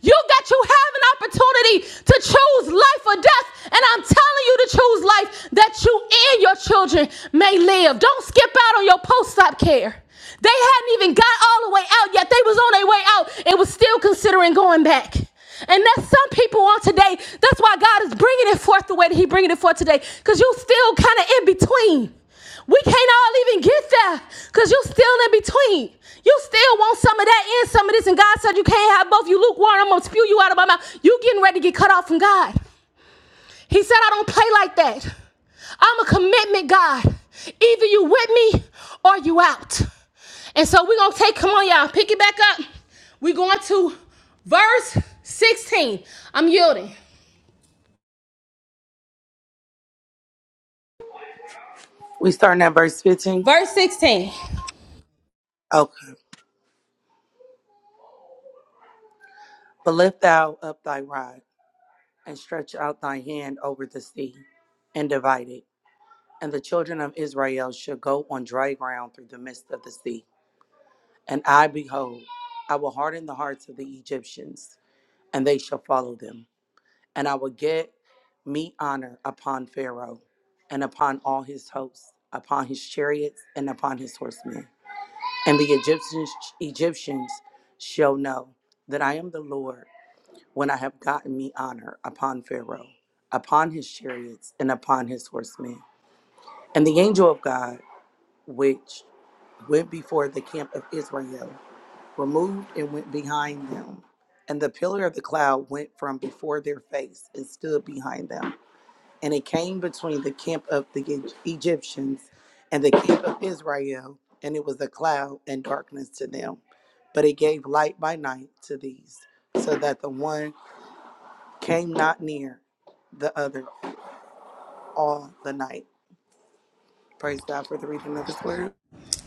You got you have an opportunity to choose life or death. And I'm telling you to choose life that you and your children may live. Don't skip out on your post-op care. They hadn't even got all the way out yet. They was on their way out and was still considering going back. And that's some people on today. That's why God is bringing it forth the way that He bringing it forth today. Because you still kind of in between. We can't all even get there Cause you still in between. You still want some of that and some of this. And God said you can't have both. You lukewarm. I'm gonna spew you out of my mouth. You getting ready to get cut off from God. He said, I don't play like that. I'm a commitment God. Either you with me or you out. And so we're gonna take, come on, y'all, pick it back up. We're going to verse 16. I'm yielding. We starting at verse 15. Verse 16. Okay. But lift thou up thy rod and stretch out thy hand over the sea and divide it. And the children of Israel shall go on dry ground through the midst of the sea. And I, behold, I will harden the hearts of the Egyptians, and they shall follow them. And I will get me honor upon Pharaoh and upon all his hosts, upon his chariots and upon his horsemen. And the Egyptians, Egyptians shall know that I am the Lord when I have gotten me honor upon Pharaoh, upon his chariots, and upon his horsemen. And the angel of God, which went before the camp of Israel, removed and went behind them. And the pillar of the cloud went from before their face and stood behind them and it came between the camp of the E- Egyptians and the camp of Israel, and it was a cloud and darkness to them. But it gave light by night to these, so that the one came not near the other all the night. Praise God for the reading of his word.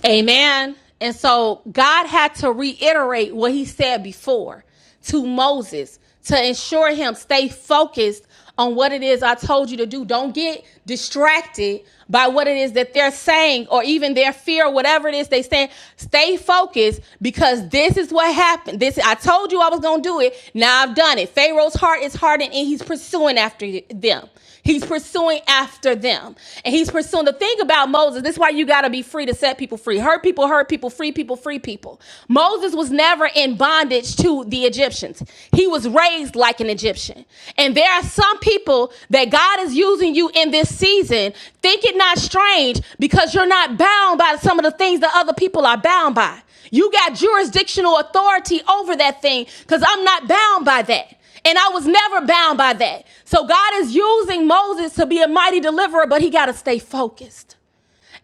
Amen. And so God had to reiterate what he said before to Moses to ensure him stay focused on what it is I told you to do. Don't get distracted by what it is that they're saying or even their fear, whatever it is they saying. Stay focused because this is what happened. This I told you I was gonna do it. Now I've done it. Pharaoh's heart is hardened and he's pursuing after them. He's pursuing after them. And he's pursuing the thing about Moses. This is why you got to be free to set people free. Hurt people, hurt people, free people, free people. Moses was never in bondage to the Egyptians. He was raised like an Egyptian. And there are some people that God is using you in this season. Think it not strange because you're not bound by some of the things that other people are bound by. You got jurisdictional authority over that thing because I'm not bound by that. And I was never bound by that. So God is using Moses to be a mighty deliverer, but he got to stay focused.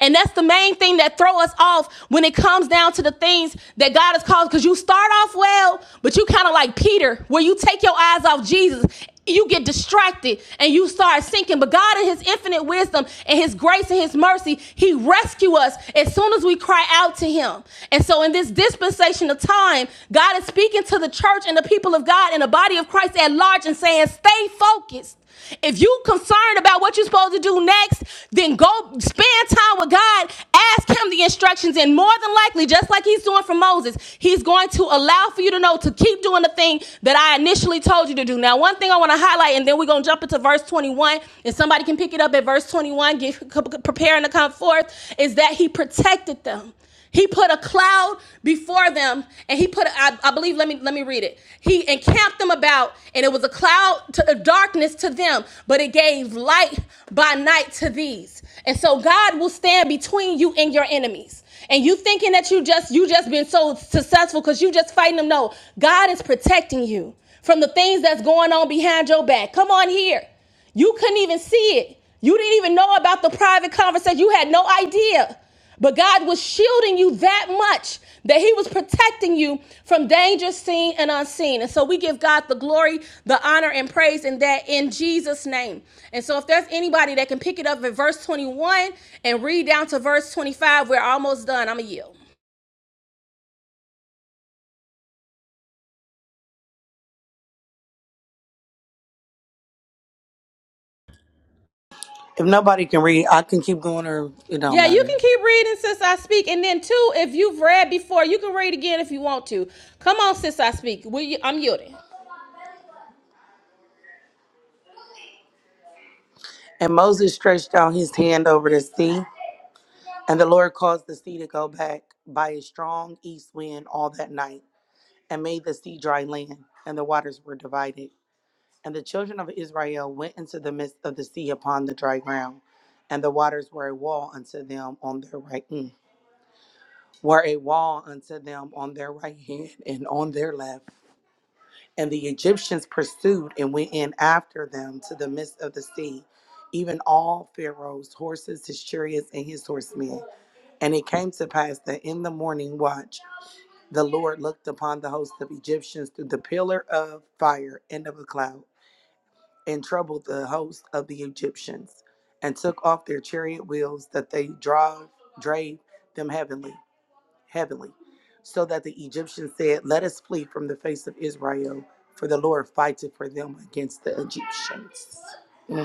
And that's the main thing that throw us off when it comes down to the things that God has called. Because you start off well, but you kind of like Peter, where you take your eyes off Jesus you get distracted and you start sinking. But God, in His infinite wisdom and His grace and His mercy, He rescue us as soon as we cry out to Him. And so, in this dispensation of time, God is speaking to the church and the people of God and the body of Christ at large and saying, "Stay focused." If you concerned about what you're supposed to do next, then go spend time with God. Ask him the instructions. And more than likely, just like he's doing for Moses, he's going to allow for you to know to keep doing the thing that I initially told you to do. Now, one thing I want to highlight, and then we're going to jump into verse 21, and somebody can pick it up at verse 21, get, preparing to come forth, is that he protected them. He put a cloud before them, and he put I, I believe. Let me let me read it. He encamped them about, and it was a cloud to a darkness to them, but it gave light by night to these. And so God will stand between you and your enemies. And you thinking that you just you just been so successful because you just fighting them. No, God is protecting you from the things that's going on behind your back. Come on here. You couldn't even see it. You didn't even know about the private conversation. You had no idea. But God was shielding you that much that He was protecting you from danger seen and unseen. And so we give God the glory, the honor, and praise in that in Jesus' name. And so if there's anybody that can pick it up at verse 21 and read down to verse 25, we're almost done. I'm going to yield. If nobody can read, I can keep going, or it don't Yeah, you matter. can keep reading since I speak. And then, two, if you've read before, you can read again if you want to. Come on, since I speak. We, I'm yielding. And Moses stretched out his hand over the sea, and the Lord caused the sea to go back by a strong east wind all that night and made the sea dry land, and the waters were divided. And the children of Israel went into the midst of the sea upon the dry ground, and the waters were a wall unto them on their right mm, were a wall unto them on their right hand and on their left. And the Egyptians pursued and went in after them to the midst of the sea, even all Pharaoh's horses, his chariots, and his horsemen. And it came to pass that in the morning watch The Lord looked upon the host of Egyptians through the pillar of fire and of a cloud, and troubled the host of the Egyptians, and took off their chariot wheels that they drove, drave them heavenly, heavenly, so that the Egyptians said, "Let us flee from the face of Israel, for the Lord fighteth for them against the Egyptians." Mm.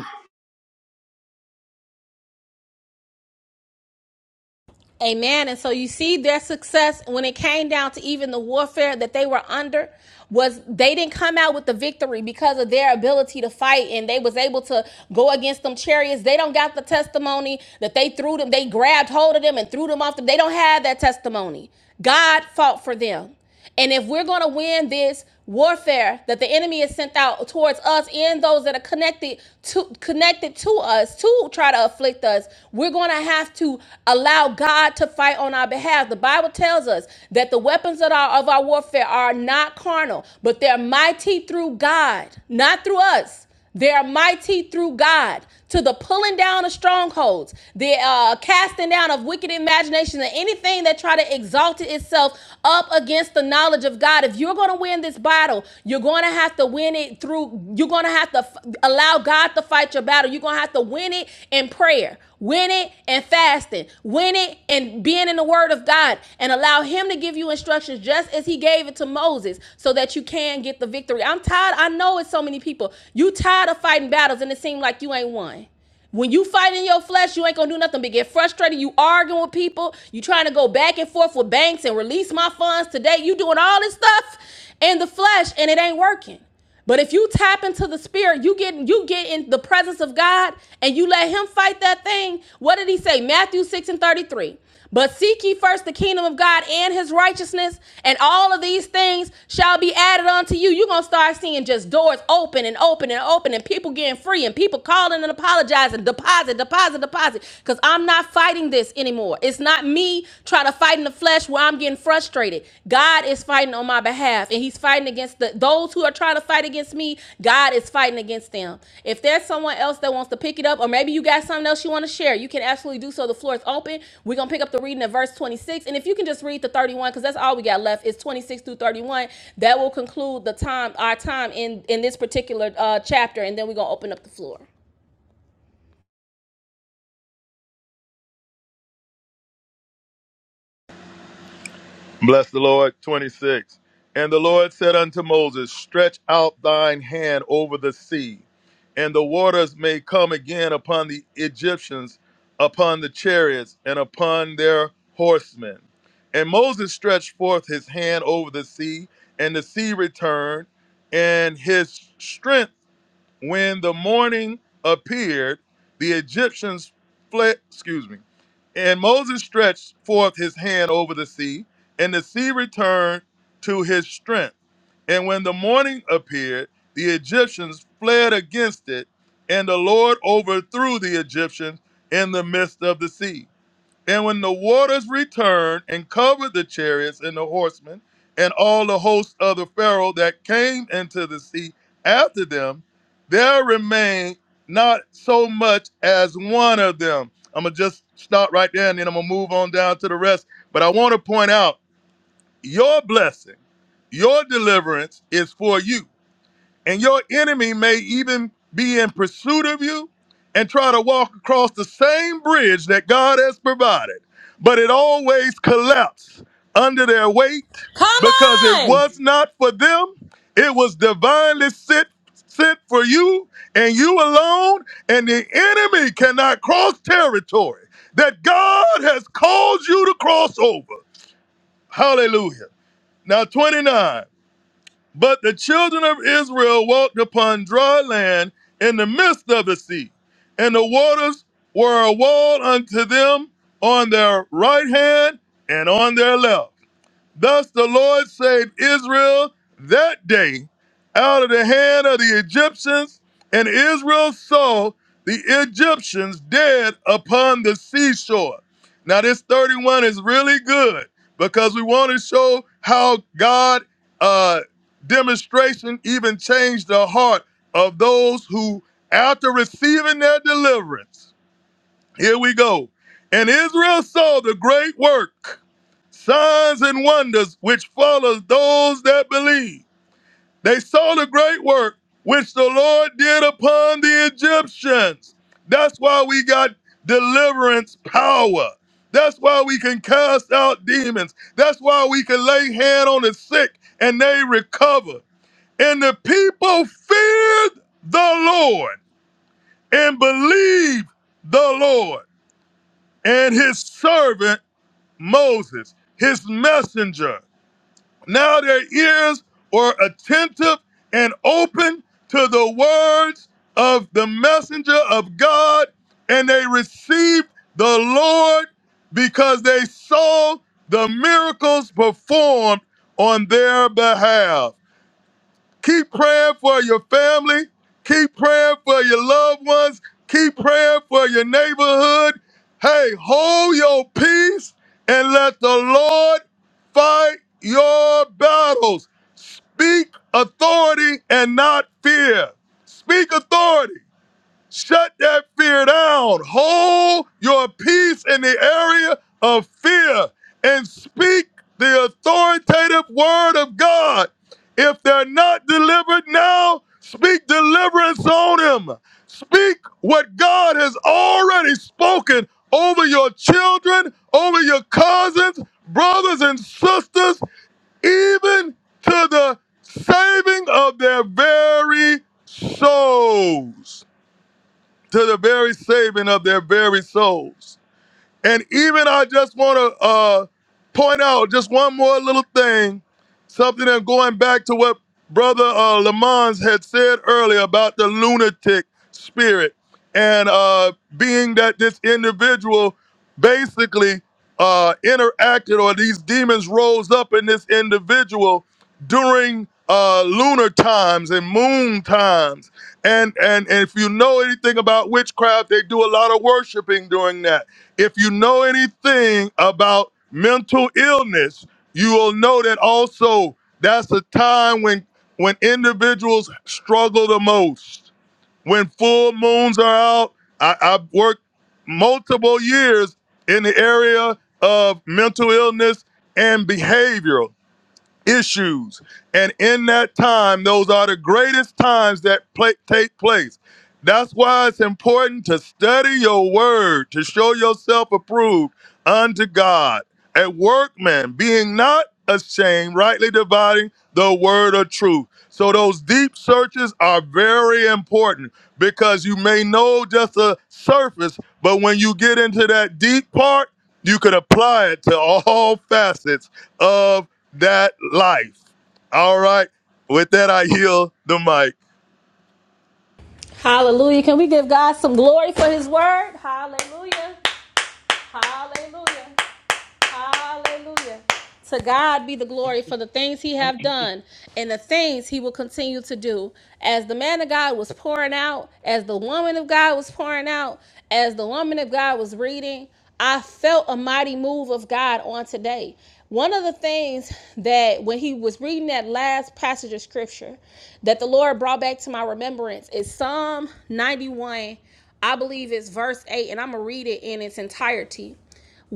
Amen. And so you see their success when it came down to even the warfare that they were under was they didn't come out with the victory because of their ability to fight and they was able to go against them chariots. They don't got the testimony that they threw them, they grabbed hold of them and threw them off them. They don't have that testimony. God fought for them. And if we're going to win this warfare that the enemy has sent out towards us and those that are connected to connected to us to try to afflict us, we're going to have to allow God to fight on our behalf. The Bible tells us that the weapons of our, of our warfare are not carnal, but they're mighty through God, not through us they are mighty through God to the pulling down of strongholds, the uh, casting down of wicked imaginations, and anything that try to exalt itself up against the knowledge of God. If you're going to win this battle, you're going to have to win it through. You're going to have to f- allow God to fight your battle. You're going to have to win it in prayer. Winning and fasting, winning and being in the word of God, and allow Him to give you instructions just as He gave it to Moses so that you can get the victory. I'm tired. I know it's so many people. You tired of fighting battles and it seems like you ain't won. When you fight in your flesh, you ain't gonna do nothing but get frustrated. You arguing with people. You trying to go back and forth with banks and release my funds today. You doing all this stuff in the flesh and it ain't working. But if you tap into the spirit, you get you get in the presence of God and you let him fight that thing. What did he say? Matthew 6 and 33. But seek ye first the kingdom of God and his righteousness, and all of these things shall be added unto you. You're gonna start seeing just doors open and open and open, and people getting free, and people calling and apologizing, deposit, deposit, deposit. Because I'm not fighting this anymore. It's not me trying to a fight in the flesh where I'm getting frustrated. God is fighting on my behalf, and He's fighting against the those who are trying to fight against me. God is fighting against them. If there's someone else that wants to pick it up, or maybe you got something else you want to share, you can absolutely do so. The floor is open. We're gonna pick up the reading at verse 26, and if you can just read the 31, because that's all we got left is 26 through 31. That will conclude the time our time in in this particular uh, chapter, and then we're gonna open up the floor. Bless the Lord. 26. And the Lord said unto Moses, Stretch out thine hand over the sea, and the waters may come again upon the Egyptians, upon the chariots, and upon their horsemen. And Moses stretched forth his hand over the sea, and the sea returned, and his strength when the morning appeared, the Egyptians fled, excuse me, and Moses stretched forth his hand over the sea, and the sea returned to his strength. And when the morning appeared, the Egyptians fled against it, and the Lord overthrew the Egyptians in the midst of the sea. And when the waters returned and covered the chariots and the horsemen and all the hosts of the Pharaoh that came into the sea after them, there remained not so much as one of them. I'm going to just stop right there and then I'm going to move on down to the rest. But I want to point out your blessing, your deliverance is for you. And your enemy may even be in pursuit of you and try to walk across the same bridge that God has provided. But it always collapsed under their weight Come because it on! was not for them. It was divinely sent, sent for you and you alone. And the enemy cannot cross territory that God has called you to cross over. Hallelujah. Now, 29. But the children of Israel walked upon dry land in the midst of the sea, and the waters were a wall unto them on their right hand and on their left. Thus the Lord saved Israel that day out of the hand of the Egyptians, and Israel saw the Egyptians dead upon the seashore. Now, this 31 is really good because we want to show how God uh, demonstration even changed the heart of those who, after receiving their deliverance, here we go. And Israel saw the great work, signs and wonders which follows those that believe. They saw the great work which the Lord did upon the Egyptians. That's why we got deliverance power. That's why we can cast out demons. That's why we can lay hand on the sick and they recover. And the people feared the Lord and believed the Lord and his servant Moses, his messenger. Now their ears were attentive and open to the words of the messenger of God, and they received the Lord because they saw the miracles performed on their behalf. Keep praying for your family. Keep praying for your loved ones. Keep praying for your neighborhood. Hey, hold your peace and let the Lord fight your battles. Speak authority and not fear. Speak authority. Shut that fear down. Hold your peace in the area of fear and speak the authoritative word of God. If they're not delivered now, speak deliverance on them. Speak what God has already spoken over your children, over your cousins, brothers, and sisters, even to the saving of their very souls to the very saving of their very souls. And even I just want to uh, point out just one more little thing, something that going back to what Brother uh, Lamons had said earlier about the lunatic spirit, and uh, being that this individual basically uh, interacted or these demons rose up in this individual during uh, lunar times and moon times, and and and if you know anything about witchcraft, they do a lot of worshiping during that if you know anything about mental illness, you will know that also that's a time when when individuals struggle the most. When full moons are out, I, I've worked multiple years in the area of mental illness and behavioral issues. And in that time, those are the greatest times that pla take place. That's why it's important to study your word, to show yourself approved unto God, a workman, being not ashamed, rightly dividing the word of truth. So those deep searches are very important because you may know just a surface, but when you get into that deep part, you can apply it to all facets of that life. All right. With that, I yield the mic. Hallelujah. Can we give God some glory for his word? Hallelujah. Hallelujah. Hallelujah. To God be the glory for the things he have done and the things he will continue to do. As the man of God was pouring out, as the woman of God was pouring out, as the woman of God was reading, I felt a mighty move of God on today. One of the things that when he was reading that last passage of scripture that the Lord brought back to my remembrance is Psalm 91, I believe it's verse 8, and I'm going to read it in its entirety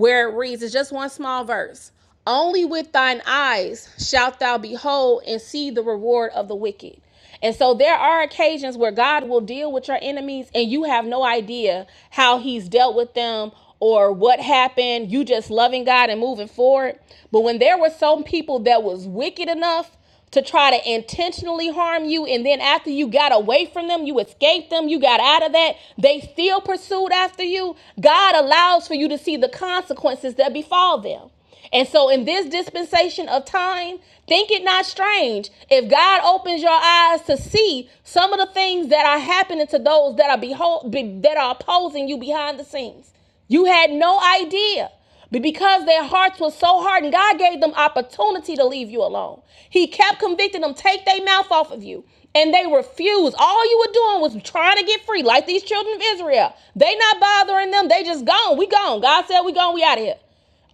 where it reads, it's just one small verse. Only with thine eyes shalt thou behold and see the reward of the wicked. And so there are occasions where God will deal with your enemies and you have no idea how he's dealt with them or what happened. You just loving God and moving forward. But when there were some people that was wicked enough to try to intentionally harm you and then after you got away from them you escaped them you got out of that they still pursued after you god allows for you to see the consequences that befall them and so, in this dispensation of time, think it not strange if God opens your eyes to see some of the things that are happening to those that are behold be, that are opposing you behind the scenes. You had no idea, but because their hearts were so hardened, God gave them opportunity to leave you alone. He kept convicting them, take their mouth off of you. And they refused. All you were doing was trying to get free, like these children of Israel. They not bothering them. They just gone. We gone. God said we gone. We out of here.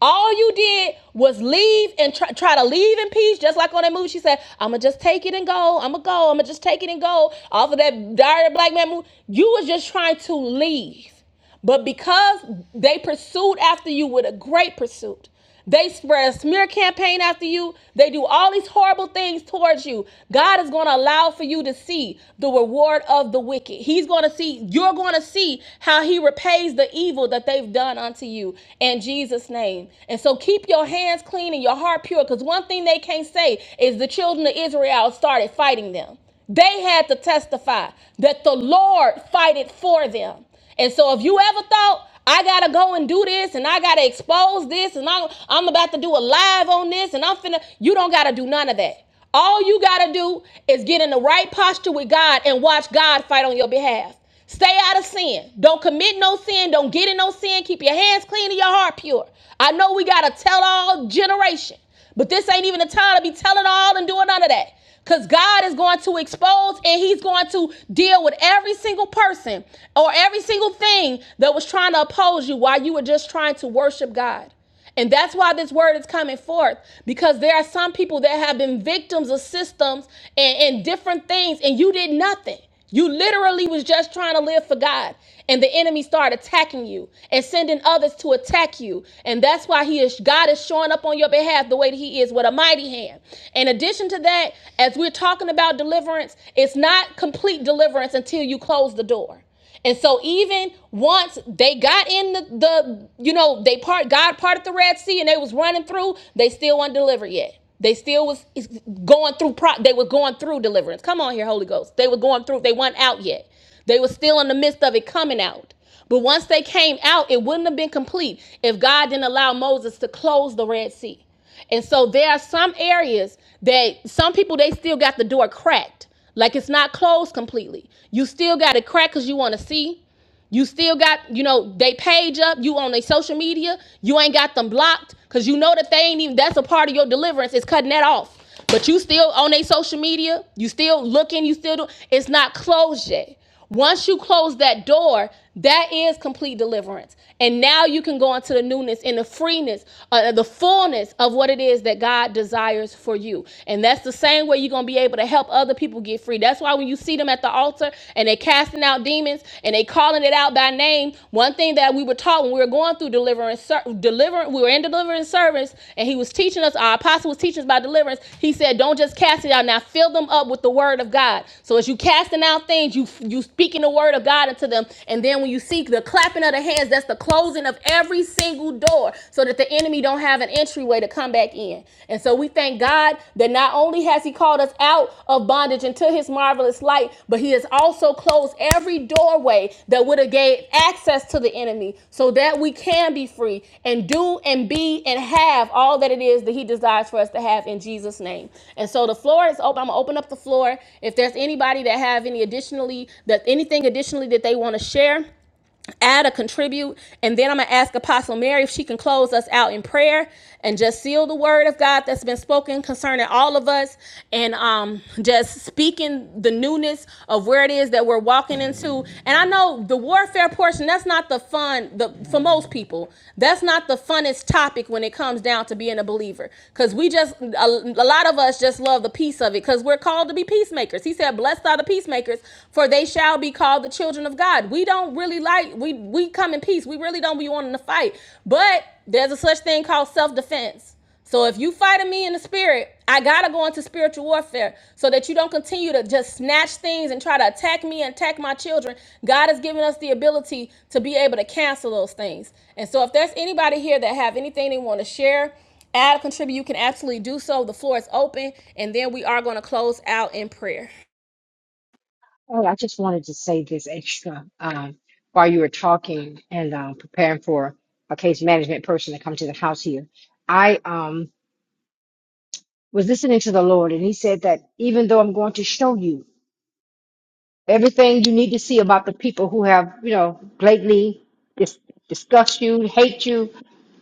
All you did was leave and try, try to leave in peace, just like on that movie. She said, "I'ma just take it and go. I'ma go. I'ma just take it and go." Off of that diary of a black man movie, you was just trying to leave. But because they pursued after you with a great pursuit, they spread a smear campaign after you. They do all these horrible things towards you. God is going to allow for you to see the reward of the wicked. He's going to see, you're going to see how he repays the evil that they've done unto you in Jesus' name. And so keep your hands clean and your heart pure because one thing they can't say is the children of Israel started fighting them. They had to testify that the Lord fought it for them. And so if you ever thought I gotta go and do this and I gotta expose this and I'm, I'm about to do a live on this and I'm finna, you don't gotta do none of that. All you gotta do is get in the right posture with God and watch God fight on your behalf. Stay out of sin. Don't commit no sin. Don't get in no sin. Keep your hands clean and your heart pure. I know we gotta tell all generation. But this ain't even the time to be telling all and doing none of that. Because God is going to expose and He's going to deal with every single person or every single thing that was trying to oppose you while you were just trying to worship God. And that's why this word is coming forth because there are some people that have been victims of systems and, and different things, and you did nothing. You literally was just trying to live for God, and the enemy started attacking you and sending others to attack you. And that's why he is God is showing up on your behalf the way that he is with a mighty hand. In addition to that, as we're talking about deliverance, it's not complete deliverance until you close the door. And so even once they got in the, the you know, they part God parted the Red Sea and they was running through, they still weren't delivered yet. They still was going through pro they were going through deliverance. Come on here, Holy Ghost. They were going through, they weren't out yet. They were still in the midst of it coming out. But once they came out, it wouldn't have been complete if God didn't allow Moses to close the Red Sea. And so there are some areas that some people they still got the door cracked. Like it's not closed completely. You still got it cracked because you want to see. You still got, you know, they page up, you on their social media, you ain't got them blocked, because you know that they ain't even that's a part of your deliverance, is cutting that off. But you still on their social media, you still looking, you still do it's not closed yet. Once you close that door, that is complete deliverance. And now you can go into the newness and the freeness, uh, uh, the fullness of what it is that God desires for you. And that's the same way you're going to be able to help other people get free. That's why when you see them at the altar and they casting out demons and they calling it out by name, one thing that we were taught when we were going through deliverance, ser- deliverance we were in deliverance service and he was teaching us, our apostle was teaching us about deliverance. He said, don't just cast it out. Now fill them up with the word of God. So as you casting out things, you, you speaking the word of God of God into them. And then when you see the clapping of the hands, that's the closing of every single door so that the enemy don't have an entryway to come back in. And so we thank God that not only has he called us out of bondage into his marvelous light, but he has also closed every doorway that would have gave access to the enemy so that we can be free and do and be and have all that it is that he desires for us to have in Jesus name. And so the floor is open. I'm going to open up the floor. If there's anybody that have any additionally that anything additionally that they want to share add or contribute. And then I'm going to ask Apostle Mary if she can close us out in prayer and just seal the word of God that's been spoken concerning all of us and um, just speaking the newness of where it is that we're walking into. And I know the warfare portion, that's not the fun, the for most people, that's not the funnest topic when it comes down to being a believer. Because we just, a, a lot of us just love the peace of it because we're called to be peacemakers. He said, blessed are the peacemakers peacemakers, for they shall be called the children of God. We don't really like we we come in peace. We really don't be wanting to fight. But there's a such thing called self-defense. So if you fighting me in the spirit, I gotta go into spiritual warfare so that you don't continue to just snatch things and try to attack me and attack my children. God has given us the ability to be able to cancel those things. And so if there's anybody here that have anything they want to share, add, contribute, you can absolutely do so. The floor is open, and then we are gonna close out in prayer. Oh, I just wanted to say this extra um, while you were talking and um, preparing for a case management person to come to the house here. I um, was listening to the Lord, and He said that even though I'm going to show you everything you need to see about the people who have, you know, blatantly dis- discussed you, hate you,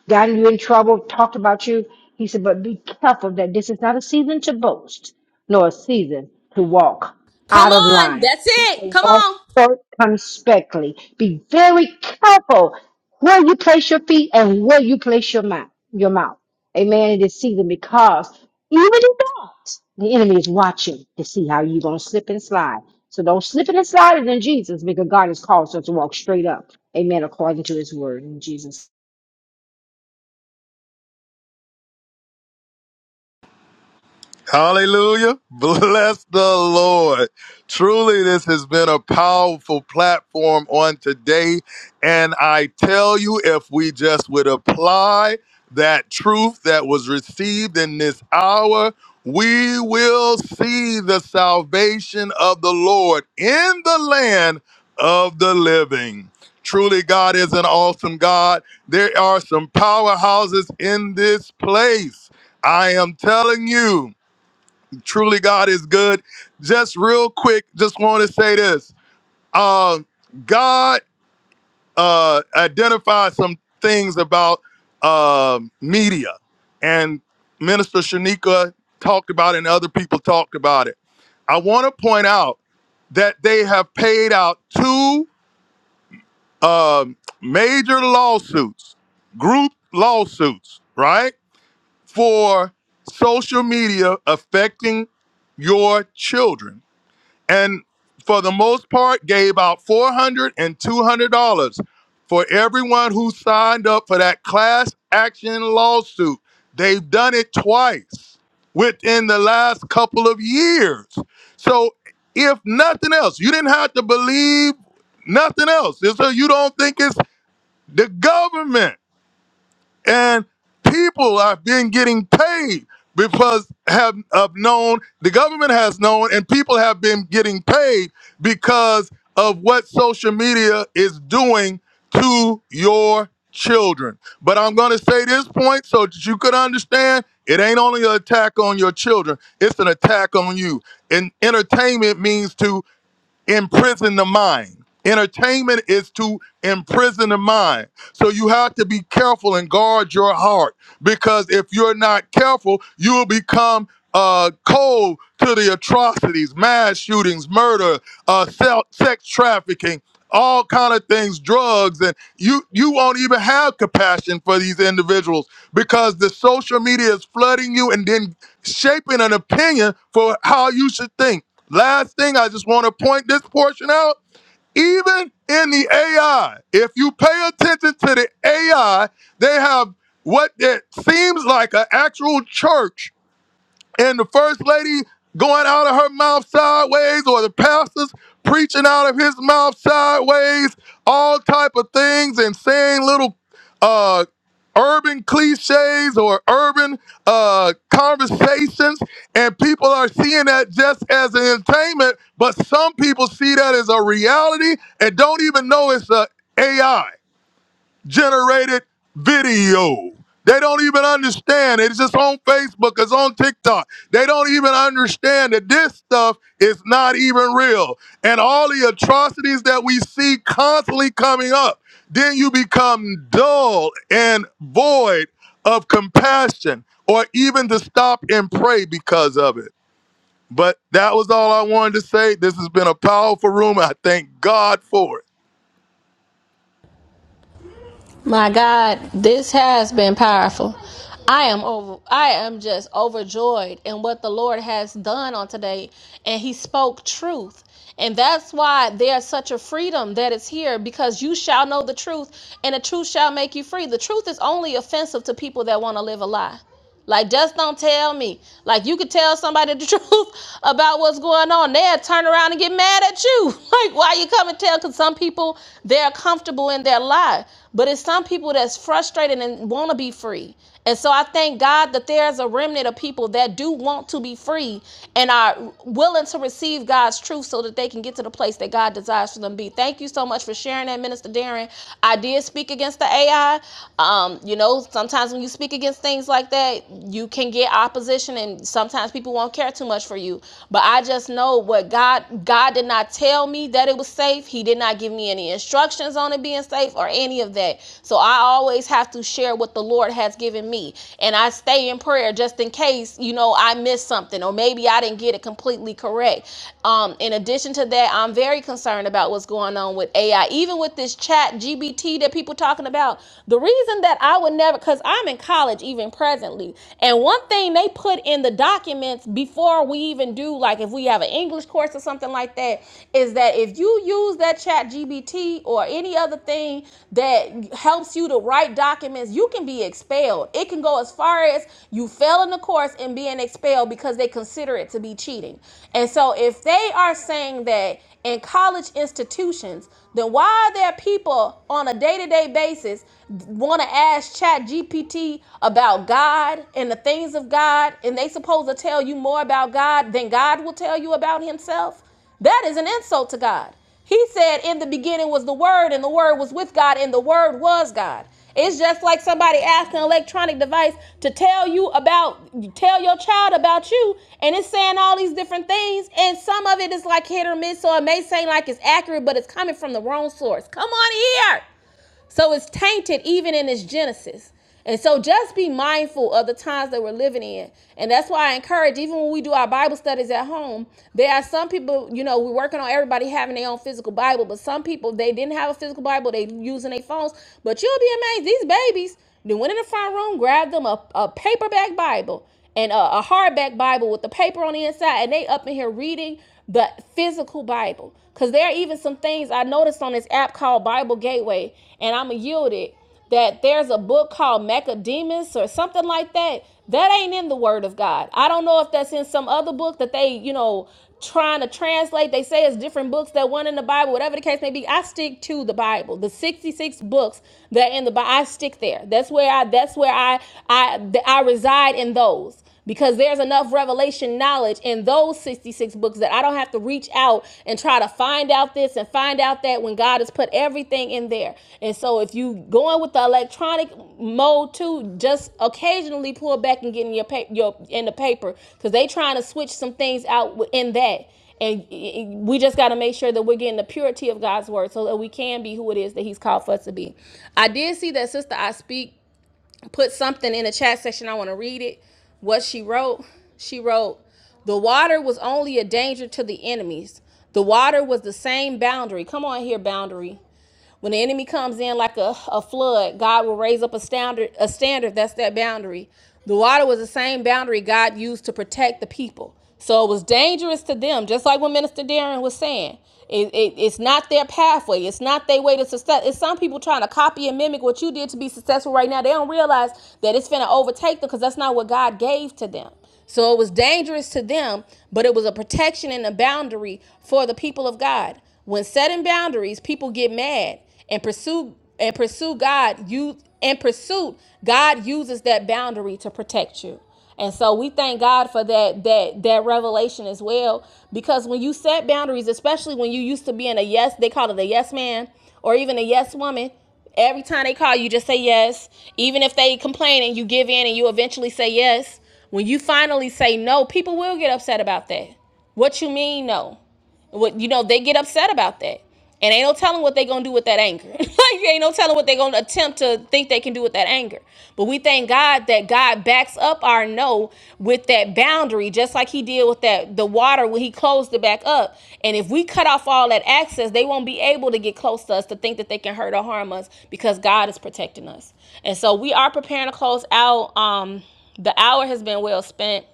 gotten you in trouble, talked about you. He said, but be careful that this is not a season to boast, nor a season to walk Come out of on. line. That's He it. said, Come walk on. circumspectly. Be very careful where you place your feet and where you place your mouth. Your mouth. Amen. In this season, because even in that, the enemy is watching to see how you're going to slip and slide so don't slip it and slide it in Jesus because God has called us to walk straight up. Amen. According to his word in Jesus. Hallelujah. Bless the Lord. Truly, this has been a powerful platform on today. And I tell you, if we just would apply that truth that was received in this hour, we will see the salvation of the Lord in the land of the living. Truly, God is an awesome God. There are some powerhouses in this place. I am telling you. Truly, God is good. Just real quick, just want to say this. Um, God uh, identified some things about um media, and Minister Shanika talked about it, and other people talked about it. I want to point out that they have paid out two um, major lawsuits, group lawsuits, right, for social media affecting your children and for the most part gave out 400 and 200 dollars for everyone who signed up for that class action lawsuit they've done it twice within the last couple of years so if nothing else you didn't have to believe nothing else it's so you don't think it's the government and people have been getting paid because have, have known the government has known and people have been getting paid because of what social media is doing to your children but i'm going to say this point so that you could understand it ain't only an attack on your children it's an attack on you and entertainment means to imprison the mind. Entertainment is to imprison the mind. So you have to be careful and guard your heart because if you're not careful, you will become uh, cold to the atrocities, mass shootings, murder, uh, se- sex trafficking, all kind of things, drugs, and you you won't even have compassion for these individuals because the social media is flooding you and then shaping an opinion for how you should think. Last thing, I just want to point this portion out. Even in the AI, if you pay attention to the AI, they have what it seems like an actual church and the first lady going out of her mouth sideways or the pastors preaching out of his mouth sideways all type of things and saying little uh urban cliches or urban uh conversations and people are seeing that just as an entertainment but some people see that as a reality and don't even know it's a ai generated video. They don't even understand. It's just on Facebook, it's on TikTok. They don't even understand that this stuff is not even real. And all the atrocities that we see constantly coming up, then you become dull and void of compassion or even to stop and pray because of it. But that was all I wanted to say. This has been a powerful room. I thank God for it. My God, this has been powerful. I am over I am just overjoyed in what the Lord has done on today and he spoke truth. And that's why there's such a freedom that is here because you shall know the truth and the truth shall make you free. The truth is only offensive to people that want to live a lie. Like, just don't tell me. Like, you could tell somebody the truth about what's going on. They'll turn around and get mad at you. Like, why you come and tell? Because some people, they're comfortable in their lie. But it's some people that's frustrated and want to be free. And so I thank God that there's a remnant of people that do want to be free and are willing to receive God's truth so that they can get to the place that God desires for them to be. Thank you so much for sharing that, Minister Darren. I did speak against the AI. Um, you know, sometimes when you speak against speak against things like that, you can get opposition and sometimes people won't care too much for you. But I just know what God God did not tell me that it was safe. He did not give me any instructions on it being safe or any of that. So I always have to share what the Lord has given me. And I stay in prayer just in case, you know, I missed something or maybe I didn't get it completely correct. Um, in addition to that, I'm very concerned about what's going on with AI. Even with this chat GBT that people talking about, the reason that I would never, because I'm in college even presently. And one thing they put in the documents before we even do, like if we have an English course or something like that, is that if you use that chat GBT or any other thing that helps you to write documents, you can be expelled. It can go as far as you failing the course and being expelled because they consider it to be cheating. And so if they are saying that in college institutions, then why are there people on a day-to-day basis want to ask chat gpt about god and the things of god and they supposed to tell you more about god than god will tell you about himself that is an insult to god he said in the beginning was the word and the word was with god and the word was god it's just like somebody asking an electronic device to tell you about, tell your child about you, and it's saying all these different things, and some of it is like hit or miss, so it may seem like it's accurate, but it's coming from the wrong source. Come on here. So it's tainted even in its genesis. And so just be mindful of the times that we're living in. And that's why I encourage, even when we do our Bible studies at home, there are some people, you know, we're working on everybody having their own physical Bible, but some people, they didn't have a physical Bible, they using their phones. But you'll be amazed, these babies, they went in the front room, grabbed them a, a paperback Bible and a, a hardback Bible with the paper on the inside, and they up in here reading, the physical Bible. Because there are even some things I noticed on this app called Bible Gateway, and I'm going to yield it that there's a book called Mechademus or something like that. That ain't in the Word of God. I don't know if that's in some other book that they, you know, trying to translate. They say it's different books that one in the Bible, whatever the case may be. I stick to the Bible, the 66 books that are in the Bible. I stick there. That's where I. That's where I. I. I reside in those because there's enough revelation knowledge in those 66 books that I don't have to reach out and try to find out this and find out that when God has put everything in there. And so if you going with the electronic mode too, just occasionally pull back and get in your paper your in the paper cuz they trying to switch some things out in that. And we just got to make sure that we're getting the purity of God's word so that we can be who it is that He's called for us to be. I did see that Sister I Speak put something in the chat section. I want to read it. What she wrote. She wrote, the water was only a danger to the enemies. The water was the same boundary. Come on here, boundary. When the enemy comes in like a, a flood, God will raise up a standard, a standard that's that boundary. The water was the same boundary God used to protect the people. So it was dangerous to them, just like what Minister Darren was saying. It, it, it's not their pathway. It's not their way to success. It's some people trying to copy and mimic what you did to be successful right now. They don't realize that it's going to overtake them because that's not what God gave to them. So it was dangerous to them, but it was a protection and a boundary for the people of God. When setting boundaries, people get mad and pursue and pursue God. You in pursuit, God uses that boundary to protect you. And so we thank God for that that that revelation as well. Because when you set boundaries, especially when you used to be in a yes, they call it a yes man or even a yes woman, every time they call you just say yes. Even if they complain and you give in and you eventually say yes. When you finally say no, people will get upset about that. What you mean no? What you know, they get upset about that. And ain't no telling what they gonna do with that anger. like ain't no telling what they gonna attempt to think they can do with that anger. But we thank God that God backs up our no with that boundary, just like he did with that the water when he closed it back up. And if we cut off all that access, they won't be able to get close to us to think that they can hurt or harm us because God is protecting us. And so we are preparing to close out. Um the hour has been well spent.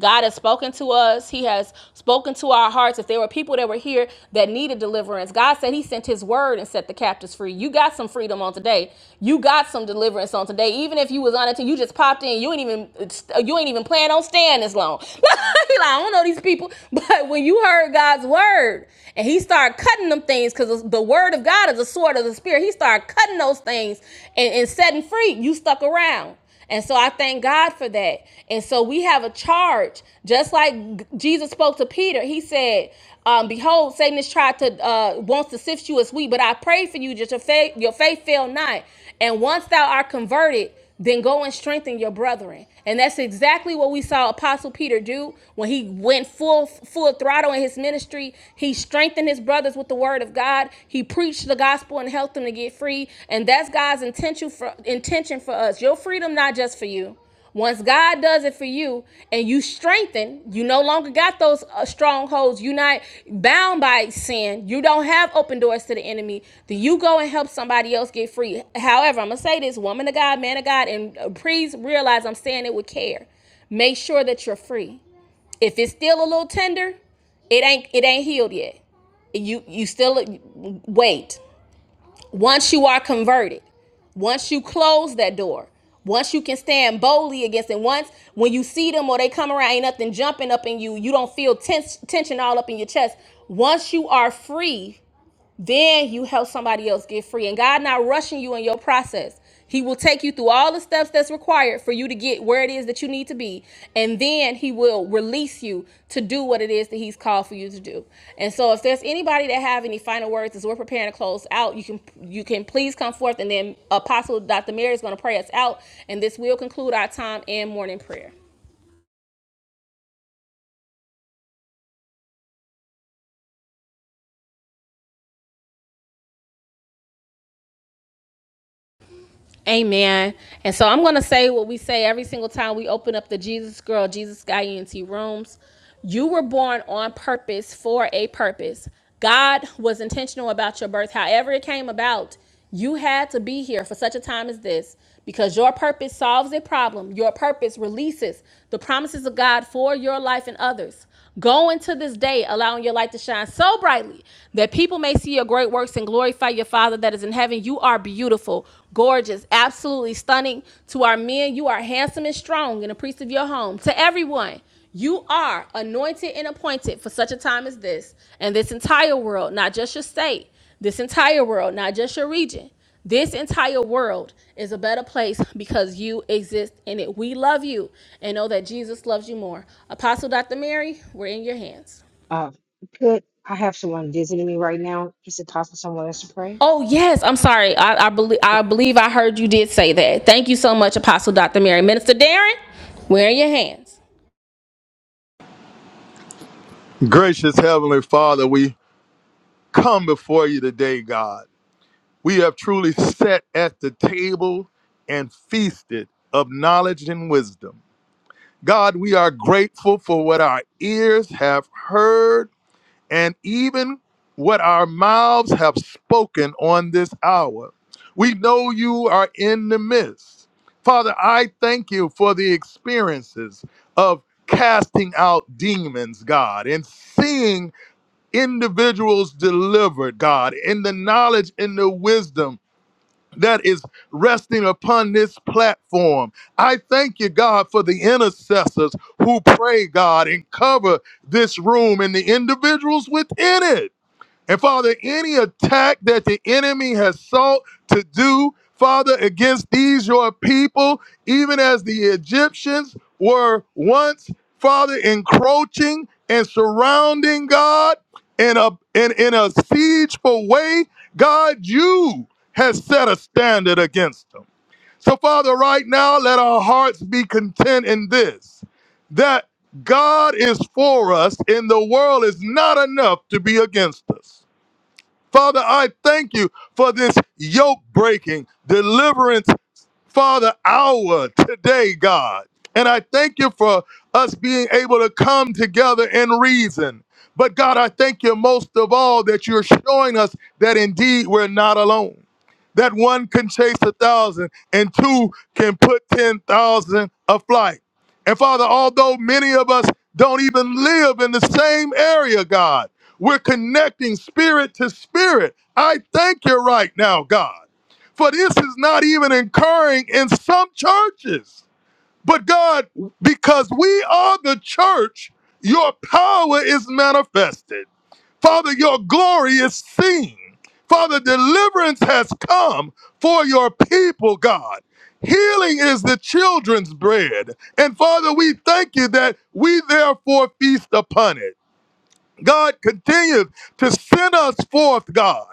God has spoken to us. He has spoken to our hearts. If there were people that were here that needed deliverance, God said He sent His word and set the captives free. You got some freedom on today. You got some deliverance on today. Even if you was on it, you just popped in. You ain't even you ain't even plan on staying this long. like, I don't know these people, but when you heard God's word and He started cutting them things, because the word of God is a sword of the spirit. He started cutting those things and, and setting free. You stuck around. And so I thank God for that. And so we have a charge, just like Jesus spoke to Peter. He said, um, "Behold, Satan has tried to uh, wants to sift you as wheat, but I pray for you, just your faith, your faith fail not. And once thou art converted, then go and strengthen your brethren." And that's exactly what we saw Apostle Peter do when he went full full throttle in his ministry. He strengthened his brothers with the word of God. He preached the gospel and helped them to get free. And that's God's intention for intention for us. Your freedom not just for you. Once God does it for you, and you strengthen you no longer got those uh, strongholds you're not bound by sin you don't have open doors to the enemy then you go and help somebody else get free however i'm gonna say this woman of god man of god and uh, please realize i'm saying it with care make sure that you're free if it's still a little tender it ain't it ain't healed yet you you still wait once you are converted, once you close that door, once you can stand boldly against it, once when you see them or they come around, ain't nothing jumping up in you, you don't feel tens- tension all up in your chest. Once you are free, then you help somebody else get free. And God not rushing you in your process. He will take you through all the steps that's required for you to get where it is that you need to be. And then he will release you to do what it is that he's called for you to do. And so if there's anybody that have any final words as we're preparing to close out, you can you can please come forth and then Apostle Dr. Mary is going to pray us out. And this will conclude our time in morning prayer. Amen. And so I'm going to say what we say every single time we open up the Jesus Girl, Jesus Guy ENT rooms. You were born on purpose for a purpose. God was intentional about your birth. However, it came about, you had to be here for such a time as this because your purpose solves a problem. Your purpose releases the promises of God for your life and others. Go into this day, allowing your light to shine so brightly that people may see your great works and glorify your Father that is in heaven. You are beautiful, gorgeous, absolutely stunning. To our men, you are handsome and strong and a priest of your home. To everyone, you are anointed and appointed for such a time as this, and this entire world, not just your state, this entire world, not just your region. This entire world is a better place because you exist in it. We love you and know that Jesus loves you more. Apostle Dr. Mary, we're in your hands. Uh, good. I have someone visiting me right now. Is it possible someone else to pray? Oh yes, I'm sorry. I, I believe I believe I heard you did say that. Thank you so much, Apostle Dr. Mary. Minister Darren, we're in your hands. Gracious Heavenly Father, we come before you today, God. We have truly sat at the table and feasted of knowledge and wisdom. God, we are grateful for what our ears have heard and even what our mouths have spoken on this hour. We know you are in the midst. Father, I thank you for the experiences of casting out demons, God, and seeing individuals delivered, God, in the knowledge and the wisdom that is resting upon this platform. I thank you, God, for the intercessors who pray, God, and cover this room and the individuals within it. And Father, any attack that the enemy has sought to do, Father, against these your people, even as the Egyptians were once, Father, encroaching and surrounding God in a in, in a siegeful way, God, you has set a standard against them. So, Father, right now, let our hearts be content in this that God is for us and the world is not enough to be against us. Father, I thank you for this yoke breaking, deliverance Father, hour today, God. And I thank you for us being able to come together and reason. But God, I thank you most of all that you're showing us that indeed we're not alone. That one can chase a thousand and two can put 10,000 aflight. And Father, although many of us don't even live in the same area, God, we're connecting spirit to spirit. I thank you right now, God. For this is not even occurring in some churches. But God, because we are the church, your power is manifested. Father, your glory is seen. Father, deliverance has come for your people, God. Healing is the children's bread. And Father, we thank you that we therefore feast upon it. God continues to send us forth, God.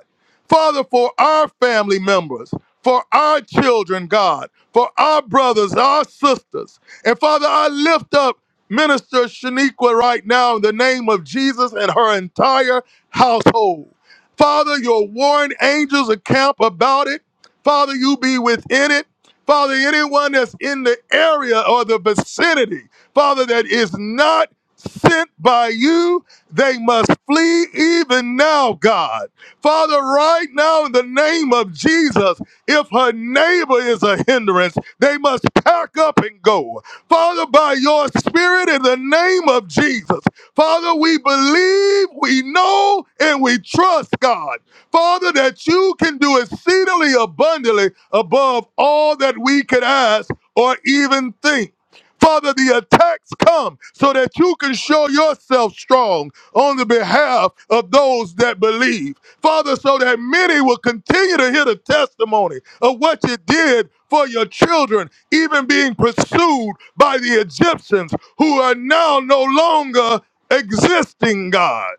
Father, for our family members, for our children, God, for our brothers, our sisters. And Father, I lift up Minister Shaniqua right now in the name of Jesus and her entire household. Father, your warring angels account about it. Father, you be within it. Father, anyone that's in the area or the vicinity, Father, that is not sent by you, they must flee even now, God. Father, right now, in the name of Jesus, if her neighbor is a hindrance, they must pack up and go. Father, by your spirit, in the name of Jesus, Father, we believe, we know, and we trust, God. Father, that you can do exceedingly abundantly above all that we could ask or even think. Father, the attacks come so that you can show yourself strong on the behalf of those that believe. Father, so that many will continue to hear the testimony of what you did for your children, even being pursued by the Egyptians who are now no longer existing, God,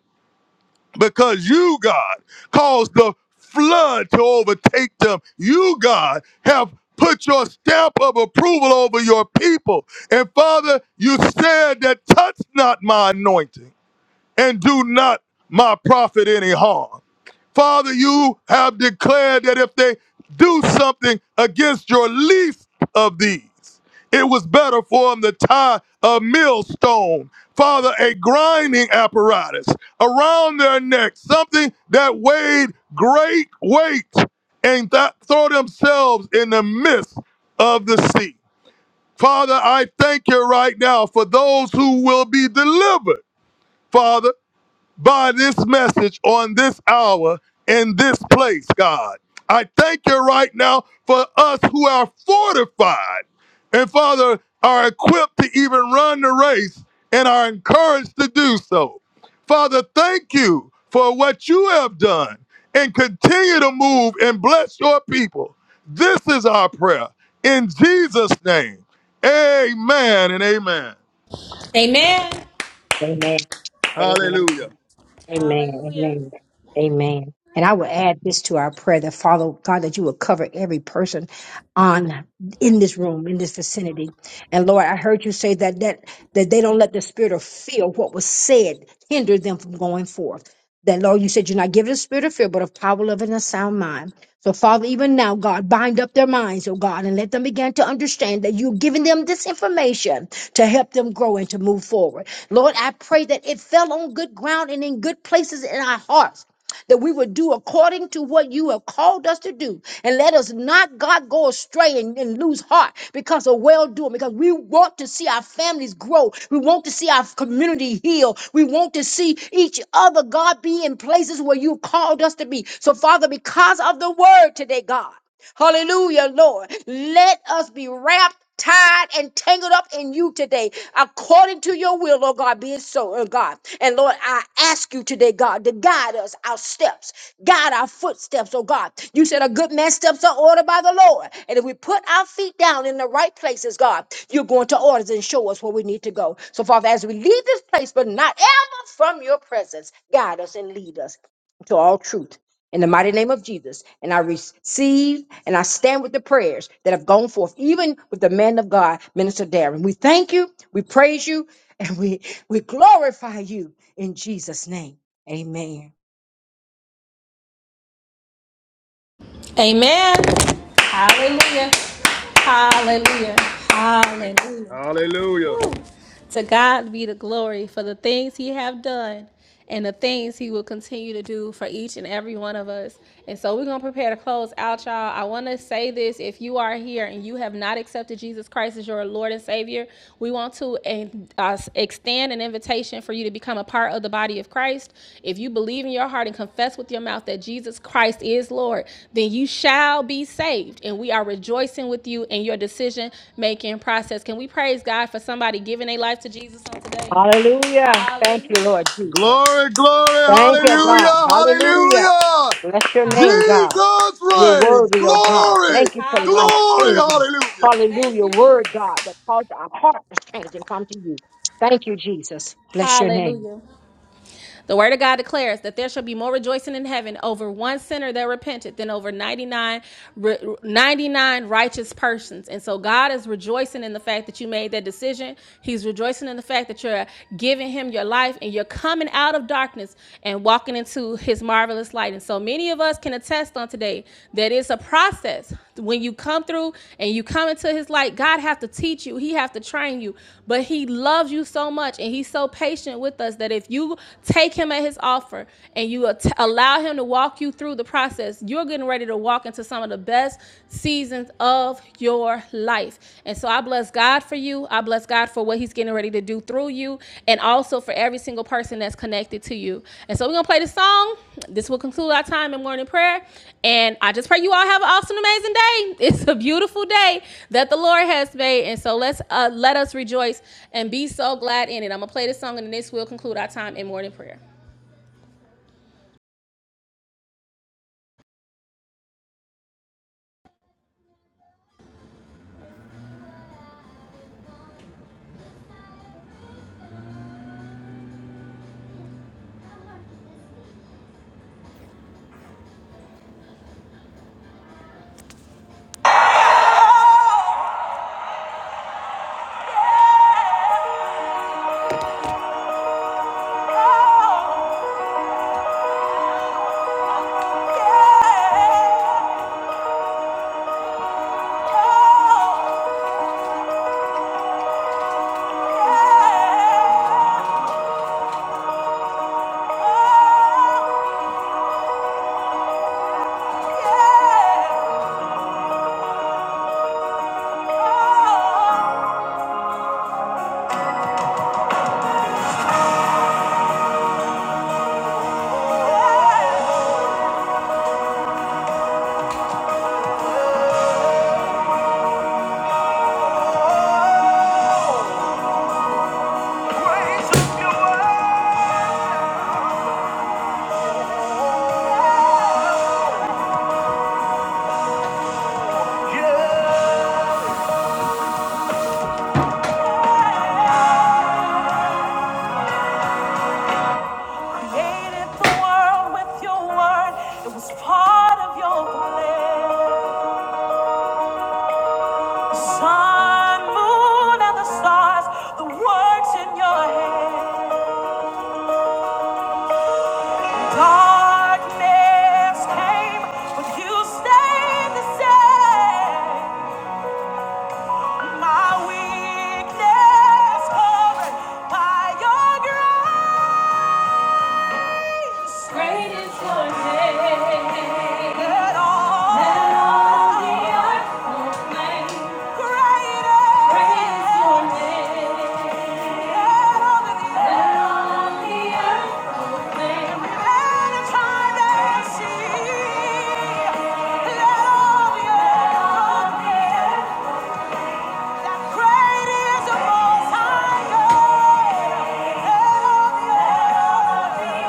because you, God, caused the flood to overtake them. You, God, have put your stamp of approval over your people. And Father, you said that touch not my anointing and do not my prophet any harm. Father, you have declared that if they do something against your least of these, it was better for them to tie a millstone, Father, a grinding apparatus around their neck, something that weighed great weight, and that throw themselves in the midst of the sea. Father, I thank you right now for those who will be delivered. Father, by this message on this hour in this place, God. I thank you right now for us who are fortified and, Father, are equipped to even run the race and are encouraged to do so. Father, thank you for what you have done and continue to move and bless your people. This is our prayer in Jesus' name. Amen and amen. Amen. Amen. Amen. Hallelujah. Amen. Amen. Amen. And I will add this to our prayer that Father God, that you will cover every person on in this room, in this vicinity. And Lord, I heard you say that that that they don't let the spirit of fear, what was said, hinder them from going forth. That Lord, you said you're not giving a spirit of fear, but of power, love, and a sound mind. So Father, even now, God, bind up their minds, oh God, and let them begin to understand that you're giving them this information to help them grow and to move forward. Lord, I pray that it fell on good ground and in good places in our hearts. That we would do according to what you have called us to do. And let us not, God, go astray and, and lose heart because of well doing, because we want to see our families grow. We want to see our community heal. We want to see each other, God, be in places where you called us to be. So, Father, because of the word today, God. Hallelujah, Lord. Let us be wrapped. Tied and tangled up in you today, according to your will, Lord God, be it so, oh God. And Lord, I ask you today, God, to guide us, our steps, guide our footsteps, oh God. You said a good man's steps are ordered by the Lord. And if we put our feet down in the right places, God, you're going to order us and show us where we need to go. So, Father, as we leave this place, but not ever from your presence, guide us and lead us to all truth in the mighty name of Jesus. And I receive and I stand with the prayers that have gone forth, even with the man of God, Minister Darren. We thank you, we praise you, and we, we glorify you in Jesus' name. Amen. Amen. Amen. Hallelujah. Hallelujah. Hallelujah. Hallelujah. Whew. To God be the glory for the things He have done and the things He will continue to do for each and every one of us. And so we're gonna prepare to close out, y'all. I want to say this: if you are here and you have not accepted Jesus Christ as your Lord and Savior, we want to I extend an invitation for you to become a part of the body of Christ. If you believe in your heart and confess with your mouth that Jesus Christ is Lord, then you shall be saved. And we are rejoicing with you in your decision making process. Can we praise God for somebody giving their life to Jesus on today? Hallelujah. Thank Hallelujah. you, Lord Jesus. Glory, glory, Thank you, hallelujah, God. Hallelujah. Hallelujah. hallelujah. Bless your name, Hallelujah. God. Jesus You're reigns. worthy, oh God. Glory, Thank you for life Hallelujah. glory, changing. hallelujah. Thank Hallelujah. you, Word, Jesus. God, that caused our heart to change and come to you. Thank you, Jesus. Bless your name. Hallelujah. The word of God declares that there shall be more rejoicing in heaven over one sinner that repented than over ninety-nine, ninety-nine righteous persons. And so God is rejoicing in the fact that you made that decision. He's rejoicing in the fact that you're giving him your life and you're coming out of darkness and walking into his marvelous light. And so many of us can attest on today that it's a process. When you come through and you come into his light, God have to teach you. He have to train you. But he loves you so much and he's so patient with us that if you take take him at his offer and you allow him to walk you through the process, you're getting ready to walk into some of the best seasons of your life. And so I bless God for you. I bless God for what he's getting ready to do through you and also for every single person that's connected to you. And so we're going to play this song. This will conclude our time in morning prayer. And I just pray you all have an awesome, amazing day. It's a beautiful day that the Lord has made. And so let's uh, let us rejoice and be so glad in it. I'm going to play this song and this will conclude our time in morning prayer. Created the world with your word. It was part of your plan. sun, moon, and the stars, the works in your hand. Darkness came, but you stayed the same. My weakness covered by your grace. Great Let all let all the earth- Greater Great is your name. Let all of the Let all of the earth- Let a time and see. Let all the Let all earth the earth- That great is the Most High God. Let all the earth-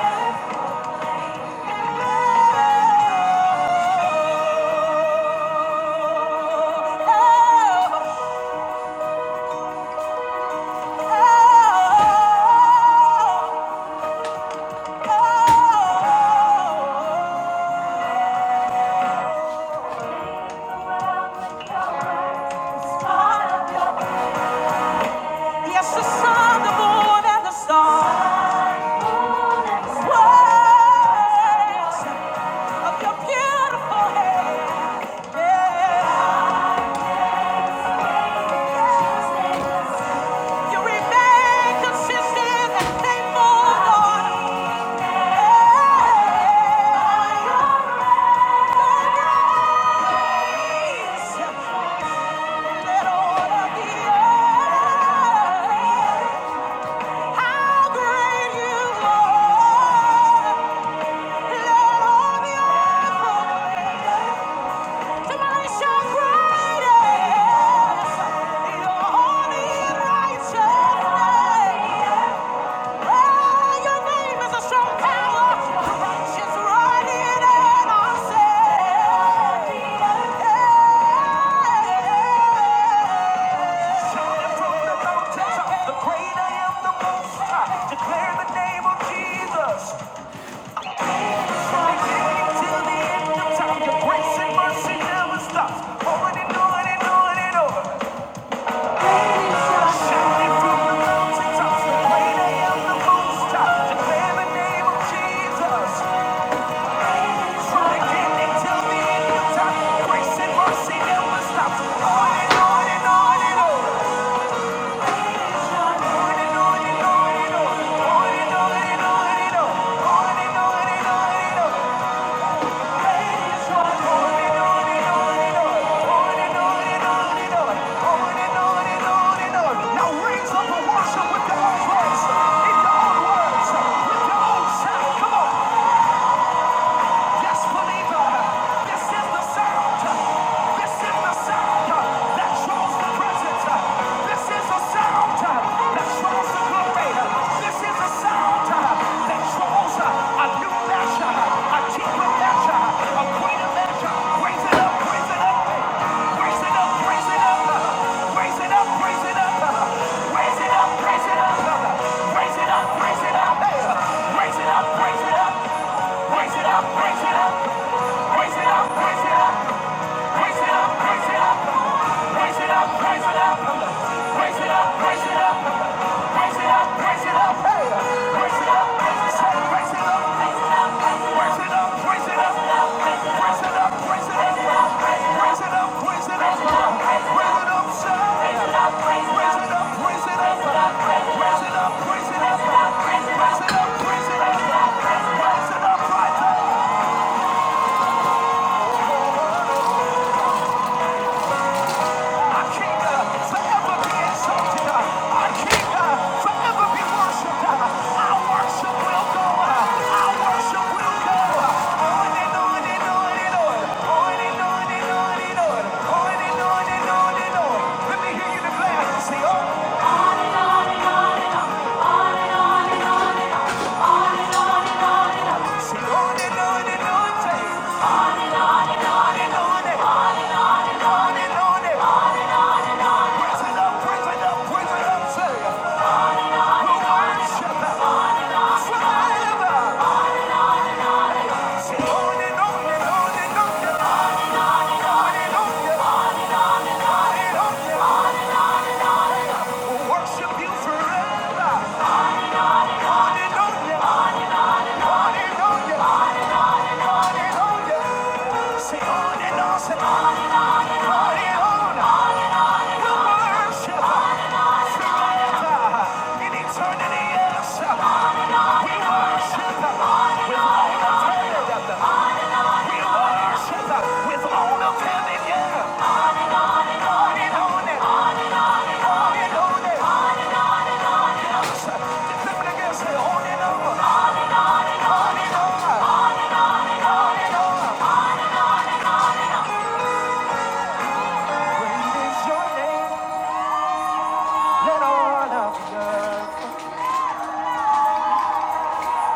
Yes, the sun, the moon, and the stars. Words of your beautiful hand. Yeah. You remain consistent and faithful, Lord. Hey, your grace. Thank you. Hey, your name is a strong tower. Righteous run in and are saved. from the mountaintop, the great I am, the Most High. Declare the name of Jesus. From the beginning till the end of time, your grace and mercy never stops. On and on and on and on. Shouting from the mountaintops, the great I am, the Most High. Declare the name of Jesus. Now raise up a worship with your own voice, in your own words, with your own sound. Come on. Just believe This is the sound. This is the sound that draws the presence. This is the sound that draws the glory. This is the sound that draws a new measure, a deeper measure, a greater Raise it up, raise it up. Raise Raise it it up! raise it up! Raise it up, raise it up, raise it up, raise it up, raise it up, raise it up, raise it up, raise it up, hey, raise it up, raise it up, raise it up, raise it up, raise it up, raise it up, raise it up, raise it up, raise it up, raise it up, shout, raise it up, raise it up, raise it up, raise it up, raise it up, raise it up, raise it up, raise it up, right now. Our King uh, forever be exalted. Uh, Our King uh, forever be worshipped. Uh, Our worship will go. Uh, Our worship will go. Uh, On and on and on and on. and on and on and on. and on Let me hear you declare. Say, oh. Worship you forever. Hallelujah, hallelujah.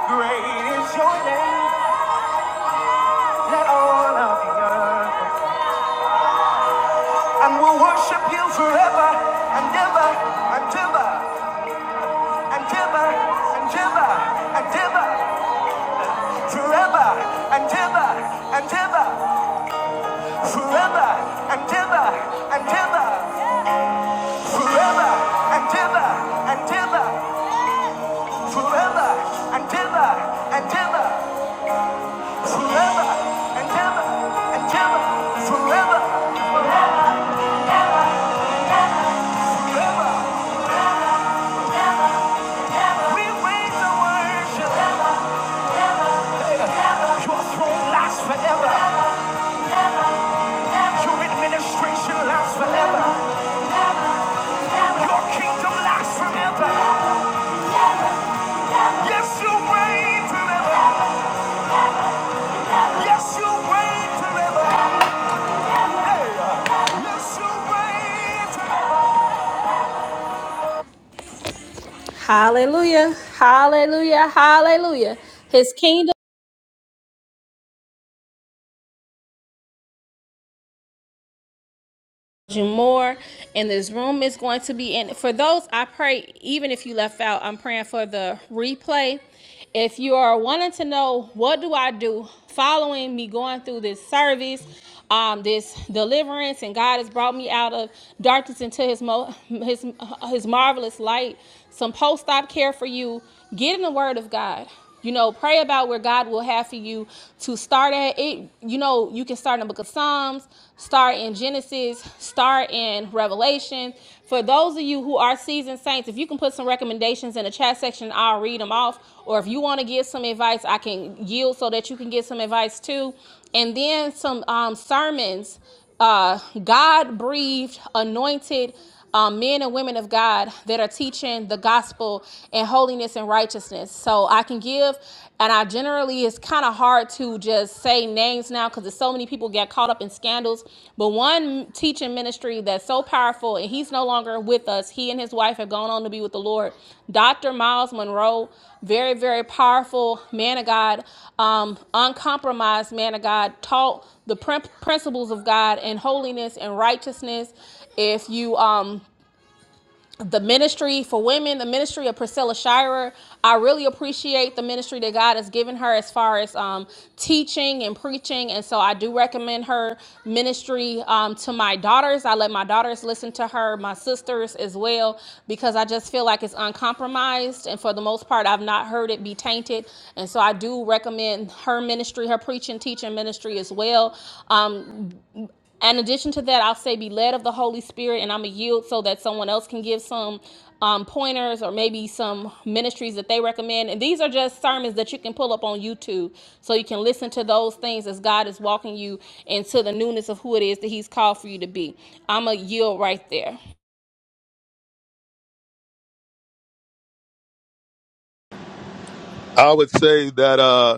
Great is your name, let all of the earth And we'll worship you forever and ever and ever and ever and ever and ever. Forever and ever and ever. Forever and ever and ever. Forever and ever and ever. Forever and ever and ever. Forever and ever and ever. Forever. We raise the worship. Your throne lasts forever. Your administration lasts forever. Your kingdom lasts forever. Yes, you reign forever. Yes, you reign forever. Hey, yes, you reign forever. Hallelujah. Hallelujah. Hallelujah. His kingdom. you more and this room is going to be in for those i pray even if you left out i'm praying for the replay if you are wanting to know what do i do following me going through this service um, this deliverance and god has brought me out of darkness into his mo- his his marvelous light some post-op care for you get in the word of god you know, pray about where God will have for you to start at. It, you know, you can start in the book of Psalms, start in Genesis, start in Revelation. For those of you who are seasoned saints, if you can put some recommendations in the chat section, I'll read them off. Or if you want to give some advice, I can yield so that you can get some advice too. And then some um, sermons uh, God breathed, anointed um, men and women of God that are teaching the gospel and holiness and righteousness. So I can give, and I generally, it's kind of hard to just say names now because there's so many people get caught up in scandals. But one teaching ministry that's so powerful, and he's no longer with us, he and his wife have gone on to be with the Lord. Dr. Miles Monroe, very, very powerful man of God, um, uncompromised man of God, taught the principles of God and holiness and righteousness if you um the ministry for women the ministry of priscilla shirer i really appreciate the ministry that god has given her as far as um, teaching and preaching and so i do recommend her ministry um, to my daughters i let my daughters listen to her my sisters as well because i just feel like it's uncompromised and for the most part i've not heard it be tainted and so i do recommend her ministry her preaching teaching ministry as well in addition to that, I'll say be led of the Holy Spirit, and I'm going to yield so that someone else can give some um, pointers or maybe some ministries that they recommend. And these are just sermons that you can pull up on YouTube so you can listen to those things as God is walking you into the newness of who it is that He's called for you to be. I'm going to yield right there. I would say that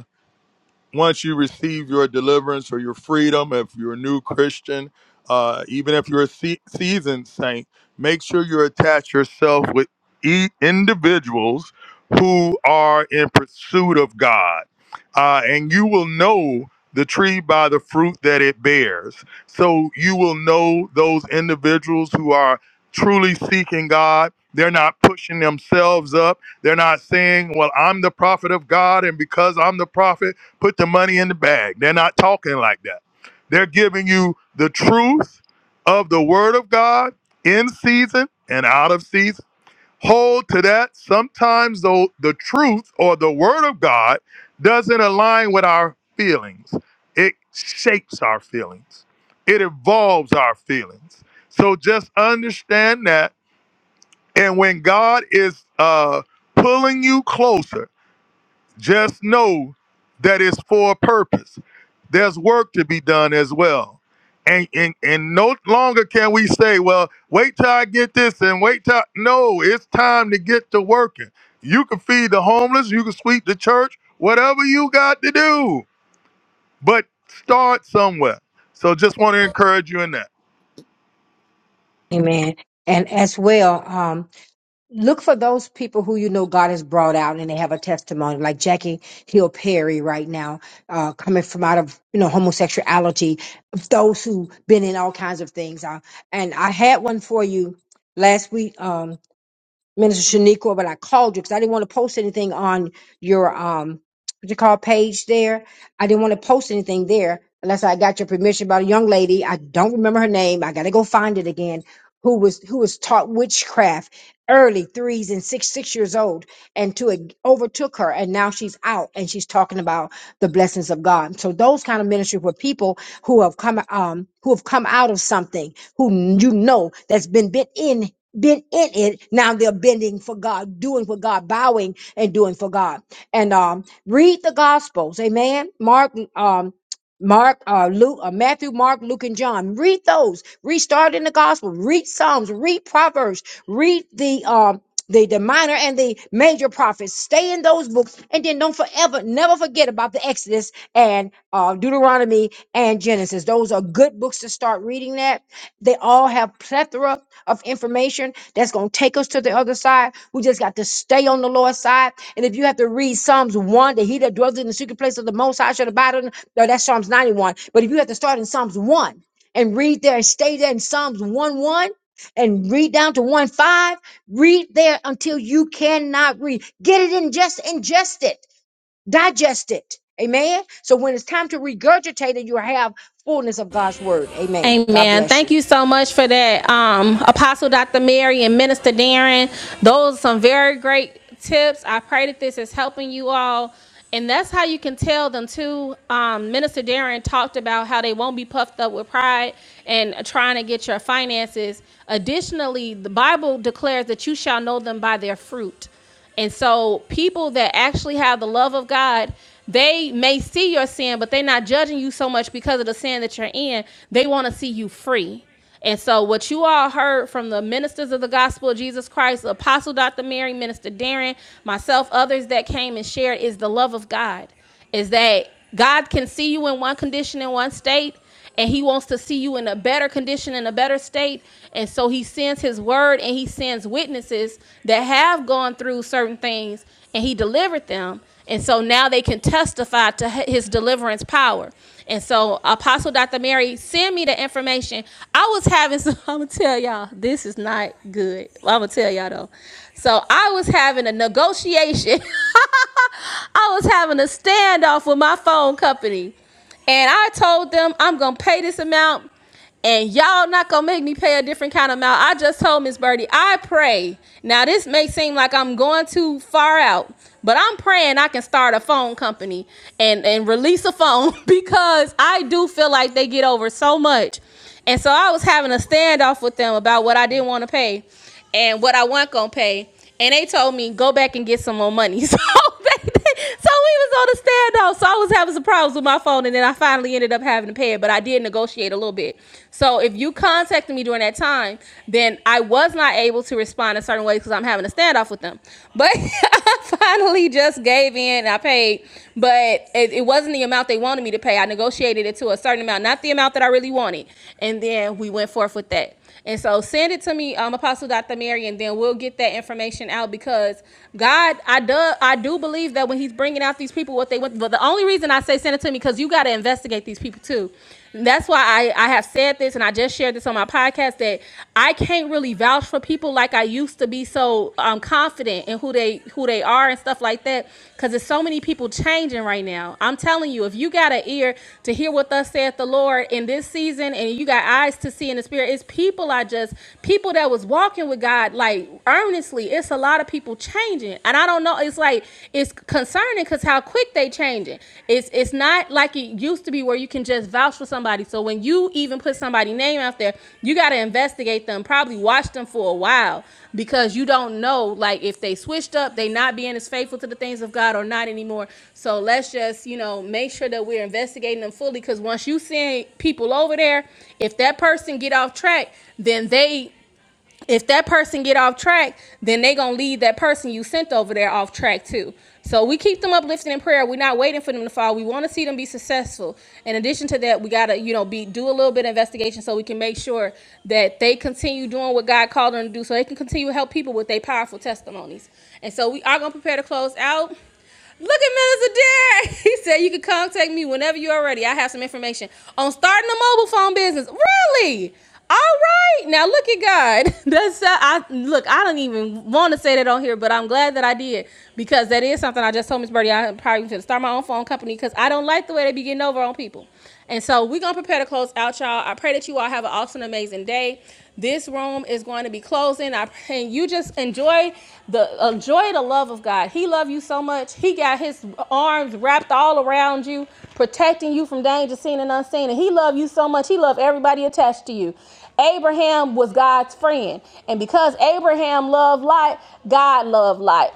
once you receive your deliverance or your freedom, if you're a new Christian, uh, even if you're a se- seasoned saint, make sure you attach yourself with e- individuals who are in pursuit of God. Uh, and you will know the tree by the fruit that it bears. So you will know those individuals who are truly seeking God. They're not pushing themselves up. They're not saying, Well, I'm the prophet of God, and because I'm the prophet, Put the money in the bag. They're not talking like that. They're giving you the truth of the word of God in season and out of season. Hold to that. Sometimes though the truth or the word of God doesn't align with our feelings. It shapes our feelings. It evolves our feelings. So just understand that. And when God is uh pulling you closer, just know that it's for a purpose. There's work to be done as well. And, and and no longer can we say, well, wait till I get this and wait till I-" no, it's time to get to working. You can feed the homeless, you can sweep the church, whatever you got to do. But start somewhere. So just want to encourage you in that. Amen. And as well, um, look for those people who you know God has brought out and they have a testimony, like Jackie Hill Perry right now, uh, coming from out of you know homosexuality, of those who been in all kinds of things. Uh, and I had one for you last week. Um, Minister Shaniqua, but I called you because I didn't want to post anything on your um what you call page there. I didn't want to post anything there unless I got your permission about a young lady. I don't remember her name. I gotta go find it again. Who was who was taught witchcraft early threes and six six years old and to it overtook her and now she's out and she's talking about the blessings of God. So those kind of ministries were people who have come um who have come out of something who you know that's been bit in been in it. Now they're bending for God, doing for God, bowing and doing for God. And um, read the Gospels, Amen. Mark, um, Mark, uh, Luke, uh, Matthew, Mark, Luke, and John. Read those. Restart in the Gospel. Read Psalms. Read Proverbs. Read the um. The, the minor and the major prophets stay in those books and then don't forever never forget about the exodus and uh, deuteronomy and genesis those are good books to start reading that they all have plethora of information that's going to take us to the other side. We just got to stay on the Lord's side. And if you have to read Psalms 1, that he that dwells in the secret place of the Most High shall abide on, no, that's Psalms 91. But if you have to start in Psalms 1 and read there and stay there in Psalms 1 1 and read down to 1 5, read there until you cannot read. Get it in, just ingest it, digest it. Amen. So when it's time to regurgitate it, you have fullness of God's word. Amen. God Amen. bless Thank you. you so much for that, um, Apostle Dr. Mary and Minister Darren. Those are some very great tips. I pray that this is helping you all. And that's how you can tell them too. Um, Minister Darren talked about how they won't be puffed up with pride and trying to get your finances. Additionally, the Bible declares that you shall know them by their fruit. And so people that actually have the love of God, they may see your sin, but they're not judging you so much because of the sin that you're in. They want to see you free. And so what you all heard from the ministers of the gospel of Jesus Christ, Apostle Dr. Mary, Minister Darren, myself, others that came and shared is the love of God. Is that God can see you in one condition in one state and he wants to see you in a better condition in a better state and so he sends his word and he sends witnesses that have gone through certain things and he delivered them and so now they can testify to his deliverance power and so apostle dr mary send me the information i was having some i'm gonna tell y'all this is not good i'm gonna tell y'all though so i was having a negotiation I was having a standoff with my phone company. And I told them I'm gonna pay this amount and y'all not gonna make me pay a different kind of amount. I just told Miss Birdie, I pray. Now this may seem like I'm going too far out, but I'm praying I can start a phone company and and release a phone because I do feel like they get over so much. And so I was having a standoff with them about what I didn't want to pay and what I wasn't gonna pay. And they told me go back and get some more money. So so we was on a standoff. So I was having some problems with my phone, and then I finally ended up having to pay it. But I did negotiate a little bit. So if you contacted me during that time, then I was not able to respond a certain way because I'm having a standoff with them. But I finally just gave in and I paid. But it, it wasn't the amount they wanted me to pay. I negotiated it to a certain amount, not the amount that I really wanted. And then we went forth with that. And so send it to me, um, Apostle Dr. Mary, and then we'll get that information out because God, I do, I do believe that when He's bringing out these people, what they want. But the only reason I say send it to me because you got to investigate these people too. And that's why I, I have said this and I just shared this on my podcast that I can't really vouch for people like I used to be so um, confident in who they who they they are and stuff like that because there's so many people changing right now. I'm telling you, if you got an ear to hear what thus saith the Lord in this season and you got eyes to see in the spirit, it's people I just, people that was walking with God like earnestly. It's a lot of people changing. And I don't know, it's like, it's concerning because how quick they changing. It's, it's not like it used to to be where you can just vouch for somebody. So when you even put somebody's name out there, you got to investigate them, probably watch them for a while because you don't know like if they switched up, they not being as faithful to the things of God or not anymore. So let's just, you know, make sure that we're investigating them fully cuz once you send people over there, if that person get off track, then they if that person get off track, then they gonna lead that person you sent over there off track too. So we keep them uplifted in prayer. We're not waiting for them to fall. We want to see them be successful. In addition to that, we gotta you know be do a little bit of investigation so we can make sure that they continue doing what God called them to do, so they can continue to help people with their powerful testimonies. And so we are gonna prepare to close out. Look at Minister Derek. He said you can contact me whenever you are ready. I have some information on starting a mobile phone business. Really? All right. Now look at God. That's uh, I look. I don't even want to say that on here, but I'm glad that I did because that is something I just told Miss Birdie. I probably should start my own phone company because I don't like the way they be getting over on people. And so we're gonna prepare to close out, y'all. I pray that you all have an awesome, amazing day. This room is going to be closing. I pray you just enjoy the enjoy the love of God. He loved you so much. He got his arms wrapped all around you, protecting you from danger seen and unseen. And he loved you so much. He loved everybody attached to you. Abraham was God's friend. And because Abraham loved light, God loved light.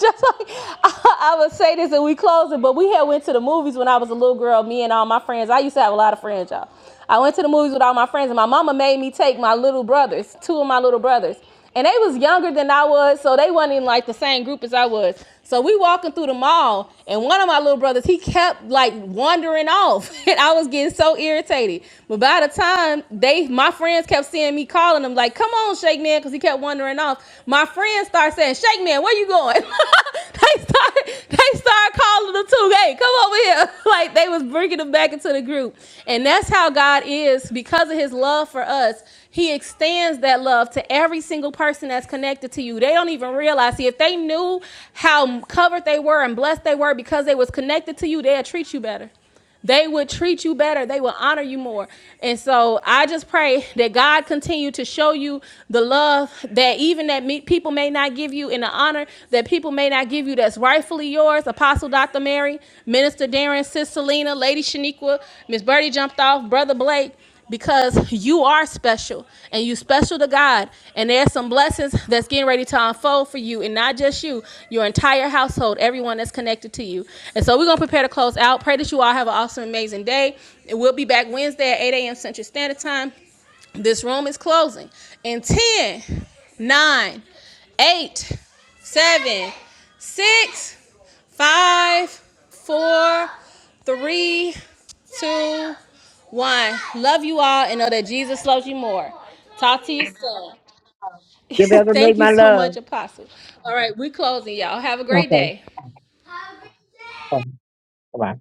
Just like I, I would say this and we close it, but we had went to the movies when I was a little girl, me and all my friends. I used to have a lot of friends, y'all. I went to the movies with all my friends, and my mama made me take my little brothers, two of my little brothers and they was younger than I was, so they wasn't in like the same group as I was. So we walking through the mall, and one of my little brothers he kept like wandering off, and I was getting so irritated. But by the time they, my friends kept seeing me calling them like, "Come on, Shake Man," because he kept wandering off. My friends start saying, "Shake Man, where you going?" they started, they started calling them too. Hey, come over here! like they was bringing them back into the group, and that's how God is because of His love for us. He extends that love to every single person that's connected to you. They don't even realize. See, if they knew how covered they were and blessed they were because they was connected to you, they'd treat you better they would treat you better they would honor you more and so i just pray that god continue to show you the love that even that me, people may not give you and the honor that people may not give you that's rightfully yours apostle dr mary minister darren sis selena lady shaniqua miss birdie jumped off brother blake because you are special and you special to God and there's some blessings that's getting ready to unfold for you and not just you your entire household everyone that's connected to you and so we're gonna prepare to close out pray that you all have an awesome amazing day and we'll be back Wednesday at 8 a.m. Central Standard Time this room is closing in ten, nine, eight, seven, six, five, four, three, two. One, love you all and know that Jesus loves you more. Talk to you Give soon. Elder Thank Nate you my so much, love. Apostle. All right, we we're closing, y'all. Have a great Okay. day. Come, come on.